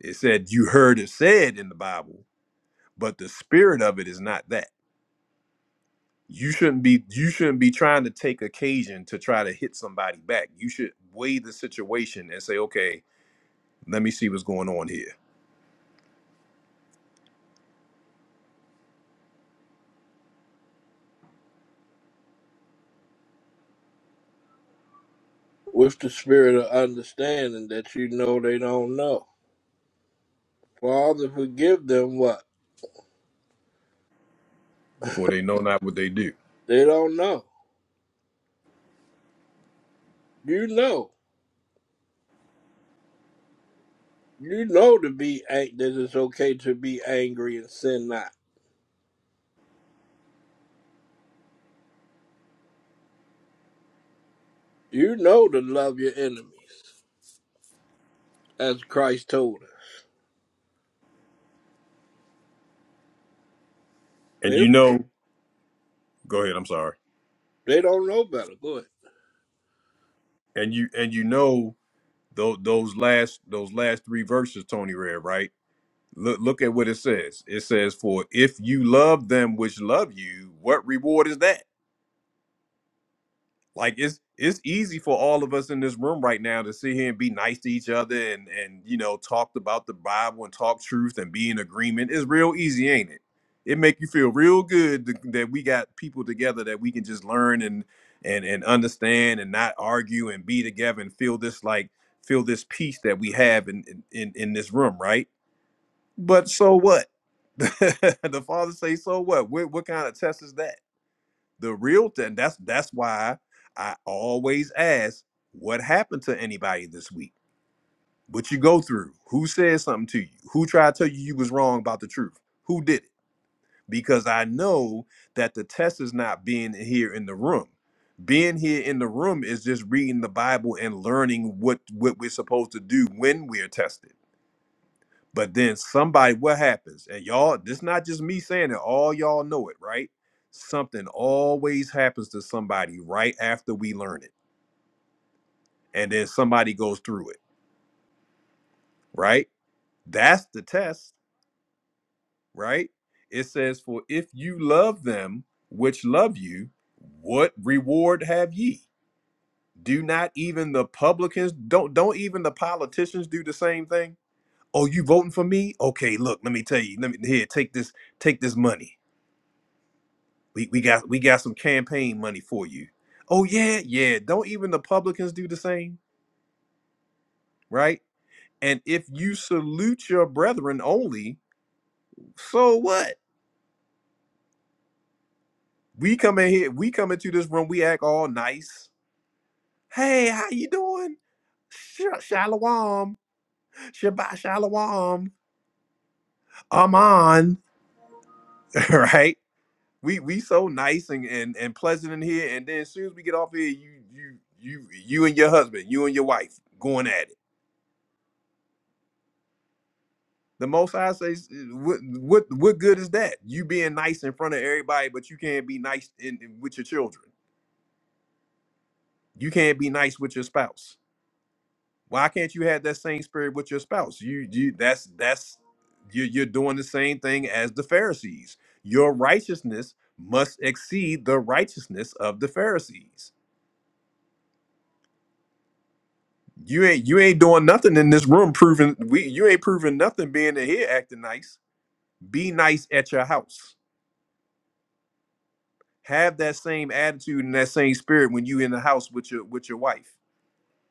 It said you heard it said in the Bible, but the spirit of it is not that. You shouldn't be you shouldn't be trying to take occasion to try to hit somebody back. You should weigh the situation and say, okay, let me see what's going on here With the spirit of understanding that you know they don't know. Father, forgive them what? for they know not what they do. They don't know. You know. You know to be ang- that it's okay to be angry and sin not. You know to love your enemies, as Christ told her. They And you don't, know, go ahead. I'm sorry. they don't know better. Go ahead. And you and you know those those last those last three verses, Tony read right. Look look at what it says. It says, "For if you love them which love you, what reward is that?" Like it's it's easy for all of us in this room right now to sit here and be nice to each other and and you know talk about the Bible and talk truth and be in agreement. It's real easy, ain't it? It make you feel real good th- that we got people together that we can just learn and and and understand and not argue and be together and feel this like feel this peace that we have in in in in this room, right? But so what? the father say, so what? What what kind of test is that? The real thing that's that's why I always ask what happened to anybody this week? What you go through? Who said something to you? Who tried to tell you you was wrong about the truth? Who did it? Because I know that the test is not being here in the room. Being here in the room is just reading the Bible and learning what what we're supposed to do when we're tested but then somebody, what happens? And y'all, this not just me saying it, all y'all know it, right? Something always happens to somebody right after we learn it. And then somebody goes through it, right? That's the test, right? It says, For if you love them which love you, what reward have ye? Do not even the publicans, don't don't even the politicians do the same thing? Oh, you voting for me? Okay, look, let me tell you. Let me here, take this, take this money we, we got we got some campaign money for you. Oh yeah, yeah. Don't even the publicans do the same, right? And if you salute your brethren only, so what? We come in here, we come into this room, we act all nice. Hey, how you doing? Sh- Shalom, Shabbat Shalom, Aman, right? We we so nice and, and and pleasant in here, and then as soon as we get off here, you you you you and your husband, you and your wife going at it The Most High says, "Uh, "What what what good is that? You being nice in front of everybody, but you can't be nice in, in- with your children. You can't be nice with your spouse. Why can't you have that same spirit with your spouse? You you that's that's you you're doing the same thing as the Pharisees. Your righteousness must exceed the righteousness of the Pharisees. You ain't you ain't doing nothing in this room proving we you ain't proving nothing being in here acting nice. Be nice at your house have that same attitude and that same spirit when you in the house with your with your wife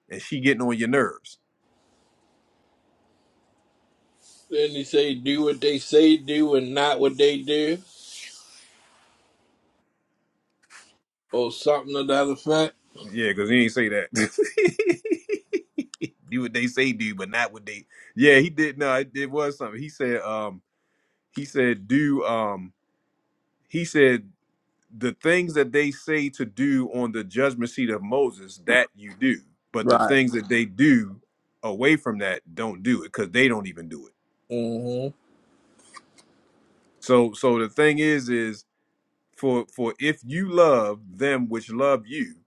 and she getting on your nerves. Then he say, do what they say do and not what they do. or something to that effect. Yeah, because he ain't say that. do what they say do, but not what they. Yeah, he did. No, it, it was something. He said. Um, he said do. Um, he said the things that they say to do on the judgment seat of Moses that you do, but the Right. things that they do away from that don't do it because they don't even do it. Mm-hmm. So, so the thing is, is For for if you love them which love you,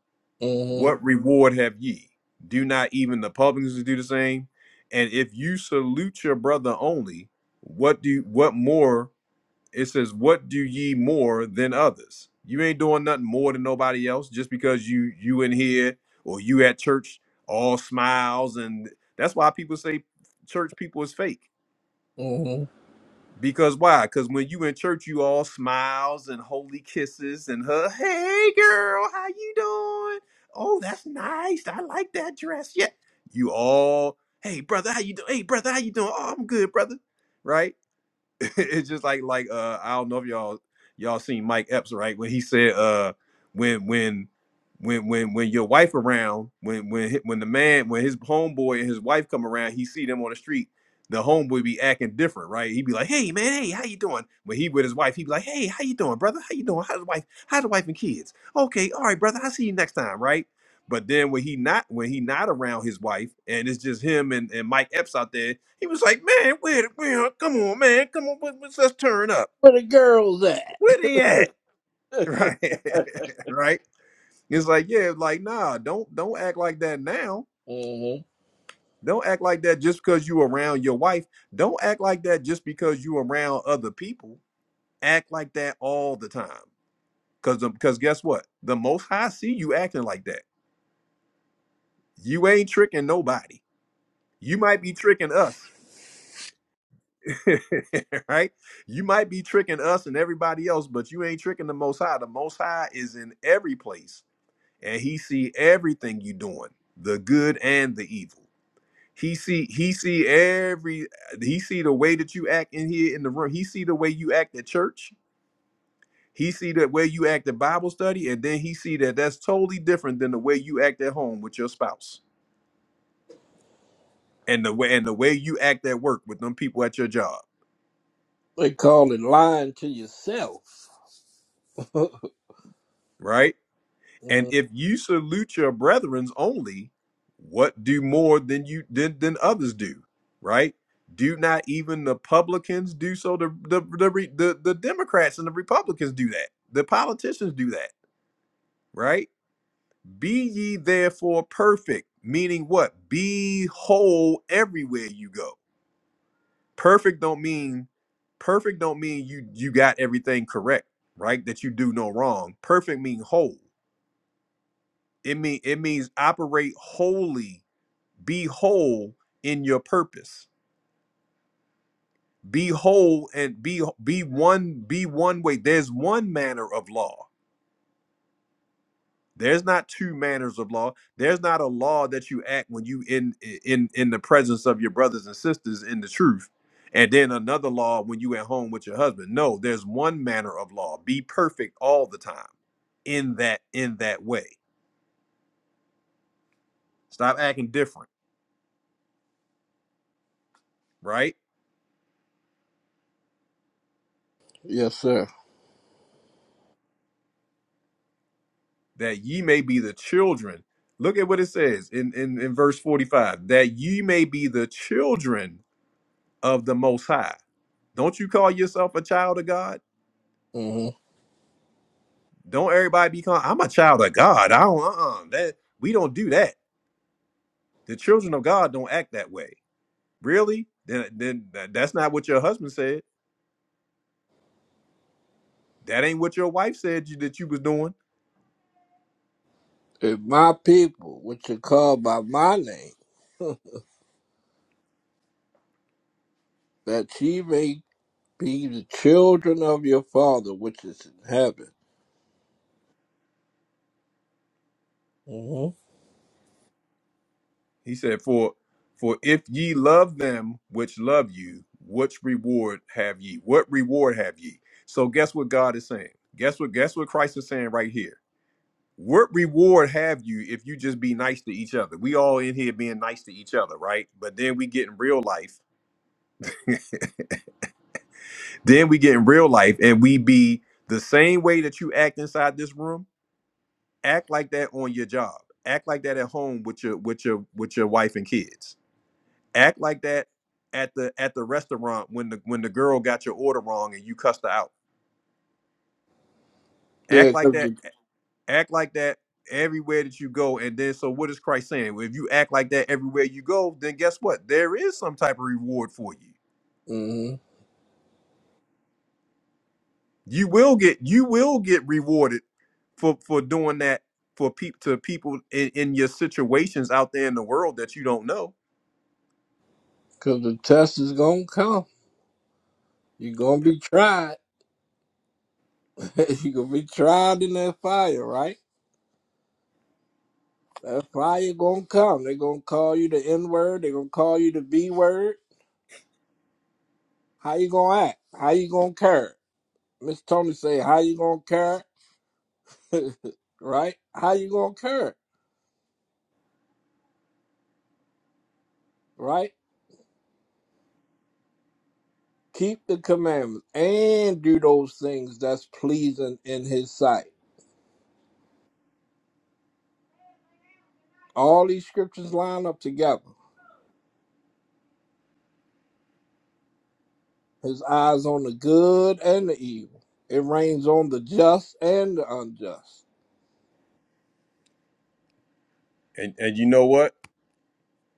what Mm-hmm. reward have ye? Do not even the publicans do the same? And if you salute your brother only, what do what more? It says, what do ye more than others? You ain't doing nothing more than nobody else just because you you in here or you at church all smiles and that's why people say church people is fake Mm-hmm. because why? Because when you in church, you all smiles and holy kisses and her, hey girl, how you doing? Oh, that's nice. I like that dress. Yeah. You all, hey brother, how you doing? Hey brother, how you doing? Oh, I'm good, brother. Right? it's just like like uh I don't know if y'all y'all seen Mike Epps right when he said uh when when when when when your wife around when when hi- when the man when his homeboy and his wife come around he see them on the street the homeboy be acting different right he be like hey man hey how you doing when he with his wife he be like hey how you doing brother how you doing how's the wife how's the wife and kids okay all right brother I'll see you next time right but then when he not when he not around his wife and it's just him and, and Mike Epps out there he was like, man, where, where, come on, man, come on, let- let's, let's turn up. Where the girls at? Where they at? Right, right. It's like, yeah, like, nah, don't, don't act like that now. Mm-hmm. Don't act like that just because you around your wife. Don't act like that just because you around other people. Act like that all the time. Cause, um, cause guess what? The Most High see you acting like that. You ain't tricking nobody. You might be tricking us, right? You might be tricking us and everybody else, but you ain't tricking the Most High. The Most High is in every place, and He see everything you doing, the good and the evil. He see He see every He see the way that you act in here in the room. He see the way you act at church. He see the way you act at Bible study, and then He see that that's totally different than the way you act at home with your spouse, and the way and the way you act at work with them people at your job, They call it lying to yourself. right? And Mm. if you salute your brethrens only, what do more than you than, than others do? Right? Do not even the publicans do so? The the the, re- the the Democrats and the Republicans do that. The politicians do that. Right? Be ye therefore perfect, meaning what? Be whole everywhere you go. Perfect don't mean perfect don't mean you you got everything correct, right? That you do no wrong. Perfect mean whole. It mean it means operate wholly be whole in your purpose be whole and be be one be one way there's one manner of law there's not two manners of law there's not a law that you act when you in in in the presence of your brothers and sisters in the truth and then another law when you at home with your husband no there's one manner of law be perfect all the time in that in that way stop acting different right Yes, sir. that ye may be the children. Look at what it says in, in, in verse 45 that ye may be the children of the Most High. Don't you call yourself a child of God? Mm-hmm. Don't everybody be calling, I'm a child of God. I don't, uh-uh. That, we don't do that. The children of God don't act that way. Really? Then, then that- that's not what your husband said. That ain't what your wife said you, that you was doing If my people, which are called by my name, that ye may be the children of your Father which is in heaven. Mm-hmm. He said, "For for if ye love them which love you, which reward have ye? What reward have ye?" So guess what God is saying? Guess what? Guess what Christ is saying right here? What reward have you if you just be nice to each other? We all in here being nice to each other, right? But then we get in real life. Then we get in real life and we be the same way that you act inside this room. Act like that on your job. Act like that at home with your with your with your wife and kids Act like that at the at the restaurant when the when the girl got your order wrong and you cussed her out. Yeah, Act like because that. the, Act like that everywhere that you go. And then so what is Christ saying? Well, If you act like that everywhere you go, then guess what? There is some type of reward for you. mhm. You will get you will get rewarded for for doing that for people to people in, in your situations out there in the world that you don't know. 'Cause the test is going to come. You're going to be tried. You're going to be tried in that fire, right? That fire gonna come. they gonna call you the N word. they gonna call you the B word. How you gonna act? How you gonna care? Miss Tony say, how you gonna care? right? How you gonna care? Right? Keep the commandments and do those things that's pleasing in His sight. All these scriptures line up together. His eyes on the good and the evil. It rains on the just and the unjust. And and you know what?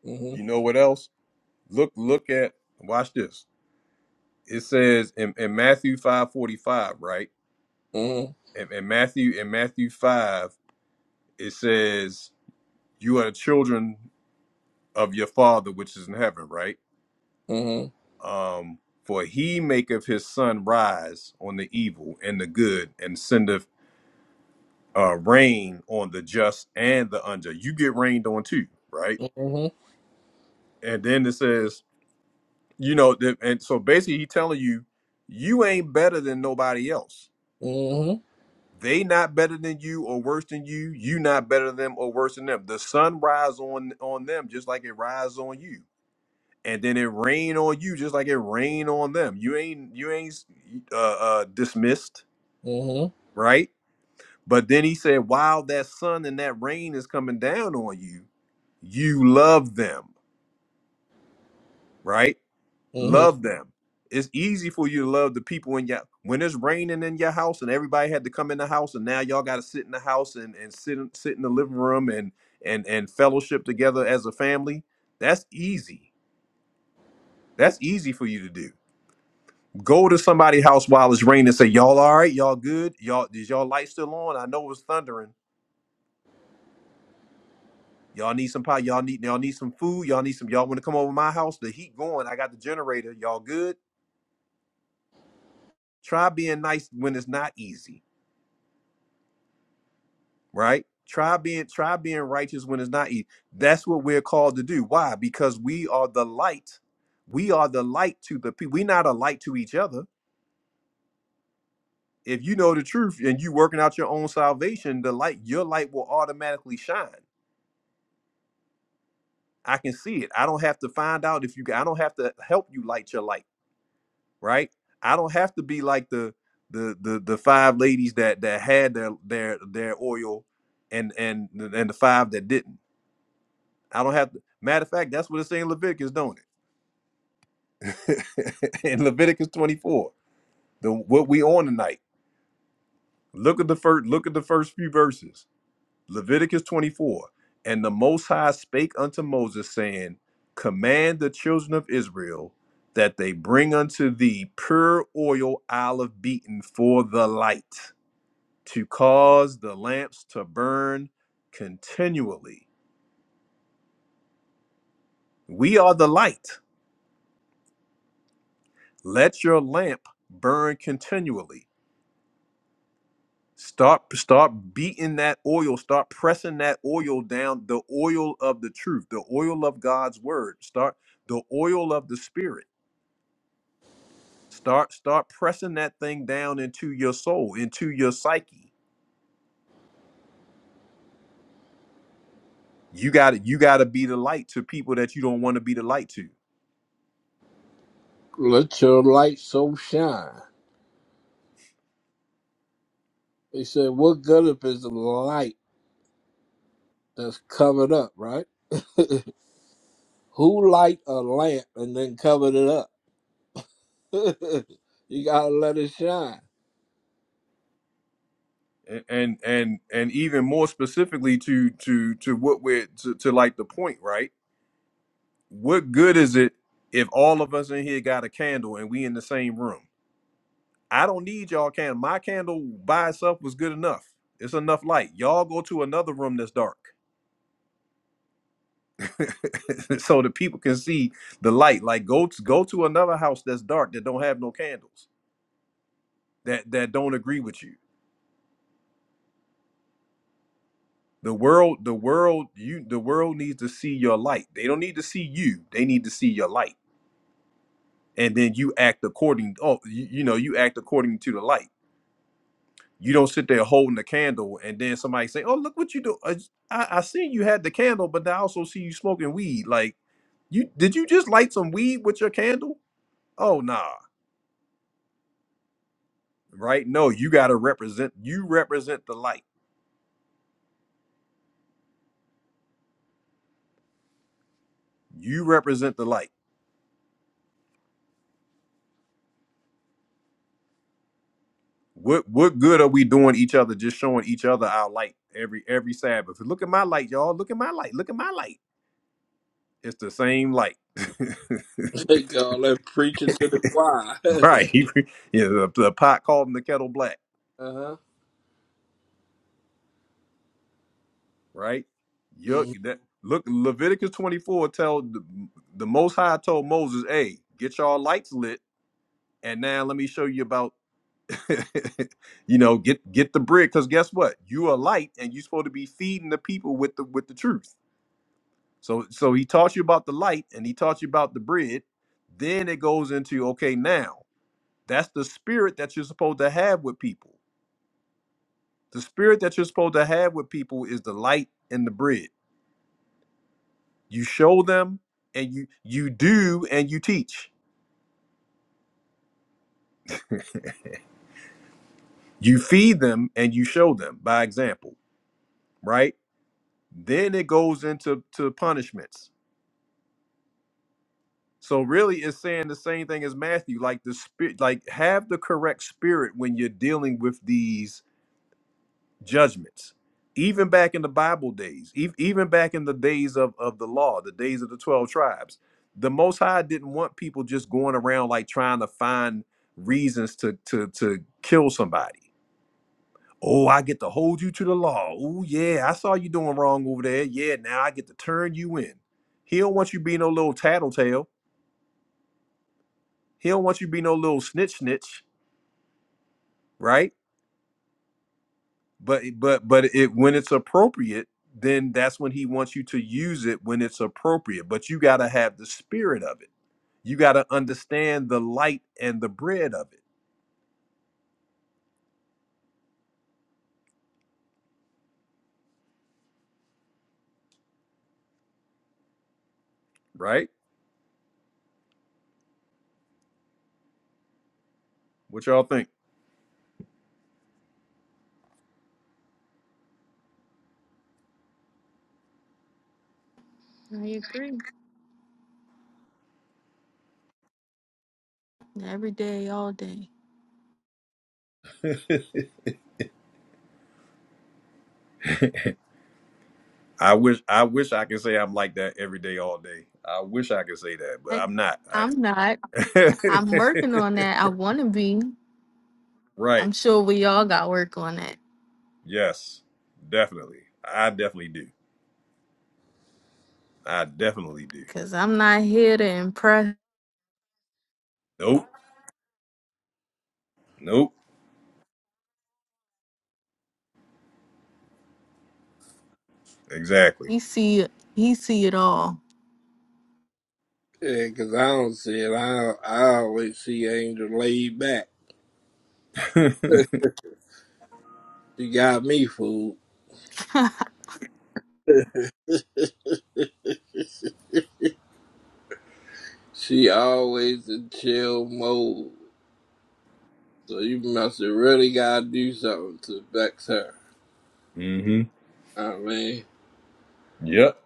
Mm-hmm. You know what else? Look look at watch this. it says in, in Matthew five forty five, right? Mm-hmm. In, in Matthew in Matthew five, it says, "You are the children of your Father which is in heaven," right? Mm-hmm. Um, for he maketh his sun rise on the evil and the good, and sendeth uh, rain on the just and the unjust. You get rained on too, right? And then it says, you know, that, and so basically, he telling you, you ain't better than nobody else Mm-hmm. They not better than you or worse than you. You not better than them or worse than them. The sun rise on on them just like it rise on you, and then it rain on you just like it rain on them. You ain't you ain't uh, uh, dismissed, Mm-hmm. right? But then he said, while that sun and that rain is coming down on you, you love them, right? Mm-hmm. Love them. It's easy for you to love the people in your when it's raining in your house and everybody had to come in the house and now y'all got to sit in the house and and sit in- sit in the living room and and and fellowship together as a family. That's easy. That's easy for you to do. Go to somebody's house while it's raining and say, "Y'all all right? Y'all good? Y'all is y'all light still on? I know it was thundering. Y'all need some pie. Y'all need y'all need some food. Y'all need some. Y'all want to come over to my house? The heat going. I got the generator. Y'all good? Try being nice when it's not easy right? Try being try being righteous when it's not easy. That's what we're called to do. Why? Because we are the light. We are the light to the people. We're not a light to each other. If you know the truth and you working out your own salvation, the light, your light will automatically shine. I can see it. I don't have to find out if you I don't have to help you light your light, right? I don't have to be like the the the the five ladies that that had their their their oil and and and the five that didn't I don't have to. Matter of fact, that's what it's saying Leviticus, don't it? In Leviticus 24, the what we on tonight. Look at the first look at the first few verses. Leviticus 24. And the most high spake unto Moses, saying, Command the children of Israel that they bring unto thee pure oil olive beaten for the light, to cause the lamps to burn continually. We are the light. Let your lamp burn continually Start start beating that oil, start pressing that oil down, the oil of the truth, the oil of God's word. Start the oil of the spirit. Start start pressing that thing down into your soul, into your psyche. You got to you got to be the light to people that you don't want to be the light to. Let your light so shine. They said, What good if it's a light that's covered up, right? Who light a lamp and then covered it up? you gotta let it shine. A- And and and even more specifically to to to what we're to, to like the point, right? What good is it if all of us in here got a candle and we in the same room? I don't need y'all candle. My candle by itself was good enough. It's enough light. Y'all go to another room that's dark, so the people can see the light. Like go to, go to another house that's dark that don't have no candles that that don't agree with you. The world, the world, you, the world needs to see your light. They don't need to see you. They need to see your light, and then you act according. Oh, you, you know, you act according to the light. You don't sit there holding the candle and then somebody say, "Oh, look what you do! I, I I seen you had the candle, but I also see you smoking weed. Like, you did you just light some weed with your candle? Oh, nah, right? No, you got to represent. You represent the light. You represent the light. What what good are we doing each other just showing each other our light every every Sabbath? Look at my light, y'all. Look at my light. Look at my light. It's the same light, They call that preaching to the choir. right? yeah, the, the pot called in the kettle black uh-huh. right? Yuck, Mhm. that, look, Leviticus 24 tell the, the Most High told Moses, "Hey, get y'all lights lit, and now let me show you about, you know, get get the bread, because guess what? You a light, and you're supposed to be feeding the people with the with the truth. So, so he taught you about the light, and he taught you about the bread. Then it goes into okay, now that's the spirit that you're supposed to have with people. The spirit that you're supposed to have with people is the light and the bread you show them and you you do and you teach you feed them and you show them by example right then it goes into to punishments so really it's saying the same thing as matthew like the spirit like have the correct spirit when you're dealing with these judgments even back in the bible days ev- even back in the days of of the law the days of the 12 tribes the most high didn't want people just going around like trying to find reasons to to to kill somebody Oh, I get to hold you to the law. Oh, yeah, I saw you doing wrong over there. Yeah, now I get to turn you in. He don't want you to be no little tattletale. He don't want you to be no little snitch snitch, right? But but but it when it's appropriate, then that's when he wants you to use it when it's appropriate. But you gotta have the spirit of it. You gotta understand the light and the bread of it, right? What y'all think? agree. Every day, all day. I wish I wish I could say I'm like that every day all day. I wish I could say that, but But I'm not. I'm not. I'm working on that. I want to be. right. I'm sure we all got work on that. Yes. Definitely. I definitely do. I definitely do. Cause I'm not here to impress. Nope. Nope. Exactly. He see it. He see it all. Yeah, cause I don't see it. I I always see Angel laid back. She got me fooled. Ain't She always in chill mode. So you must have really gotta do something to vex her. hmm I mean. Yep.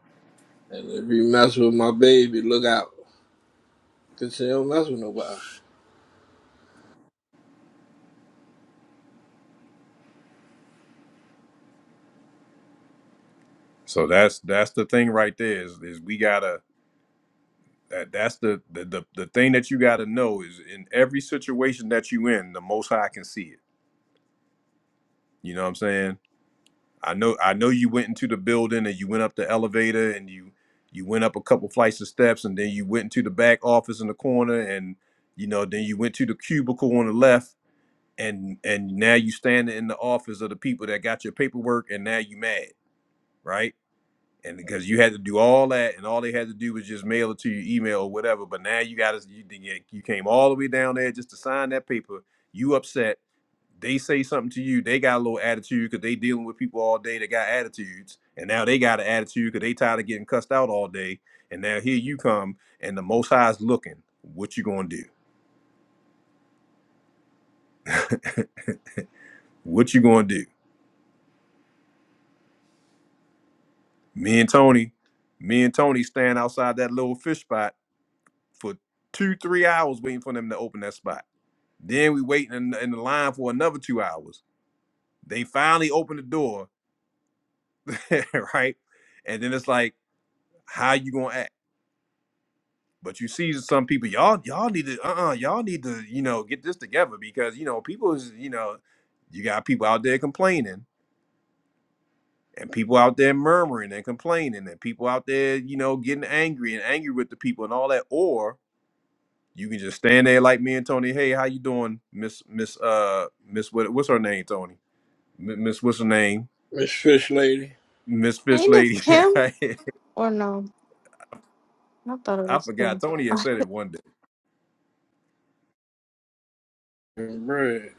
And if you mess with my baby, look out. Cause she don't mess with nobody. So that's that's the thing right there is is we gotta that that's the the, the the thing that you gotta know is in every situation that you in, the most high can see it. You know what I'm saying? I know I know you went into the building and you went up the elevator and you you went up a couple flights of steps and then you went into the back office in the corner and you know then you went to the cubicle on the left and and now you standing in the office of the people that got your paperwork and now you mad right and because you had to do all that, and all they had to do was just mail it to your email or whatever. But now you got to you, you came all the way down there just to sign that paper. You upset. They say something to you. They got a little attitude because they dealing with people all day that got attitudes, and now they got an attitude because they tired of getting cussed out all day. And now here you come, and the Most High's looking. What you gonna do? what you gonna do? Me and Tony, me and Tony stand outside that little fish spot for two, three hours waiting for them to open that spot Then we waiting in, in the line for another two hours. They finally open the door, right? And then it's like, how you gonna act? But you see some people, y'all, y'all need to, uh, uh y'all need to, you know, get this together because you know, people is, you know, you got people out there complaining and people out there murmuring and complaining and people out there, you know, getting angry and angry with the people and all that. Or you can just stand there like me and Tony. Hey, how you doing, Miss Miss uh Miss what, what's her name, Tony? M- Miss what's her name? Miss Fish Lady Miss Fish this Lady, Kim right? or no? I thought it I was forgot. Kim. Tony had said it one day. and Bread.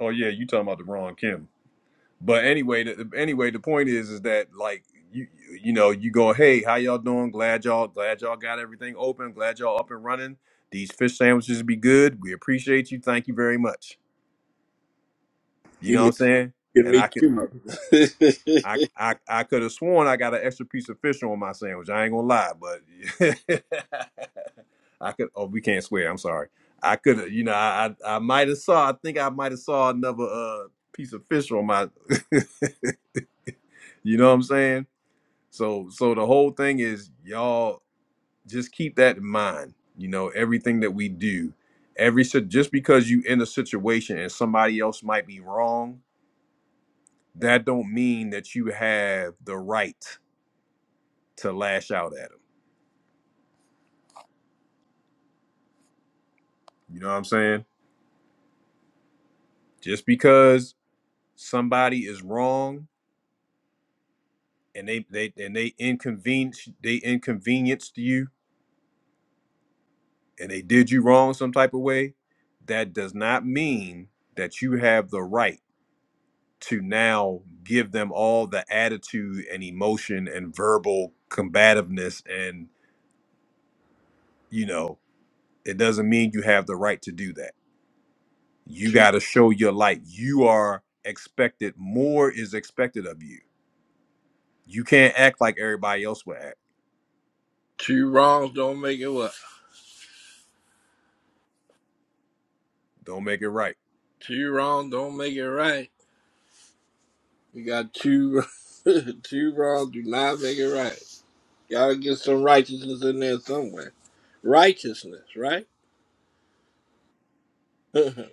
Oh yeah, you talking about the wrong Kim. But anyway, the, anyway, the point is, is that like you, you know, you go, hey, how y'all doing? Glad y'all, glad y'all got everything open. Glad y'all up and running. These fish sandwiches be good. We appreciate you. Thank you very much. You Give know what me I'm saying? give And I me could. two. I I, I could have sworn I got an extra piece of fish on my sandwich. I ain't gonna lie, but I could. Oh, we can't swear. I'm sorry. I could have. You know, I I, I might have saw. I think I might have saw another uh piece of fish on my. you know what I'm saying? So so the whole thing is y'all just keep that in mind. You know everything that we do, every sit- just because you in a situation and somebody else might be wrong, that don't mean that you have the right to lash out at them. You know what I'm saying? Just because somebody is wrong and they they and they inconvenience they inconvenienced you and they did you wrong some type of way, that does not mean that you have the right to now give them all the attitude and emotion and verbal combativeness and you know it doesn't mean you have the right to do that you two got to show your light you are expected more is expected of you You can't act like everybody else would act. two wrongs don't make it what? Don't make it right. Two wrongs don't make it right. You got two two wrongs do not make it right. Gotta get some righteousness in there somewhere. Righteousness, right? don't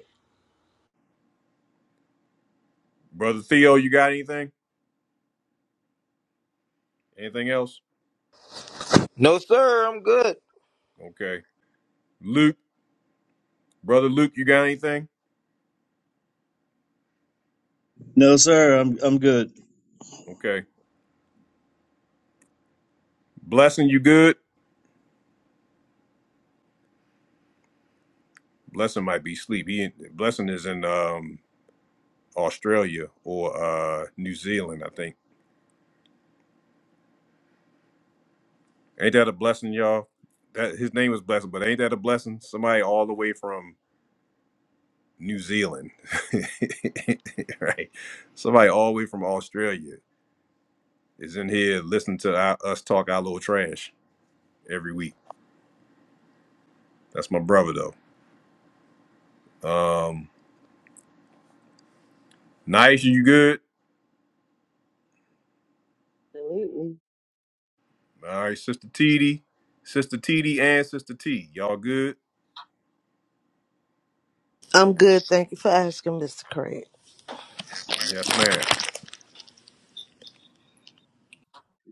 Brother Theo, you got anything? Anything else? No sir, I'm good. Okay. Luke, brother Luke, you got anything? No, sir, I'm I'm good. Okay. Blessing, you good? Blessing might be sleep. He blessing is in um Australia or uh New Zealand, I think. Ain't that a blessing, y'all? That his name was Blessing, but ain't that a blessing? Somebody all the way from New Zealand. right. Somebody all the way from Australia is in here listening to our, us talk our little trash. every week. That's my brother though. Um, nice, you good? Absolutely. All right, Sister TD, Sister TD, and Sister T, y'all good? I'm good. Thank you for asking, Mr. Craig. Yes, ma'am.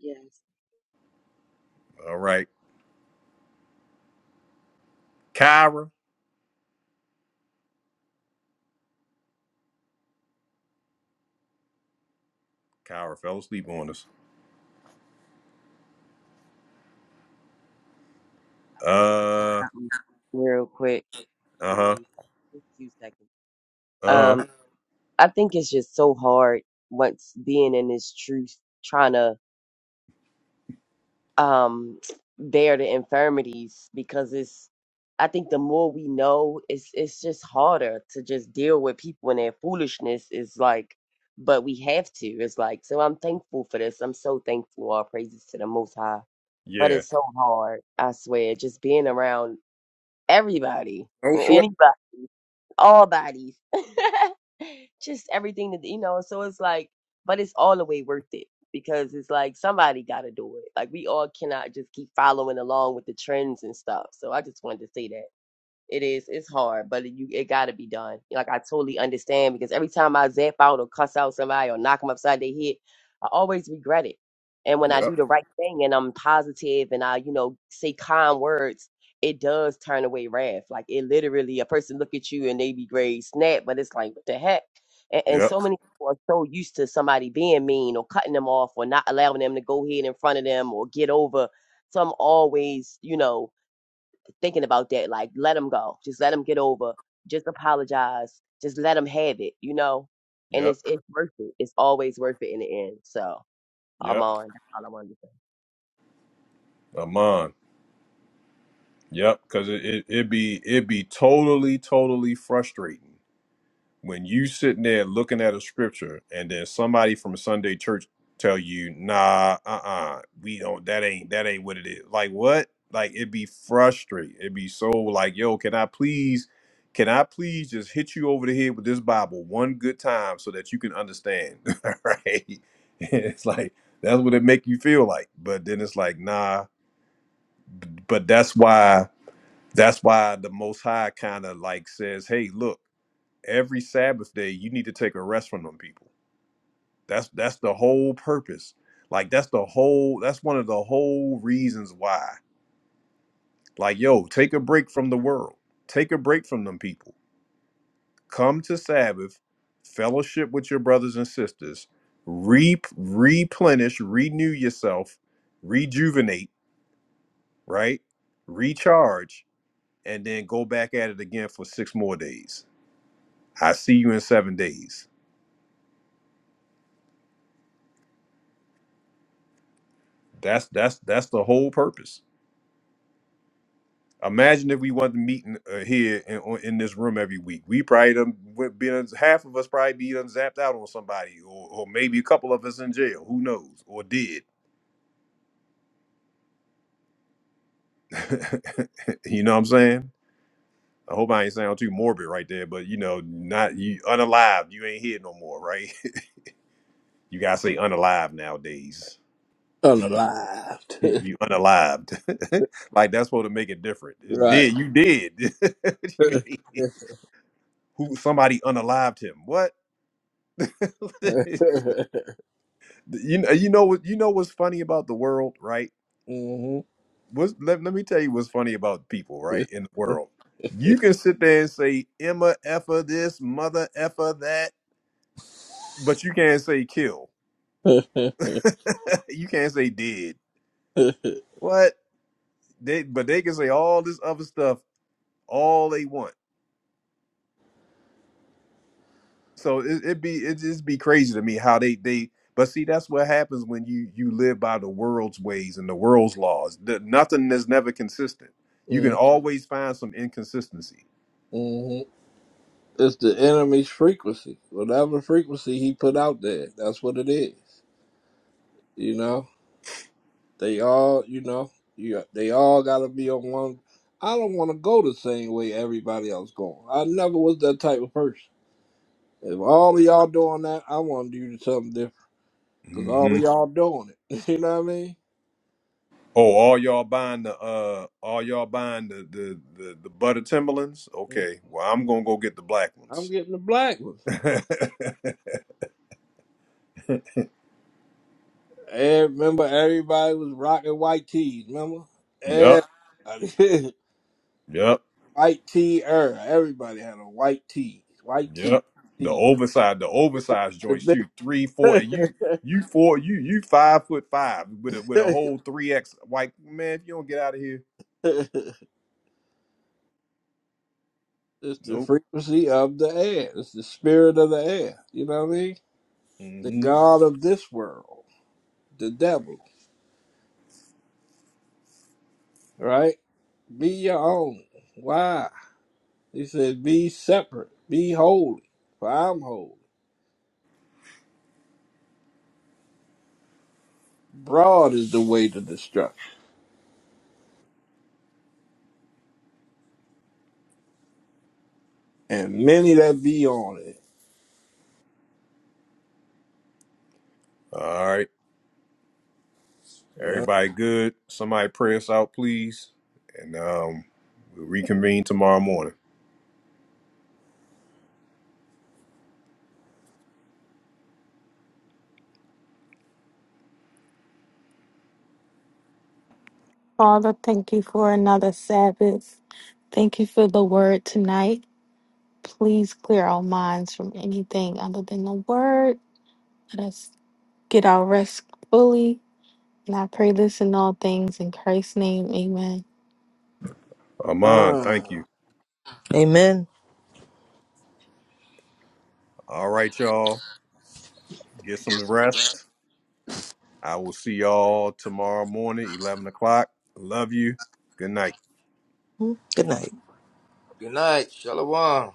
Yes. All right, Kyra, Kyra fell asleep on us. I just want to say Uh, something real quick before uh we huh, leave. Just two seconds. uh Um, huh. I think it's just so hard once being in this truth, trying to. um bear the infirmities because it's I think the more we know it's it's just harder to just deal with people and their foolishness is like but we have to. It's like so I'm thankful for this. I'm so thankful. All praises to the most high. But Yeah, it's so hard, I swear, just being around everybody. sweat. Anybody all bodies, just everything that you know. So it's like, but it's all the way worth it because it's like somebody got to do it. Like we all cannot just keep following along with the trends and stuff. So I just wanted to say that. It is. It's hard, but you it gotta be done. Like I totally understand because every time I zap out or cuss out somebody or knock them upside their head, I always regret it. And when I yep, do the right thing and I'm positive and I, you know, say kind words, it does turn away wrath. Like it literally, a person look at you and they be grade snap, but it's like what the heck. And, and yep, so many people are so used to somebody being mean or cutting them off or not allowing them to go ahead in front of them or get over. So I'm always, you know thinking about that. Like, let them go. Just let them get over. Just apologize. Just let them have it, you know? And yep, it's it's worth it. It's always worth it in the end. So I'm yep. on. That's all I wanted to say. Amon, yep. Cause it it it be it be totally totally frustrating when you sitting there looking at a scripture and then somebody from Sunday church tell you, nah, uh-uh, we don't that ain't that ain't what it is. Like what? Like it'd be frustrating. It'd be so like, yo, can I please, can I please just hit you over the head with this Bible one good time so that you can understand? right. It's like that's what it make you feel like. But then it's like, nah. But that's why that's why the most high kind of like says, hey, look every Sabbath day you need to take a rest from them people. That's that's the whole purpose. Like that's the whole that's one of the whole reasons why. Like yo, take a break from the world. Take a break from them people. Come to Sabbath, fellowship with your brothers and sisters, re- replenish, renew yourself, rejuvenate, right? Recharge and then go back at it again for 6 more days. I see you in 7 days. That's that's that's the whole purpose. Imagine if we wanted to meet in, uh, here in, on- in this room every week. We probably done would be done, half of us probably be done zapped out on somebody, or, or maybe a couple of us in jail. Who knows? Or did. you know what I'm saying? I hope I ain't sound too morbid right there, but you know, not you unalive. You ain't here no more, right? you gotta say unalive nowadays. Unalived. You unalived. like that's supposed to make it different. It's right. dead. You did. what do you mean? Who somebody unalived him? What? You know, you know what you know what's funny about the world, right? hmm What's, let, let me tell you what's funny about people, right, in the world. You can sit there and say Emma effer this, mother effer that, but you can't say kill. you can't say did. What? They but they can say all this other stuff all they want. So it it be it just be crazy to me how they they but see that's what happens when you you live by the world's ways and the world's laws. The, nothing is never consistent. You can always find some inconsistency. Mm-hmm. It's the enemy's frequency. Whatever frequency he put out there, that's what it is. You know, they all, you know, you, they all got to be on one. I don't want to go the same way everybody else going. I never was that type of person. If all of y'all doing that, I want to do something different because all hmm of y'all doing it. you know what I mean? Oh, all y'all buying the uh all y'all buying the the the, the butter Timberlands? Mm. Okay, well I'm gonna go get the black I'm ones. getting the black one. And remember, everybody was rocking white tees. Remember, yep, everybody. yep. White tea era. Everybody had a white tea. White tea. Yep. The Tea. oversized, the Yep. oversized The joints big too. Three, four, and you, you four, you, you five foot five with a with a whole three X. Like man, if you don't get out of here, It's the nope. frequency of the air. It's the spirit of the air. You know what I mean? The Mm-hmm. God of this world. The devil. Right? Be your own. Why? He said, Be separate. Be holy. For I'm holy. Broad is the way to destruction. And many that be on it. All right, Yeah. everybody, good. Somebody pray us out, please, and um, we'll reconvene tomorrow morning. Father, thank you for another Sabbath. Thank you for the word tonight. Please clear our minds from anything other than the word. Let us get our rest fully. And I pray this in all things in Christ's name. Amen. Aman, thank you. Amen. All right, y'all, get some rest. I will see y'all tomorrow morning, eleven o'clock. Love you. Good night. Hmm. Good night. Good night. Shalom.